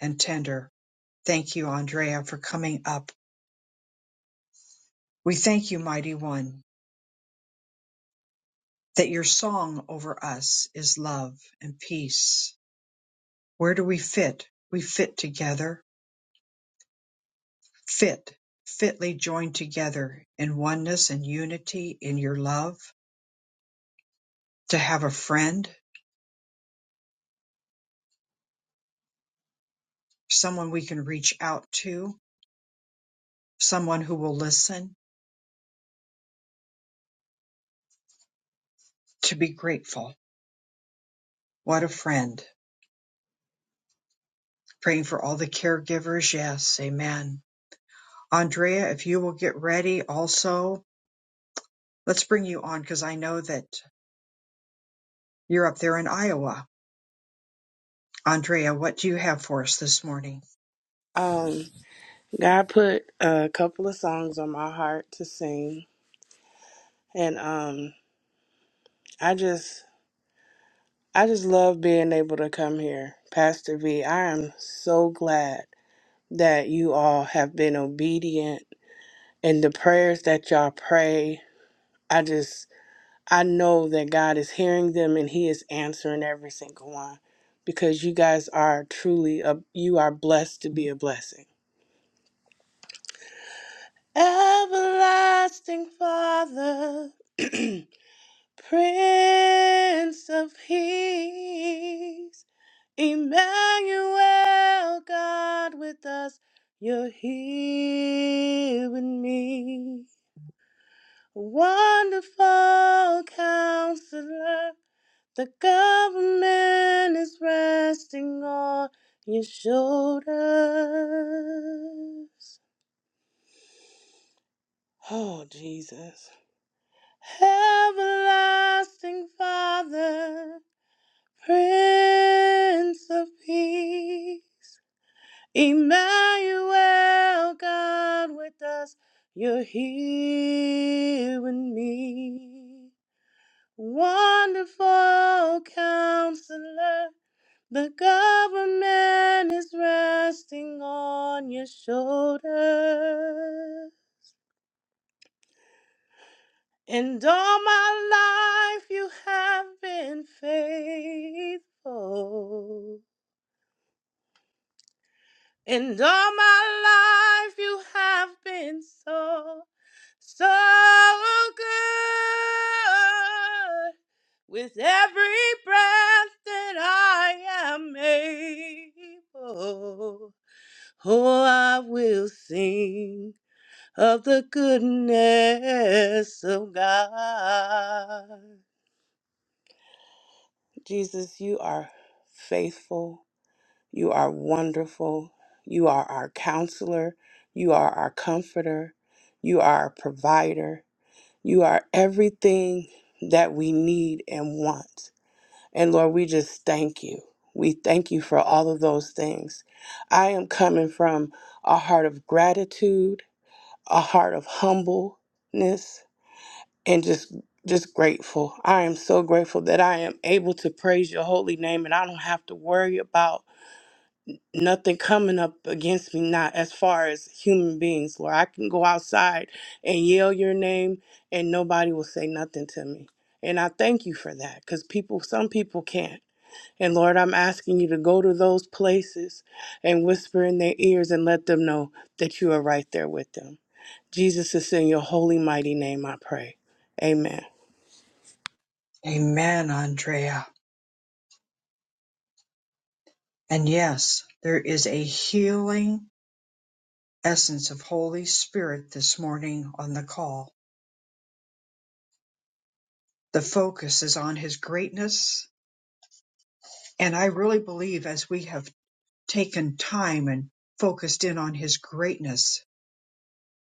A: and tender. Thank you, Andrea, for coming up. We thank you, Mighty One, that your song over us is love and peace. Where do we fit? We fit together, fit, fitly joined together in oneness and unity in your love, to have a friend, someone we can reach out to, someone who will listen, to be grateful. What a friend. Praying for all the caregivers. Yes, amen. Andrea, if you will get ready also, let's bring you on because I know that you're up there in Iowa. Andrea, what do you have for us this morning?
J: Um, God put a couple of songs on my heart to sing, and um, I just, I just love being able to come here, Pastor V. I am so glad that you all have been obedient and the prayers that y'all pray. I just, I know that God is hearing them and He is answering every single one, because you guys are truly, a, you are blessed to be a blessing. Everlasting Father. (clears throat) Prince of Peace, Emmanuel, God with us, you're here with me. Wonderful counselor, the government is resting on your shoulders. Oh, Jesus. Everlasting Father. Prince of Peace, Emmanuel, God with us, you're here with me. Wonderful counselor, the government is resting on your shoulder. And all my life you have been faithful. And all my life you have been so, so good. With every breath that I am able, oh, I will sing of the goodness of God. Jesus, you are faithful. You are wonderful. You are our counselor. You are our comforter. You are our provider. You are everything that we need and want. And Lord, we just thank you. We thank you for all of those things. I am coming from a heart of gratitude, a heart of humbleness, and just just grateful. I am so grateful that I am able to praise your holy name and I don't have to worry about nothing coming up against me not as far as human beings lord i can go outside and yell your name and nobody will say nothing to me and i thank you for that because people some people can't and lord i'm asking you to go to those places and whisper in their ears and let them know that you are right there with them jesus is in your holy mighty name i pray amen
A: Amen, Andrea. And yes, there is a healing essence of Holy Spirit this morning on the call. The focus is on his greatness. And I really believe as we have taken time and focused in on his greatness,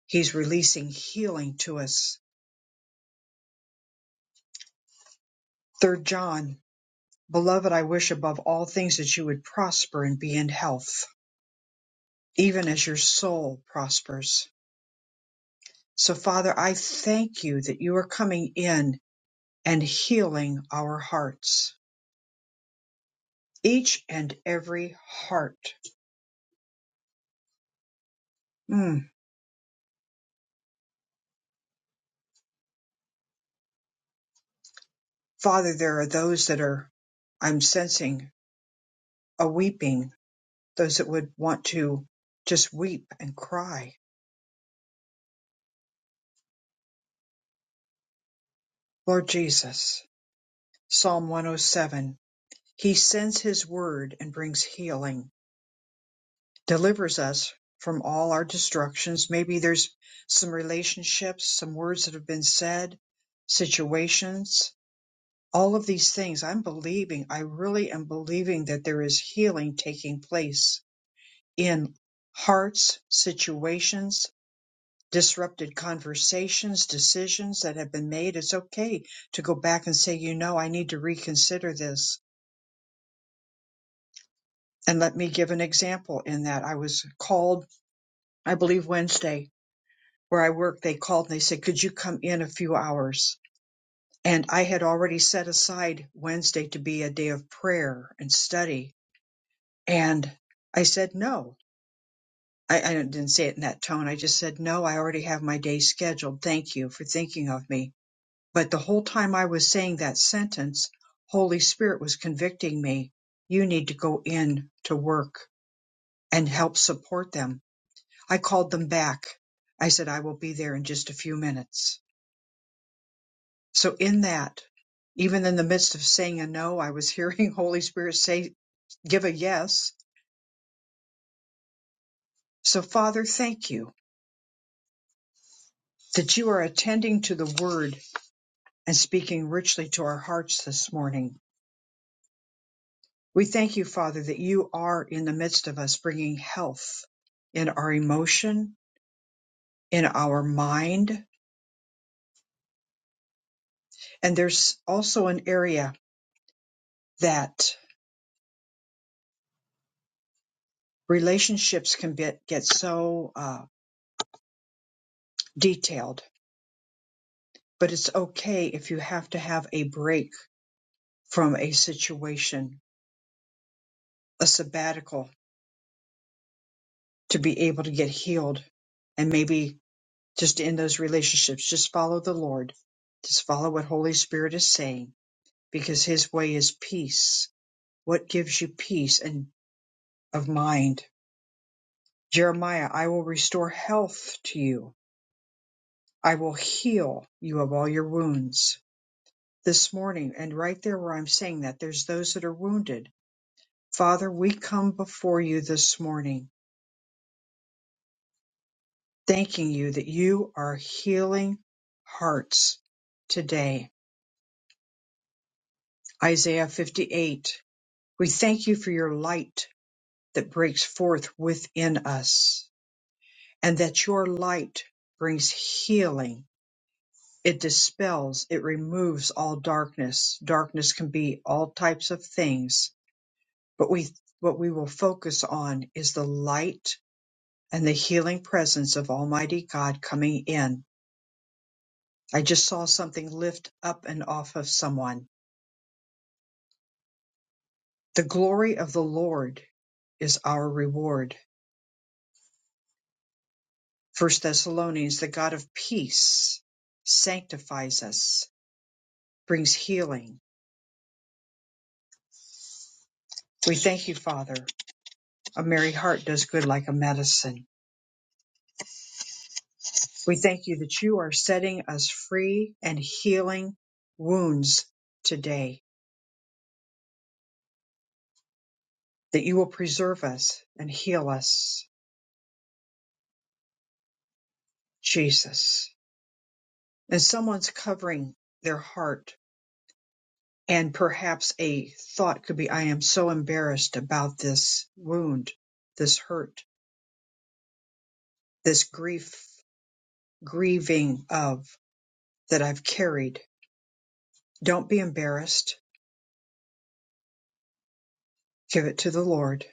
A: he's releasing healing to us Third John, Beloved, I wish above all things that you would prosper and be in health, even as your soul prospers. So, Father, I thank you that you are coming in and healing our hearts, each and every heart. Mm. Father, there are those that are, I'm sensing, a weeping, those that would want to just weep and cry. Lord Jesus, Psalm 107, He sends His word and brings healing. delivers us from all our destructions. Maybe there's some relationships, some words that have been said, situations, all of these things. I'm believing, I really am believing that there is healing taking place in hearts, situations, disrupted conversations, decisions that have been made. It's okay to go back and say, you know, I need to reconsider this. And let me give an example in that I was called, I believe, Wednesday where I work, they called and they said, could you come in a few hours? And I had already set aside Wednesday to be a day of prayer and study. And I said, no, I, I didn't say it in that tone. I just said, no, I already have my day scheduled. Thank you for thinking of me. But the whole time I was saying that sentence, Holy Spirit was convicting me. You need to go in to work and help support them. I called them back. I said, I will be there in just a few minutes So in that, even in the midst of saying a no, I was hearing (laughs) Holy Spirit say, give a yes. So Father, thank you that you are attending to the word and speaking richly to our hearts this morning. We thank you, Father, that you are in the midst of us bringing health in our emotion, in our mind. And there's also an area that relationships can get, get so uh, detailed, but it's okay if you have to have a break from a situation, a sabbatical to be able to get healed. And maybe just in those relationships, just follow the Lord. Just follow what Holy Spirit is saying because his way is peace. What gives you peace and of mind? Jeremiah, I will restore health to you. I will heal you of all your wounds. This morning, and right there where I'm saying that, there's those that are wounded. Father, we come before you this morning thanking you that you are healing hearts today. Isaiah 58. We thank you for your light that breaks forth within us and that your light brings healing. It dispels, it removes all darkness. Darkness can be all types of things, but we what we will focus on is the light and the healing presence of Almighty God coming in. I just saw something lift up and off of someone The glory of the Lord is our reward. First Thessalonians, the God of peace sanctifies us, brings healing. We thank you, Father. A merry heart does good like a medicine. We thank you that you are setting us free and healing wounds today, that you will preserve us and heal us, Jesus. And someone's covering their heart And perhaps a thought could be, I am so embarrassed about this wound, this hurt, this grief, grieving of that I've carried. Don't be embarrassed. Give it to the Lord.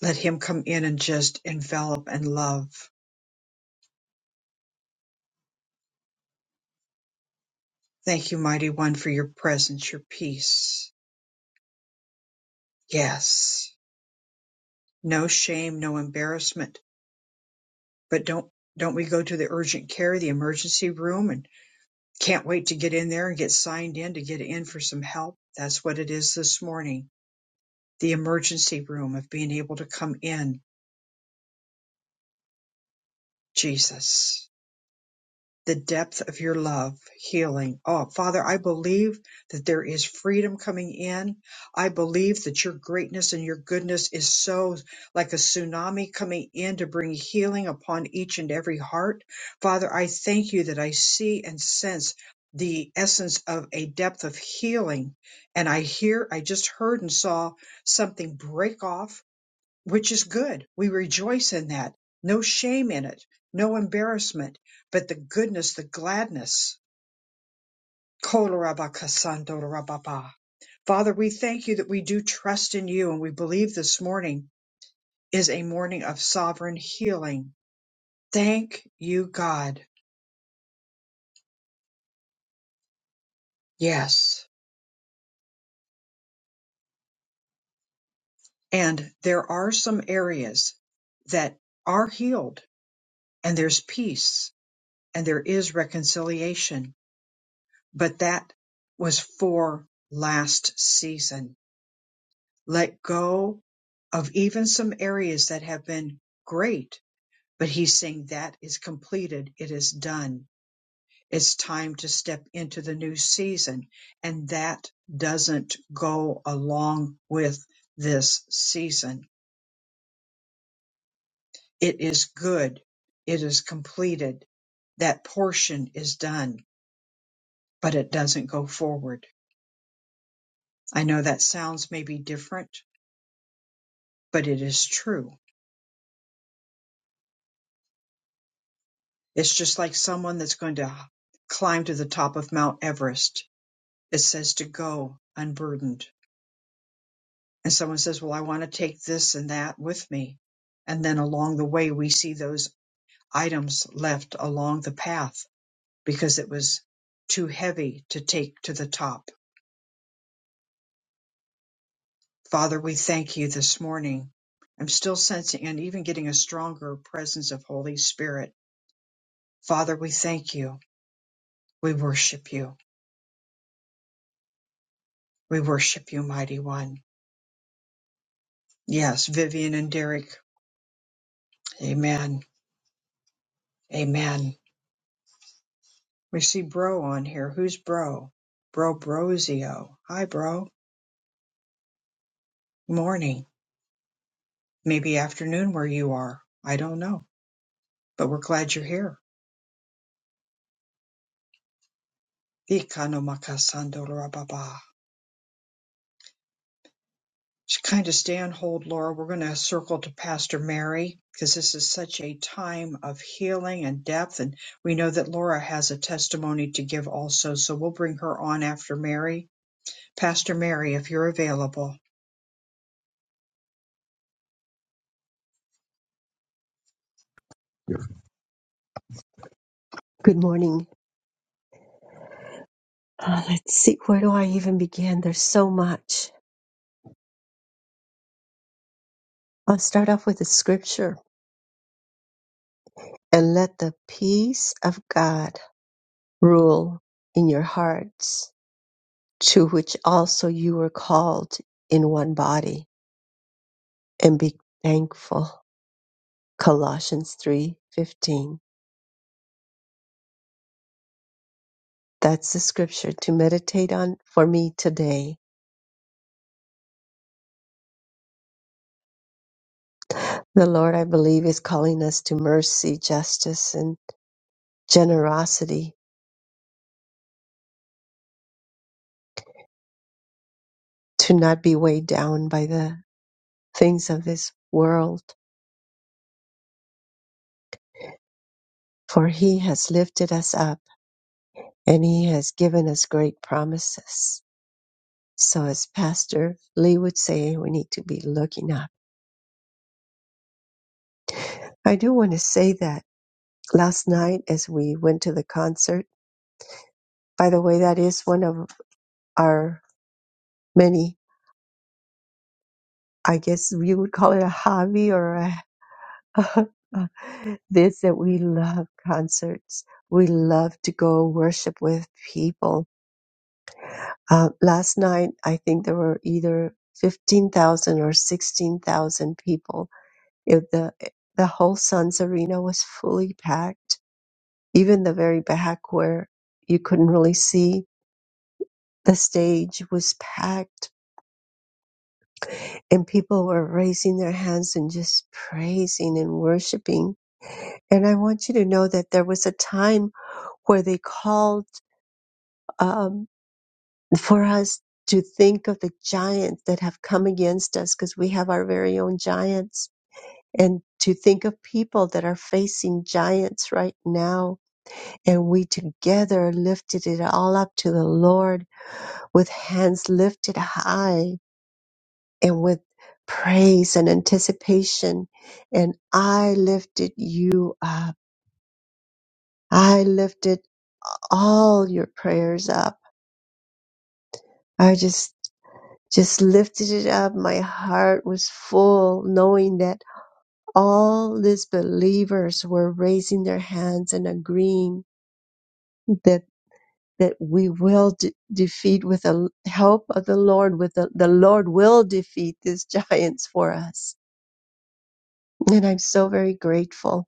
A: Let Him come in and just envelop and love. Thank you, Mighty One, for your presence, your peace. Yes. No shame, no embarrassment. But don't, don't we go to the urgent care, the emergency room and Can't wait to get in there and get signed in to get in for some help. That's what it is this morning. The emergency room of being able to come in. Jesus. the depth of your love, healing. Oh, Father, I believe that there is freedom coming in. I believe that your greatness and your goodness is so like a tsunami coming in to bring healing upon each and every heart. Father, I thank you that I see and sense the essence of a depth of healing. And I hear, I just heard and saw something break off which is good. We rejoice in that. No shame in it, no embarrassment, but the goodness, the gladness. Kolarabakasandorababa. Father, we thank you that we do trust in you, and we believe this morning is a morning of sovereign healing. Thank you, God. Yes. And there are some areas that are healed, and there's peace, and there is reconciliation but that was for last season. Let go of even some areas that have been great, but he's saying that is completed. It is done. It's time to step into the new season. And that doesn't go along with this season. It is good. It is completed. That portion is done, but it doesn't go forward. I know that sounds maybe different, but it is true. It's just like someone that's going to climb to the top of Mount Everest. It says to go unburdened. And someone says, Well, I want to take this and that with me. And then along the way, we see those items left along the path because it was too heavy to take to the top. Father, we thank you this morning. I'm still sensing and even getting a stronger presence of Holy Spirit. Father, we thank you. We worship you. We worship you, mighty one. Yes, Vivian and Derek. Amen. Amen. We see Bro on here. Who's Bro? Bro Brozio. Hi, Bro. Morning. Maybe afternoon where you are. I don't know. But we're glad you're here. Ikanomakasandorababa. Just kind of stay on hold, Laura. We're going to circle to Pastor Mary because this is such a time of healing and depth. And we know that Laura has a testimony to give also. So we'll bring her on after Mary. Pastor Mary, if you're available.
B: Good morning. Uh, let's see, where do I even begin? There's so much. I'll start off with the scripture and let the peace of God rule in your hearts, to which also you were called in one body, and be thankful. Colossians 3:15. That's the scripture to meditate on for me today. The Lord, I believe, is calling us to mercy, justice, and generosity to not be weighed down by the things of this world, for he has lifted us up and he has given us great promises. So, as Pastor Lee would say, we need to be looking up. I do want to say that last night as we went to the concert, by the way, that is one of our many, I guess you would call it a hobby or a, (laughs) this that we love concerts. We love to go worship with people Uh, last night, I think there were either 15,000 or 16,000 people. It, the, the whole Suns Arena was fully packed. Even the very back where you couldn't really see, the stage was packed and people were raising their hands and just praising and worshiping. And I want you to know that there was a time where they called, Um, for us to think of the giants that have come against us because we have our very own giants and to think of people that are facing giants right now and we together lifted it all up to the Lord with hands lifted high and with praise and anticipation and I lifted you up I lifted all your prayers up I just Just lifted it up. My heart was full knowing that all these believers were raising their hands and agreeing that that we will de- defeat with the help of the Lord, with the, the Lord will defeat these (laughs) giants for us. And I'm so very grateful.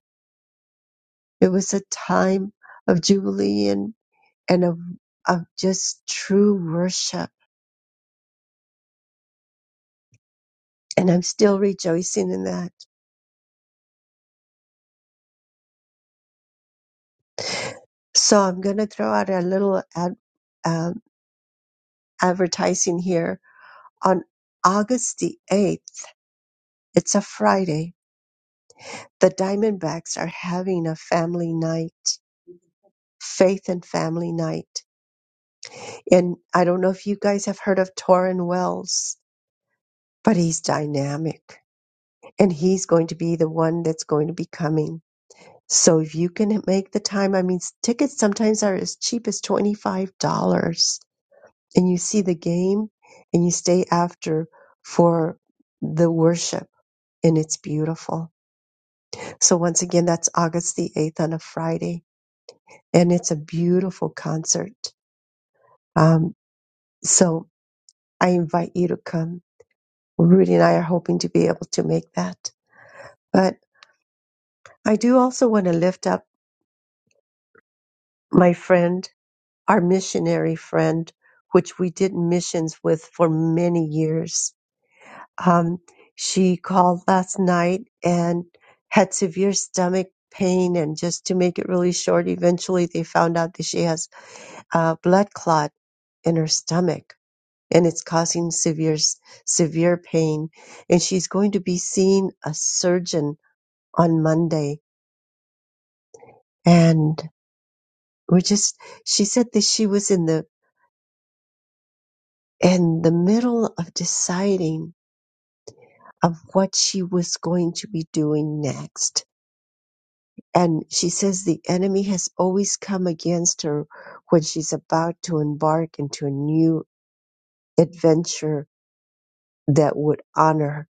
B: It was a time of jubilee and, and of, of just true worship. And I'm still rejoicing in that. So I'm going to throw out a little ad, uh, advertising here. On August the 8th, it's a Friday, the Diamondbacks are having a family night, faith and family night. And I don't know if you guys have heard of Torrin Wells, but he's dynamic and he's going to be the one that's going to be coming. So if you can make the time, I mean, tickets sometimes are as cheap as $25 and you see the game and you stay after for the worship and it's beautiful. So once again, that's August the 8th on a Friday and it's a beautiful concert. Um, so I invite you to come. Rudy and I are hoping to be able to make that. But I do also want to lift up my friend, our missionary friend, which we did missions with for many years. Um, she called last night and had severe stomach pain and just to make it really short eventually they found out that she has a blood clot in her stomach and it's causing severe severe pain and she's going to be seeing a surgeon on Monday and we're just she said that she was in the in the middle of deciding of what she was going to be doing next and she says the enemy has always come against her when she's about to embark into a new adventure that would honor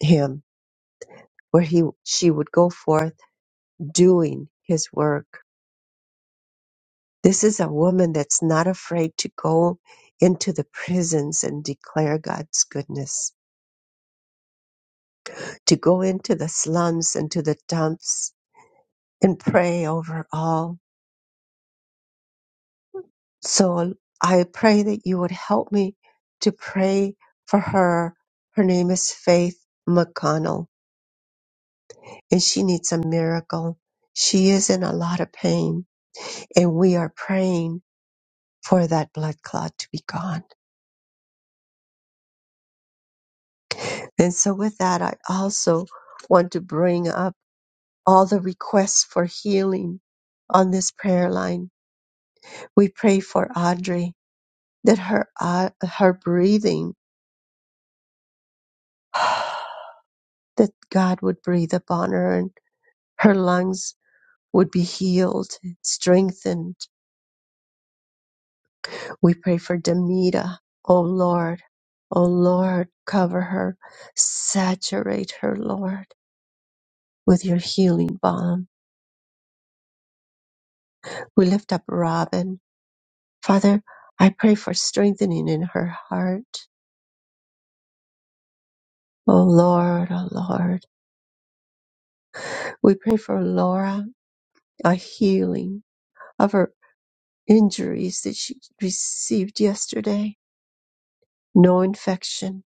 B: him where he she would go forth doing his work. This is a woman that's not afraid to go into the prisons and declare God's goodness, to go into the slums and to the dumps and pray over all. So I pray that you would help me to pray for her. Her name is Faith McConnell and she needs a miracle. She is in a lot of pain and we are praying for that blood clot to be gone. And so, with that, I also want to bring up all the requests for healing on this prayer line. We pray for Audrey that her uh, her breathing, (sighs) that God would breathe upon her and her lungs would be healed, strengthened. We pray for Demita. Oh Lord, oh Lord, cover her, saturate her, Lord, with your healing balm. We lift up Robin. Father, I pray for strengthening in her heart. Oh Lord, oh Lord. We pray for Laura, a healing of her injuries that she received yesterday. No infection,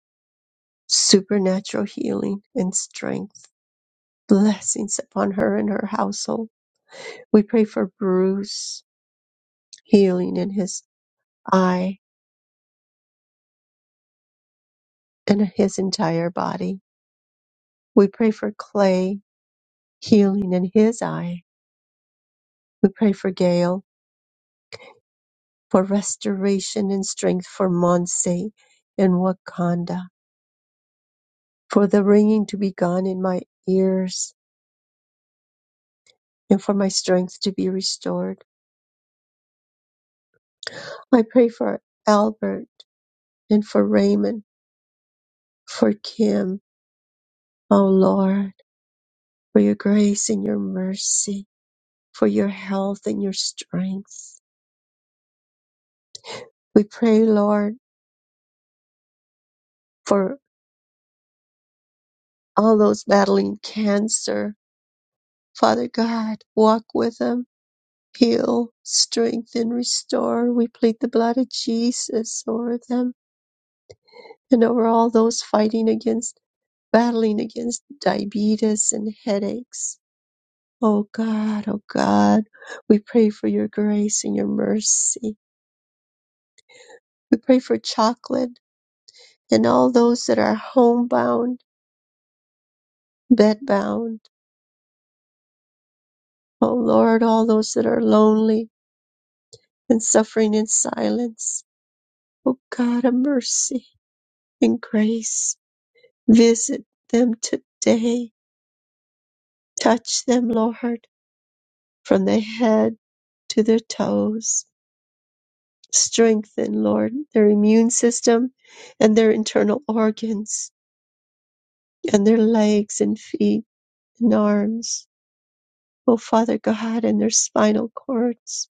B: supernatural healing and strength. Blessings upon her and her household. We pray for Bruce, healing in his eye and his entire body. We pray for Clay, healing in his eye. We pray for Gail, for restoration and strength for Monse and Wakanda, for the ringing to be gone in my ears and for my strength to be restored. I pray for Albert and for Raymond, for Kim, O Lord, for your grace and your mercy, for your health and your strength. We pray, Lord, for all those battling cancer. Father God, walk with them heal, strengthen, restore. We plead the blood of Jesus over them and over all those fighting against, battling against diabetes and headaches. Oh God, oh God, we pray for your grace and your mercy. We pray for chocolate and all those that are homebound, bedbound. Oh Lord, all those that are lonely and suffering in silence. Oh God, of mercy and grace. Visit them today. Touch them, Lord, from their head to their toes. Strengthen, Lord, their immune system and their internal organs and their legs and feet and arms. Oh, Father God, and their spinal cords.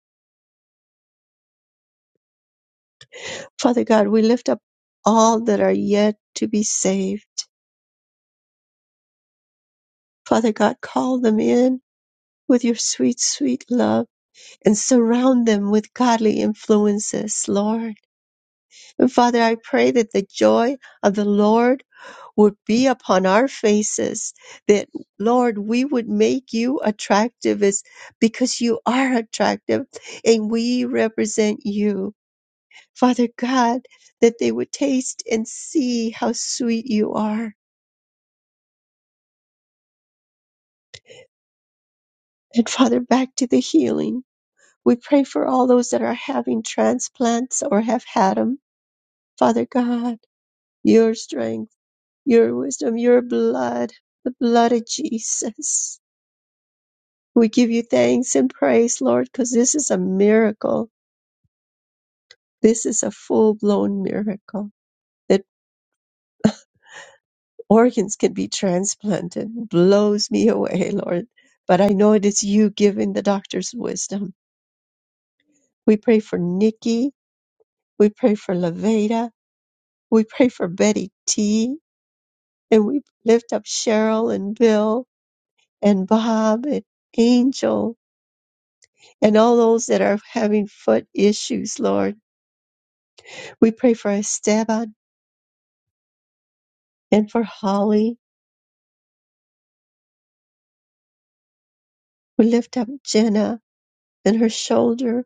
B: Father God, we lift up all that are yet to be saved. Father God, call them in with your sweet, sweet love and surround them with godly influences, Lord Father, I pray that the joy of the Lord would be upon our faces, that Lord, we would make you attractive as, because you are attractive and we represent you. Father God, that they would taste and see how sweet you are. And Father, back to the healing. We pray for all those that are having transplants or have had them. Father God, your strength your wisdom, your blood, the blood of Jesus. We give you thanks and praise, Lord, because this is a miracle. This is a full blown miracle that organs can be transplanted. Blows me away, Lord. But I know it is you giving the doctors wisdom. We pray for Nikki. We pray for Laveda. We pray for Betty T. And we lift up Cheryl and Bill and Bob and Angel and all those that are having foot issues, Lord. We pray for Esteban and for Holly. We lift up Jenna and her shoulder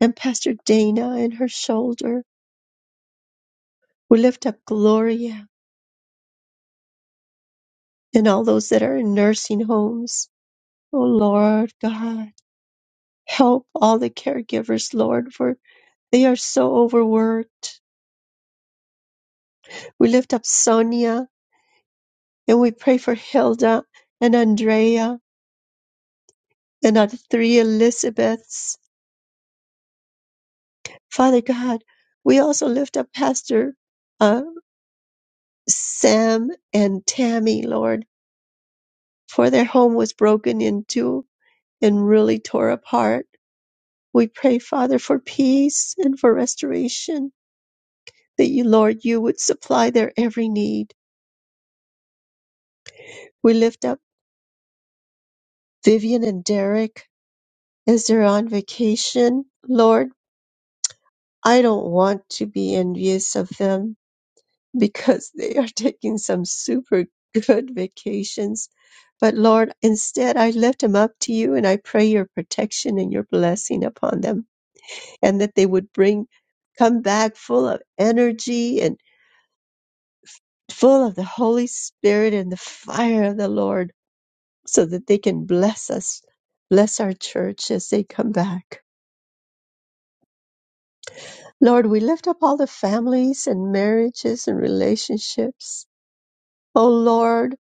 B: and Pastor Dana and her shoulder. We lift up Gloria and all those that are in nursing homes. Oh Lord God, help all the caregivers, Lord, for they are so overworked. We lift up Sonia and we pray for Hilda and Andrea and our three Elizabeths. Father God, we also lift up Pastor uh, Sam and Tammy, Lord, for their home was broken into and really tore apart. We pray, Father, for peace and for restoration, that you, Lord, you would supply their every need. We lift up Vivian and Derek as they're on vacation. Lord, I don't want to be envious of them because (laughs) they are taking some super good vacations. But Lord, instead, I lift them up to you and I pray your protection and your blessing upon them and that they would bring, come back full of energy and full of the Holy Spirit and the fire of the Lord so that they can bless us, bless our church as they come back. Lord, we lift up all the families and marriages and relationships. Oh Lord,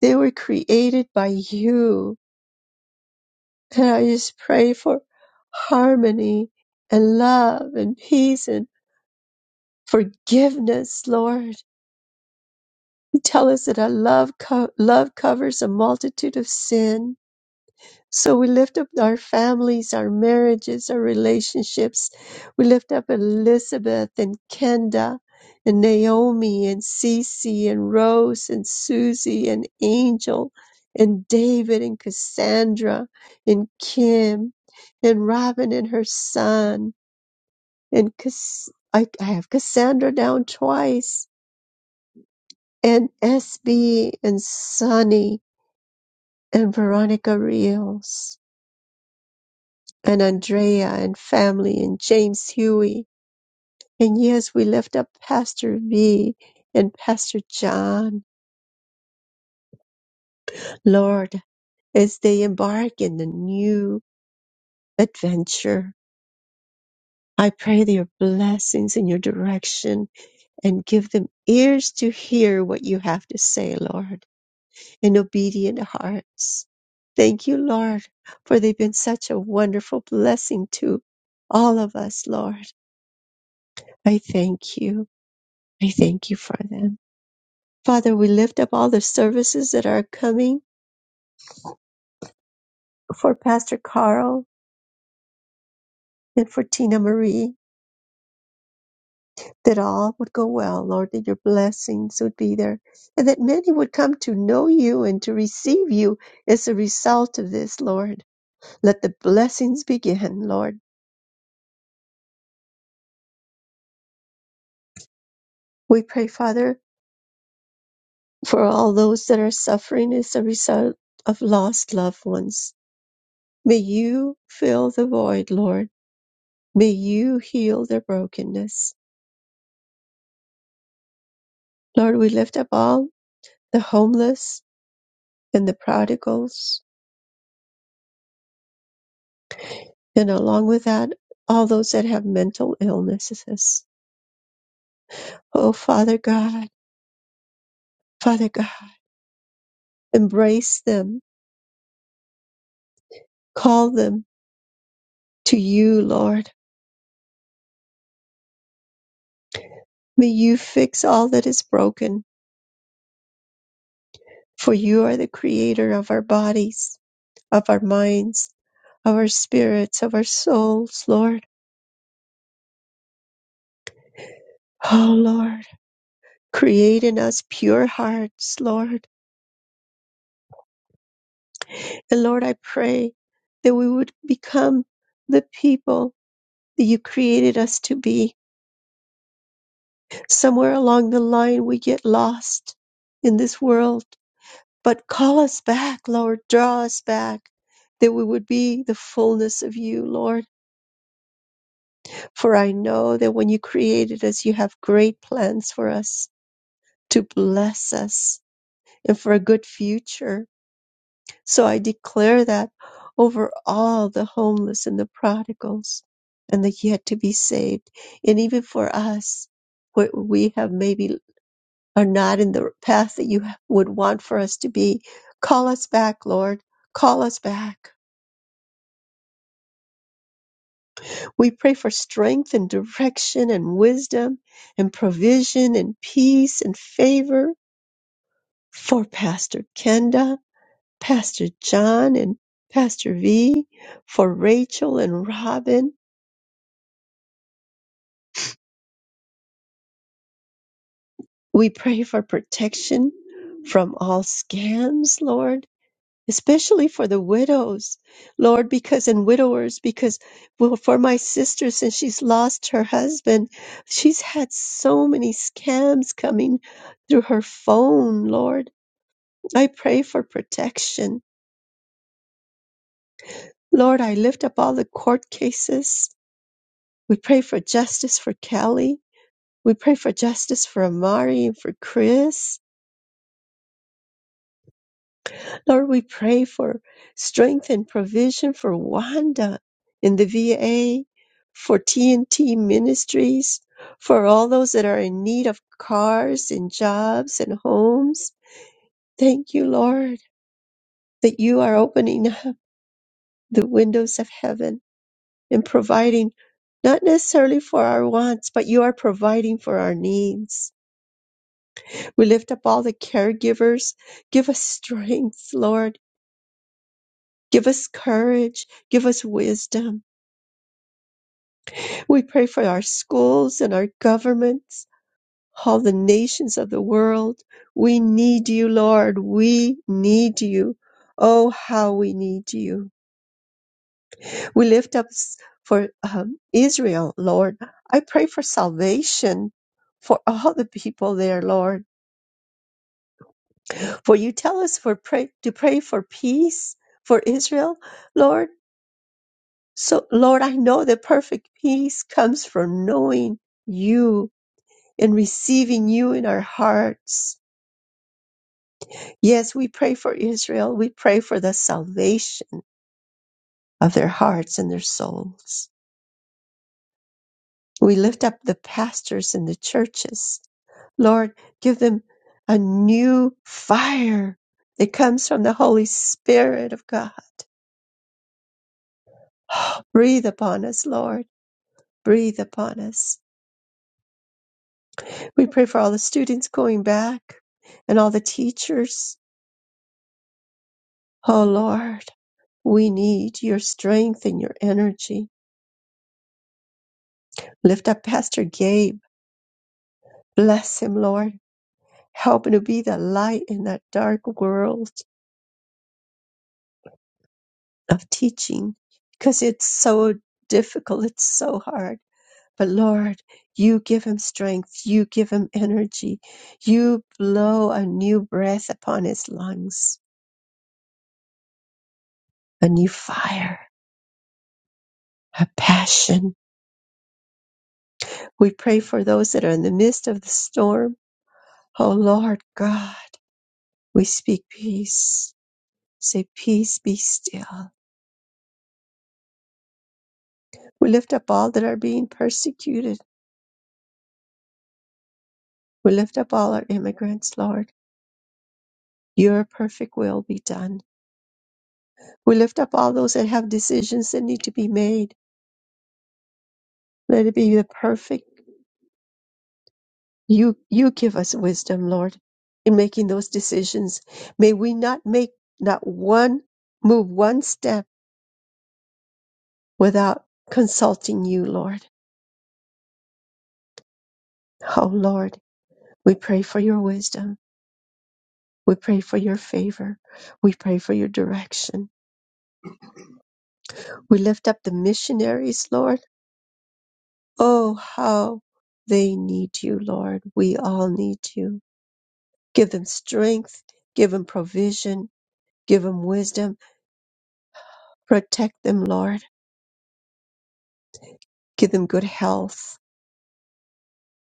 B: they were created by you And I just pray for harmony and love and peace and forgiveness, Lord. You tell us that a love, co- love covers a multitude of sin. So we lift up our families, our marriages, our relationships. We lift up Elizabeth and Kenda and Naomi and Cece and Rose and Susie and Angel and David and Cassandra and Kim and Robin and her son and Cass- I, I have Cassandra down twice and SB and Sonny and Veronica Rios. and Andrea and family and James Huey. And yes, we lift up Pastor V and Pastor John, Lord, as they embark in the new adventure. I pray their blessings in your direction and give them ears to hear what you have to say, Lord, and obedient hearts. Thank you, Lord, for they've been such a wonderful blessing to all of us, Lord. I thank you. I thank you for them. Father, we lift up all the services that are coming for Pastor Carl and for Tina Marie, that all would go well, Lord, that your blessings would be there, and that many would come to know you and to receive you as a result of this, Lord. Let the blessings begin, Lord. We pray, Father, for all those that are suffering as a result of lost loved ones. May you fill the void, Lord. May you heal their brokenness. Lord, we lift up all the homeless and the prodigals, and along with that, all those that have mental illnesses. Oh, Father God, Father God, embrace them, call them to you, Lord. May you fix all that is broken, for you are the creator of our bodies, of our minds, of our spirits, of our souls, Lord. Oh, Lord, create in us pure hearts, Lord. And Lord, I pray that we would become the people that you created us to be. Somewhere along the line, we get lost in this world. But call us back, Lord. Draw us back that we would be the fullness of you, Lord. For I know that when you created us, you have great plans for us to bless us and for a good future. So I declare that over all the homeless and the prodigals and the yet to be saved. And even for us, where we have maybe are not in the path that you would want for us to be. Call us back, Lord. Call us back. We pray for strength and direction and wisdom and provision and peace and favor for Pastor Kenda, Pastor John, and Pastor V, for Rachel and Robin. We pray for protection from all scams, Lord especially for the widows, Lord, because and widowers, because well, for my sister, since she's lost her husband, she's had so many scams coming through her phone, Lord. I pray for protection. Lord, I lift up all the court cases. We pray for justice for Kelly. We pray for justice for Amari and for Chris. Lord, we pray for strength and provision for Wanda in the VA, for TNT Ministries, for all those that are in need of cars and jobs and homes. Thank you, Lord, that you are opening the windows of heaven and providing not necessarily for our wants, but you are providing for our needs. We lift up all the caregivers. Give us strength, Lord. Give us courage. Give us wisdom. We pray for our schools and our governments, all the nations of the world. We need you, Lord. We need you. Oh, how we need you. We lift up s- for um, Israel, Lord. I pray for salvation for all the people there, Lord. For you tell us for pray, to pray for peace for Israel, Lord. So, Lord, I know that perfect peace comes from knowing you in receiving you in our hearts. Yes, we pray for Israel. We pray for the salvation of their hearts and their souls. We lift up the pastors in the churches. Lord, give them a new fire that comes from the Holy Spirit of God. Breathe upon us, Lord. Breathe upon us. We pray for all the students going back and all the teachers. Oh, Lord, we need your strength and your energy. Lift up Pastor Gabe. Bless him, Lord. Help him to be the light in that dark world of teaching because it's so difficult. It's so hard. But Lord, you give him strength. You give him energy. You blow a new breath upon his lungs, a new fire, a passion. We pray for those that are in the midst of the storm. Oh, Lord God, we speak peace. Say, peace be still We lift up all that are being persecuted. We lift up all our immigrants, Lord. Your perfect will be done. We lift up all those that have decisions that need to be made. Let it be the perfect. You, you give us wisdom, Lord, in making those decisions. May we not make not one move, one step without consulting you, Lord. Oh, Lord, we pray for your wisdom. We pray for your favor. We pray for your direction. We lift up the missionaries, Lord Oh, how they need you, Lord. We all need you. Give them strength, give them provision, give them wisdom, protect them, Lord. Give them good health.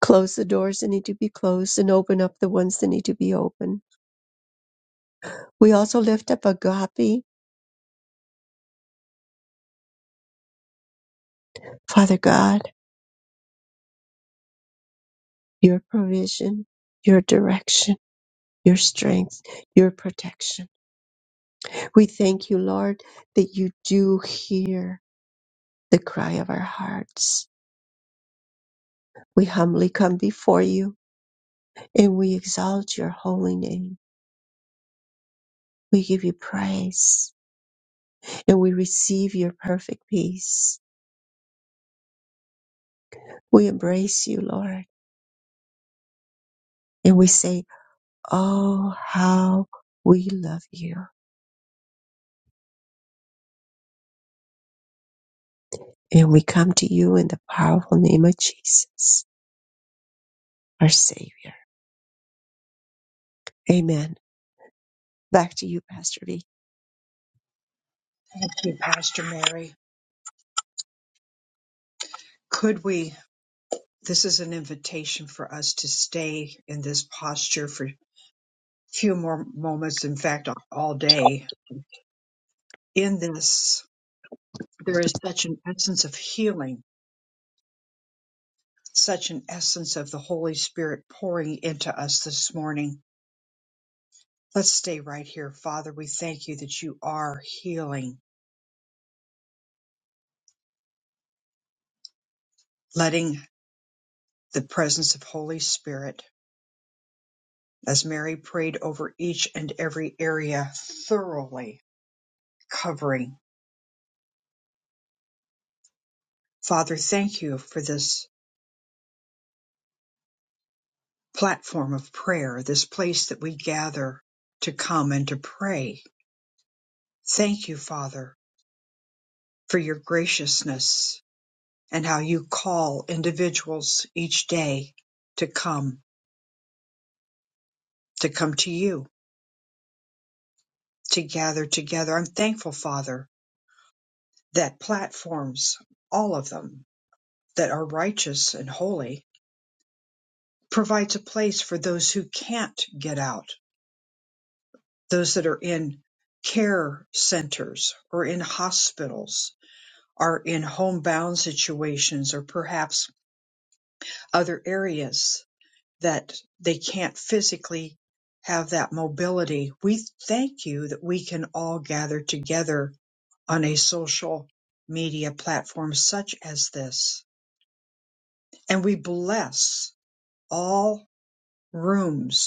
B: Close the doors that need to be closed and open up the ones that need to be open. We also lift up agape. Father God, your provision, your direction, your strength, your protection. We thank you, Lord, that you do hear the cry of our hearts We humbly come before you and we exalt your holy name. We give you praise and we receive your perfect peace. We embrace you, Lord, and we say, Oh, how we love you. And we come to you in the powerful name of Jesus, our Savior. Amen. Back to you, Pastor V.
A: Thank you, Pastor Mary. Could we? This is an invitation for us to stay in this posture for a few more moments, in fact, all day. In this, there is such an essence of healing, such an essence of the Holy Spirit pouring into us this morning. Let's stay right here. Father, we thank you that you are healing, letting the presence of Holy Spirit, as Mary prayed over each and every area, thoroughly covering. Father, thank you for this platform of prayer, this place that we gather to come and to pray. Thank you, Father, for your graciousness and how you call individuals each day to come, to come to you, to gather together. I'm thankful, Father, that platforms, all of them that are righteous and holy, provides a place for those who can't get out those that are in care centers or in hospitals are in homebound situations or perhaps other areas that they can't physically have that mobility. We thank you that we can all gather together on a social media platform such as this. And we bless all rooms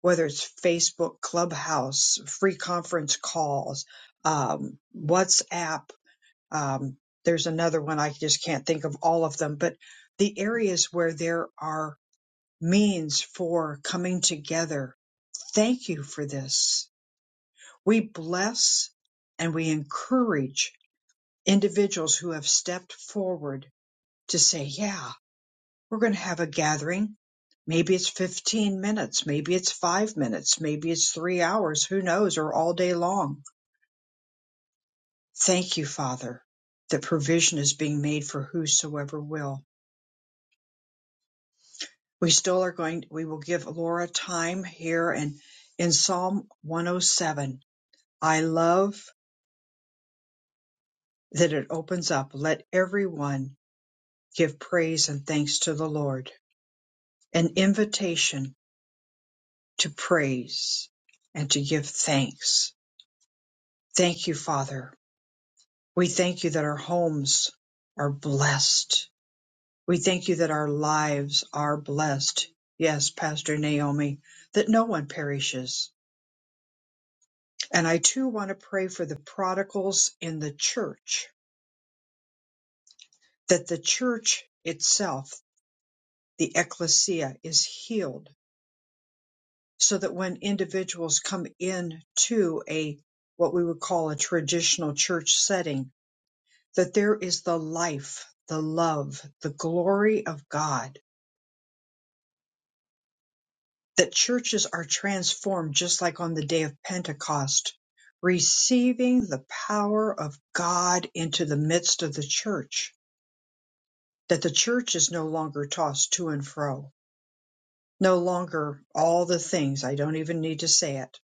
A: whether it's Facebook, Clubhouse, free conference calls, um, WhatsApp. Um, there's another one I just can't think of all of them, but the areas where there are means for coming together. Thank you for this. We bless and we encourage individuals who have stepped forward to say, yeah, We're going to have a gathering. Maybe it's 15 minutes. Maybe it's five minutes. Maybe it's three hours. Who knows? Or all day long. Thank you, Father, that provision is being made for whosoever will. We still are going, we will give Laura time here and in Psalm 107. I love that it opens up. Let everyone give praise and thanks to the Lord. An invitation to praise and to give thanks. Thank you, Father, We thank you that our homes are blessed. We thank you that our lives are blessed. Yes, Pastor Naomi, that no one perishes. And I too want to pray for the prodigals in the church, that the church itself, the ecclesia, is healed so that when individuals come in to a what we would call a traditional church setting, that there is the life, the love, the glory of God that churches are transformed just like on the day of Pentecost, receiving the power of God into the midst of the church, that the church is no longer tossed to and fro, no longer all the things. I don't even need to say it,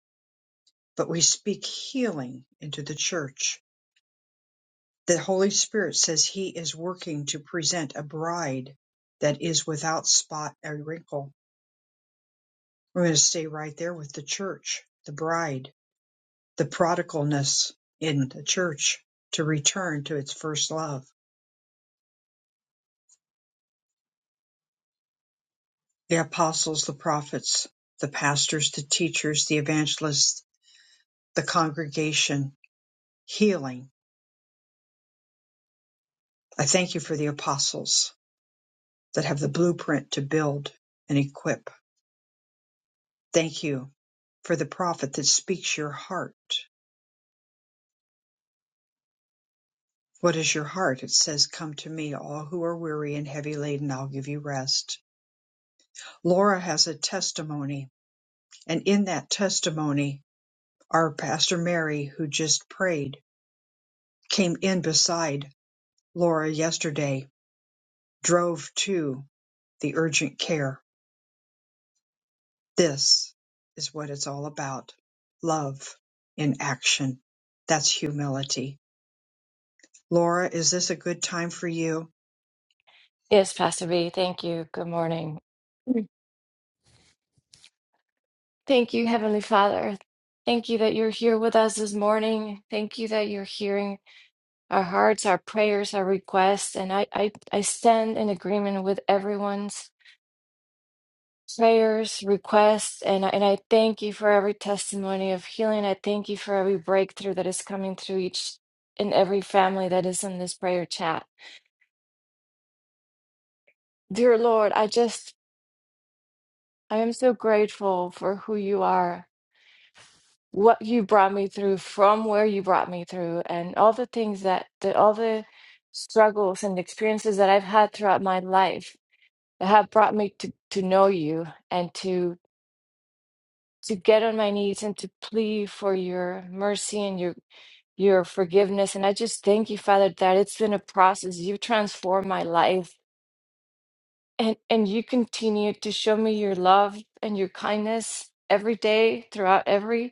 A: but we speak healing into the church. The Holy Spirit says He is working to present a bride that is without spot or wrinkle. We're going to stay right there with the church, the bride the prodigalness in the church to return to its first love. The apostles, the prophets, the pastors, the teachers, the evangelists, the congregation, healing. I thank you for the apostles that have the blueprint to build and equip. Thank you for the prophet that speaks your heart. What is your heart? It says, Come to me, all who are weary and heavy laden, I'll give you rest. Laura has a testimony, and in that testimony, Our pastor Mary, who just prayed, came in beside Laura yesterday, drove to the urgent care. This is what it's all about. Love in action. That's humility. Laura, is this a good time for you?
K: Yes, Pastor B. Thank you. Good morning. Thank you, Heavenly Father. Thank you that you're here with us this morning. Thank you that you're hearing our hearts, our prayers, our requests. And I, I, I stand in agreement with everyone's prayers, requests, and, I- and I thank you for every testimony of healing. I thank you for every breakthrough that is coming through each and every family that is in this prayer chat. Dear Lord, I just, I am so grateful for who you are. what you brought me through from where you brought me through and all the things that the, all the struggles and experiences that I've had throughout my life that have brought me to to know you and to to get on my knees and to plead for your mercy and your your forgiveness and I just thank you Father that it's been a process you've transformed my life and and you continue to show me your love and your kindness every day throughout every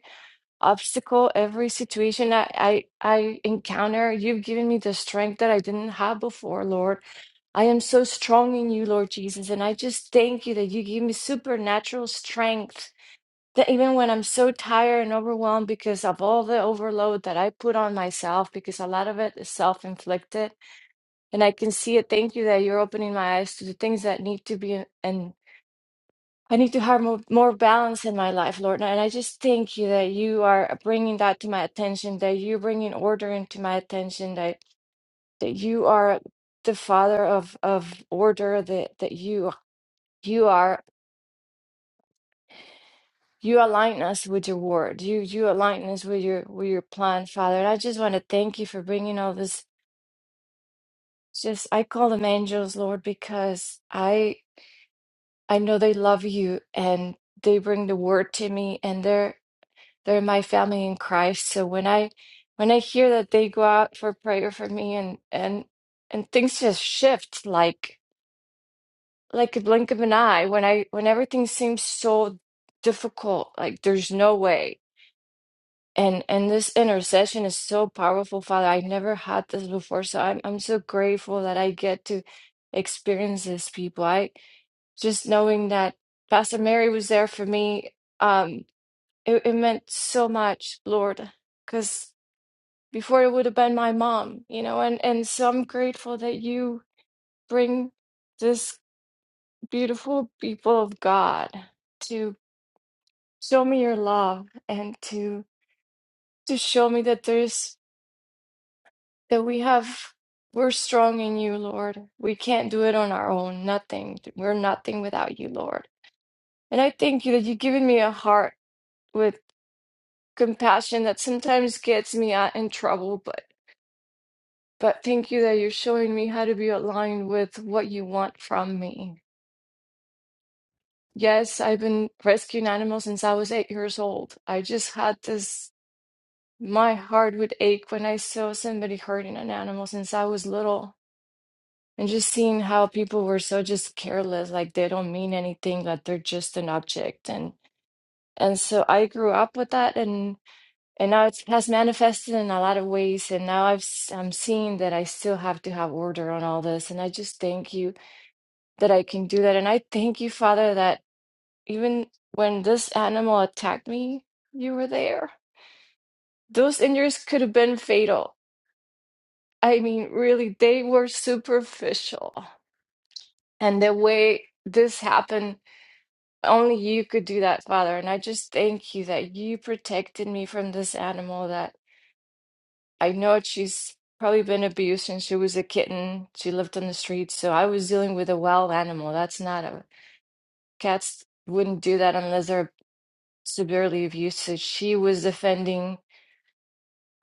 K: obstacle, every situation I, I I encounter, you've given me the strength that I didn't have before, Lord. I am so strong in you, Lord Jesus, and I just thank you that you give me supernatural strength. That even when I'm so tired and overwhelmed because of all the overload that I put on myself, because a lot of it is self inflicted, and I can see it. Thank you that you're opening my eyes to the things that need to be and I need to have more, more balance in my life, Lord. And I just thank you that you are bringing that to my attention, that you're bringing order into my attention, that, that you are the father of, of order, that, that you, you are, you align us with your word. You, you align us with your, with your plan, Father. And I just want to thank you for bringing all this. Just, I call them angels, Lord, because I, I know they love you and they bring the word to me and they're, They're my family in Christ. So when I when I hear that they go out for prayer for me and and and things just shift like like a blink of an eye when I when everything seems so difficult, like there's no way. And and this intercession is so powerful, Father. I never had this before. So I'm I'm so grateful that I get to experience this people. I just knowing that Pastor Mary was there for me, um, it, it meant so much, Lord, because before it would have been my mom, you know, and, and so I'm grateful that you bring this beautiful people of God to show me your love and to to show me that there's that we have we're strong in you, Lord. We can't do it on our own. Nothing. We're nothing without you, Lord. And I thank you that you've given me a heart with compassion that sometimes gets me out in trouble, but. But thank you that you're showing me how to be aligned with what you want from me. Yes, I've been rescuing animals since I was eight years old. I just had this, my heart would ache when I saw somebody hurting an animal since I was little. And just seeing how people were so just careless, like they don't mean anything, like they're just an object. And and so I grew up with that, and and now it has manifested in a lot of ways. And now I've s- I'm seeing that I still have to have order on all this. And I just thank you that I can do that. And I thank you, Father, that even when this animal attacked me, you were there. Those injuries could have been fatal. I mean, really, they were superficial. And the way this happened, only you could do that, Father. And I just thank you that you protected me from this animal that I know she's probably been abused since she was a kitten. She lived on the streets. So I was dealing with a wild animal. That's not a cat's wouldn't do that unless they're severely abusive. She was defending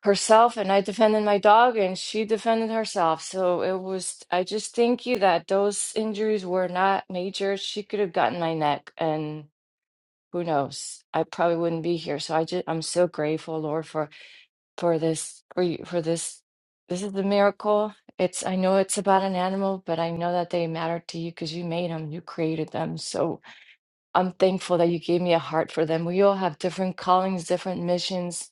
K: herself, and I defended my dog, and she defended herself. So it was, I just thank you that those injuries were not major. She could have gotten my neck, and who knows? I probably wouldn't be here. So I just, I'm so grateful, Lord, for for this, for you, for this. This is the miracle. It's, I know it's about an animal, but I know that they matter to you because you made them, you created them. So I'm thankful that you gave me a heart for them. We all have different callings, different missions,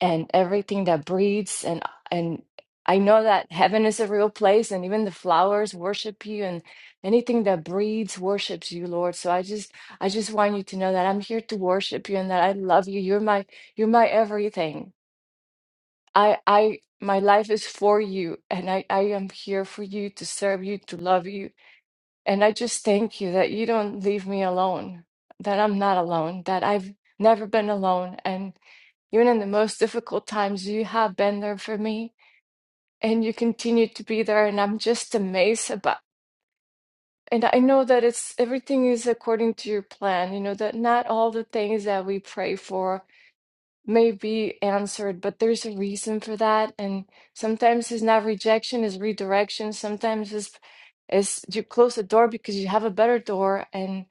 K: and everything that breathes. And and I know that heaven is a real place, and even the flowers worship you, and anything that breathes worships you, Lord. So I just I just want you to know that I'm here to worship you and that I love you. You're my you're my everything. I I my life is for you, and I I am here for you to serve you, to love you and I just thank you that you don't leave me alone, that I'm not alone, that I've never been alone. And even in the most difficult times, you have been there for me and you continue to be there. And I'm just amazed about. And I know that it's everything is according to your plan, you know, that not all the things that we pray for may be answered, but there's a reason for that. And sometimes it's not rejection, it's redirection. Sometimes it's, it's you close the door because you have a better door. And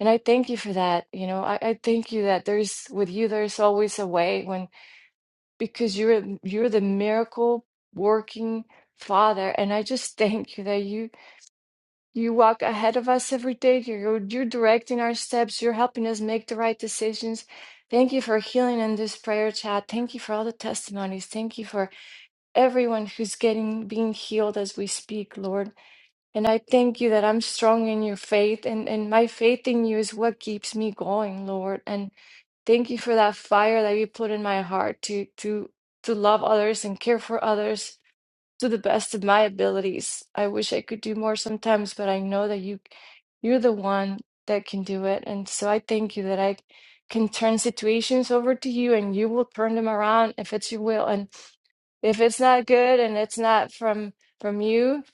K: and I thank you for that. You know, I, I thank you that there's with you there's always a way when because you're you're the miracle working father. And I just (laughs) thank you that you you walk ahead of us every day. You're, you're directing our steps. You're helping us make the right decisions. Thank you for healing in this prayer chat. Thank you for all the testimonies. Thank you for everyone who's getting being healed as we speak, Lord. And I thank you that I'm strong in your faith, and, and my faith in you is what keeps me going, Lord. And thank you for that fire that you put in my heart to to to love others and care for others to the best of my abilities. I wish I could do more sometimes, but I know that you you're the one that can do it. And so I thank you that I can turn situations over to you and you will turn them around if it's your will. And if it's not good and it's not from from you,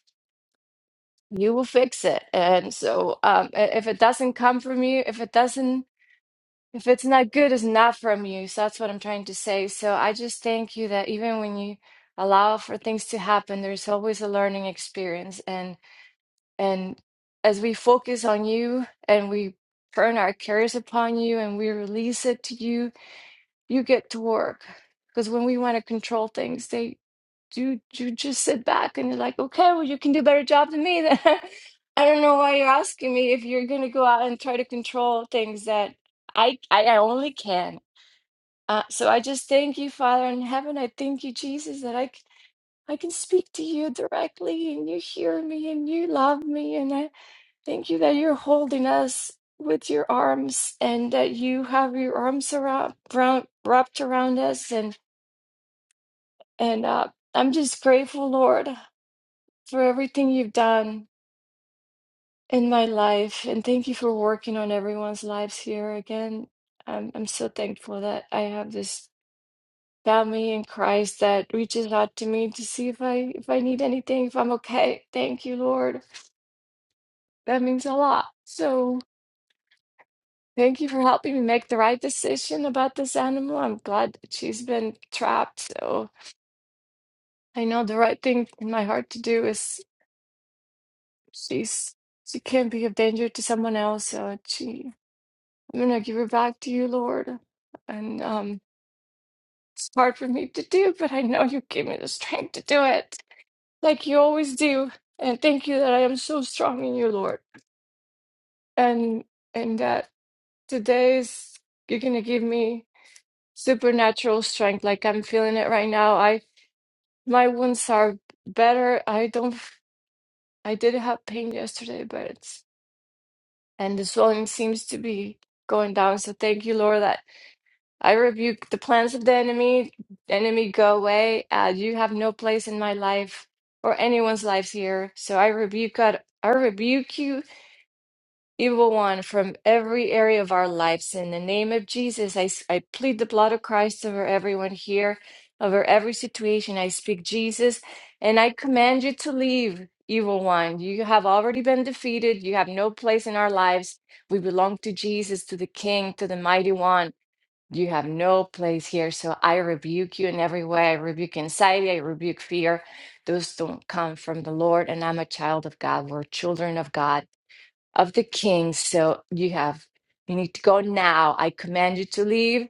K: you will fix it. And so um i- if it doesn't come from you, if it doesn't if it's not good, it's not from you. So that's what I'm trying to say. So I just thank you that even when you allow for things to happen, there's always a learning experience. And and as we focus on you and we turn our cares upon you and we release it to you, you get to work. Because when we want to control things, they do you just sit back and you're like, okay, well you can do a better job than me then. (laughs) I don't know why you're asking me if you're gonna go out and try to control things that I I I only can. Uh, so I just thank you, Father in heaven. I thank you, Jesus, that I, c- I can speak to you directly and you hear me and you love me. And I thank you that you're holding us with your arms and that you have your arms around, round, wrapped around us. And, and uh, I'm just grateful, Lord, for everything you've done in my life. And thank you for working on everyone's lives here again. I'm, I'm so thankful that I have this family in Christ that reaches out to me to see if I if I need anything, if I'm okay. Thank you, Lord. That means a lot. So thank you for helping me make the right decision about this animal. I'm glad that she's been trapped. So I know the right thing in my heart to do is she's she can't be of danger to someone else. So she I'm gonna give her back to you, Lord. And um it's hard for me to do, but I know you give me the strength to do it. like you always do. And thank you that I am so strong in you, Lord. And and that today is you're gonna give me supernatural strength. Like I'm feeling it right now. I my wounds are better. I don't f- I did have pain yesterday, but it's and the swelling seems to be going down. So thank you, Lord, that I rebuke the plans of the enemy. Enemy, go away. Uh, you have no place in my life or anyone's lives here. So I rebuke God. I rebuke you evil one from every area of our lives. In the name of Jesus, I, s- I plead the blood of Christ over everyone here, over every situation. I speak Jesus, and I command you to leave, evil one. You have already been defeated. You have no place in our lives. We belong to Jesus, to the King, to the Mighty One. You have no place here. So I rebuke you in every way. I rebuke anxiety. I rebuke fear. Those don't come from the Lord. And I'm a child of God. We're children of God of the king. So you have, you need to go now. I command you to leave.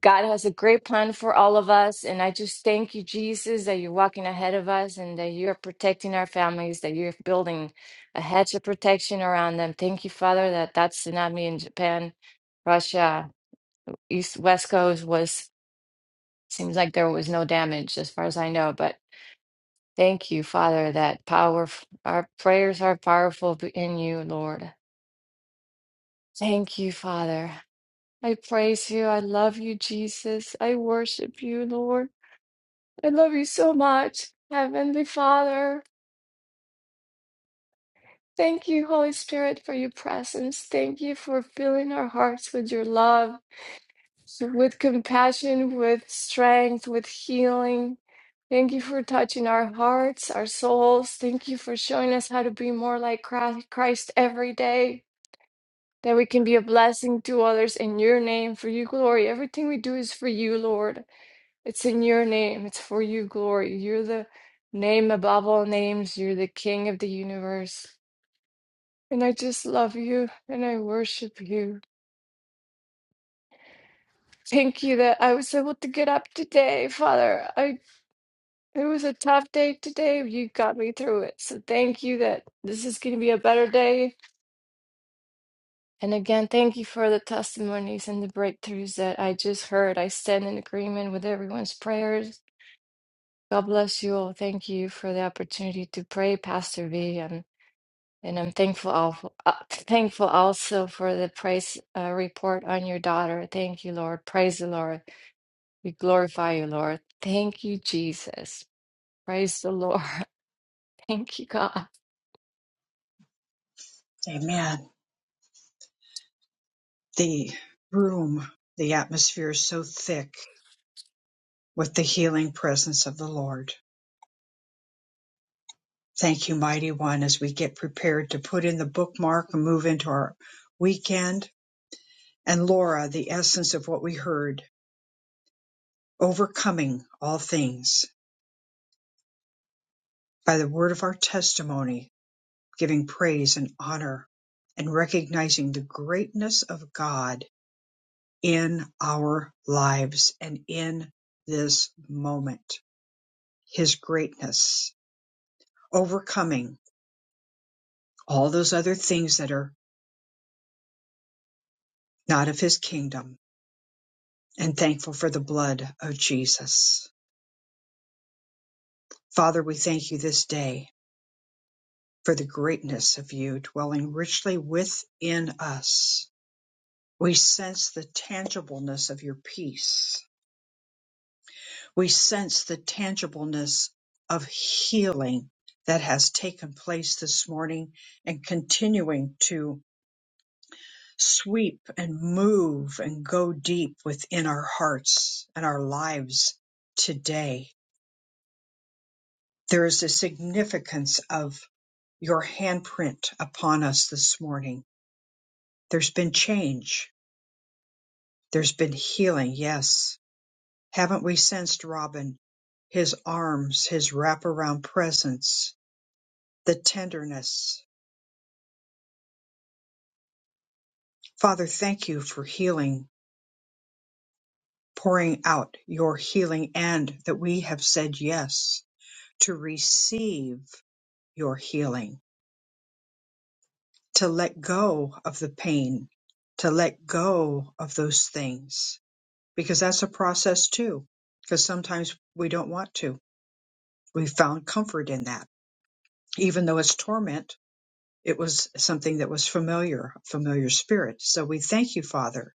K: God has a great plan for all of us. And I just thank you, Jesus, that you're walking ahead of us and that you're protecting our families, that you're building a hedge of protection around them. Thank you, Father, that that tsunami in Japan, Russia, East, West Coast was, seems like there was no damage as far as I know. But thank you, Father, that power, our prayers are powerful in you, Lord. Thank you, Father. I praise you. I love you, Jesus. I worship you, Lord. I love you so much, Heavenly Father. Thank you, Holy Spirit, for your presence. Thank you for filling our hearts with your love, with compassion, with strength, with healing. Thank you for touching our hearts, our souls. Thank you for showing us how to be more like Christ Christ every day, that we can be a blessing to others in your name, for your glory. Everything we do is for you, Lord. It's in your name. It's for you, glory. You're the name above all names. You're the king of the universe. And I just love you and I worship you. Thank you that I was able to get up today, Father. I it was a tough day today. You got me through it. So thank you that this is going to be a better day. And again, thank you for the testimonies and the breakthroughs that I just heard. I stand in agreement with everyone's prayers. God bless you all. Thank you for the opportunity to pray, Pastor V. and. And I'm thankful al- uh, thankful also for the praise uh, report on your daughter. Thank you, Lord. Praise the Lord. We glorify you, Lord. Thank you, Jesus. Praise the Lord. (laughs) Thank you, God.
A: Amen. The room, the atmosphere is so thick with the healing presence of the Lord. Thank you, mighty one, as we get prepared to put in the bookmark and move into our weekend and Laura the essence of what we heard, overcoming all things by the word of our testimony, giving praise and honor, and recognizing the greatness of God in our lives and in this moment, His greatness, overcoming all those other things that are not of His kingdom, and thankful for the blood of Jesus. Father, we thank you this day for the greatness of you dwelling richly within us. We sense the tangibleness of your peace. We sense the tangibleness of healing that has taken place this morning and continuing to sweep and move and go deep within our hearts and our lives today. There is a significance of your handprint upon us this morning. There's been change There's been healing, yes. Haven't we sensed Robin? His arms, his wraparound presence, the tenderness. Father, thank you for healing, pouring out your healing, and that we have said yes to receive your healing, to let go of the pain, to let go of those things, because that's a process too. Because sometimes we don't want to. We found comfort in that, even though it's torment It was something that was familiar, familiar spirit. So we thank you, Father,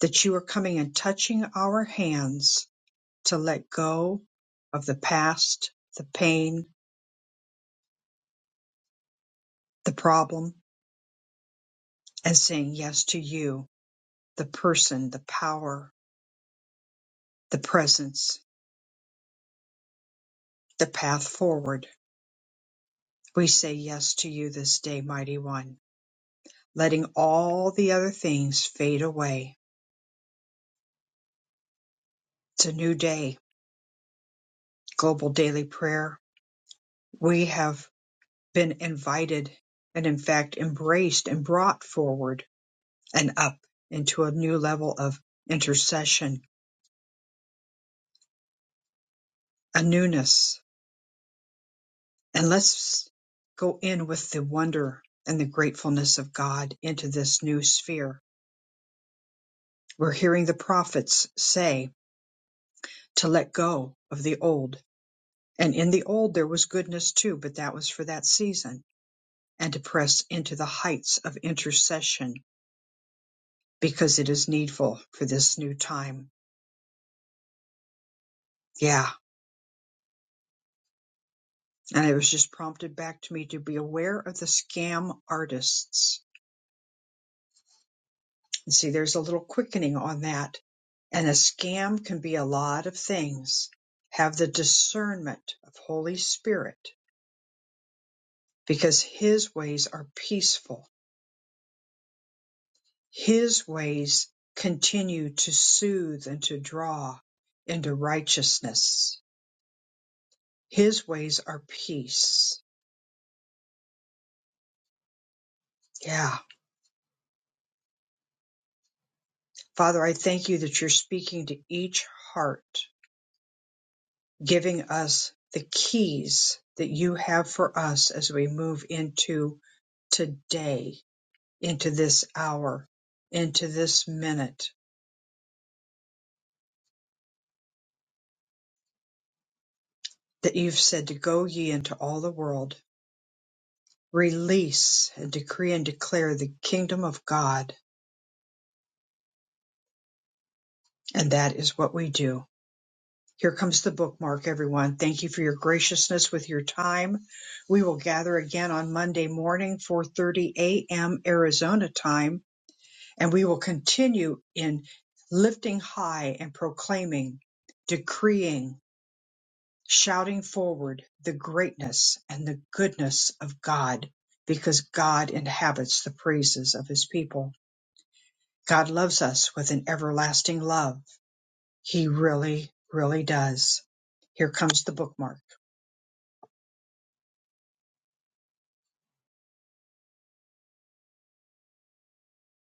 A: that you are coming and touching our hands to let go of the past, the pain, the problem, and saying yes to you, the person, the power, the presence, the path forward. We say yes to you this day, mighty one, letting all the other things fade away. It's a new day, global daily prayer. We have been invited and in fact embraced and brought forward and up into a new level of intercession, a newness. And let's go in with the wonder and the gratefulness of God into this new sphere. We're hearing the prophets say to let go of the old. And in the old, there was goodness too, but that was for that season, and to press into the heights of intercession because it is needful for this new time. Yeah And I was just prompted back to me to be aware of the scam artists. And see, there's a little quickening on that. And a scam can be a lot of things. Have the discernment of Holy Spirit because his ways are peaceful. His ways continue to soothe and to draw into righteousness. His ways are peace. Yeah. Father, I thank you that you're speaking to each heart giving us the keys that you have for us as we move into today, into this hour, into this minute that you've said to go ye into all the world, release and decree and declare the kingdom of God. And that is what we do. Here comes the bookmark, everyone. Thank you for your graciousness with your time. We will gather again on Monday morning, 4:30 a.m. Arizona time and we will continue in lifting high and proclaiming, decreeing, shouting forward the greatness and the goodness of God, because God inhabits the praises of his people. God loves us with an everlasting love. He really, really does. Here comes the bookmark.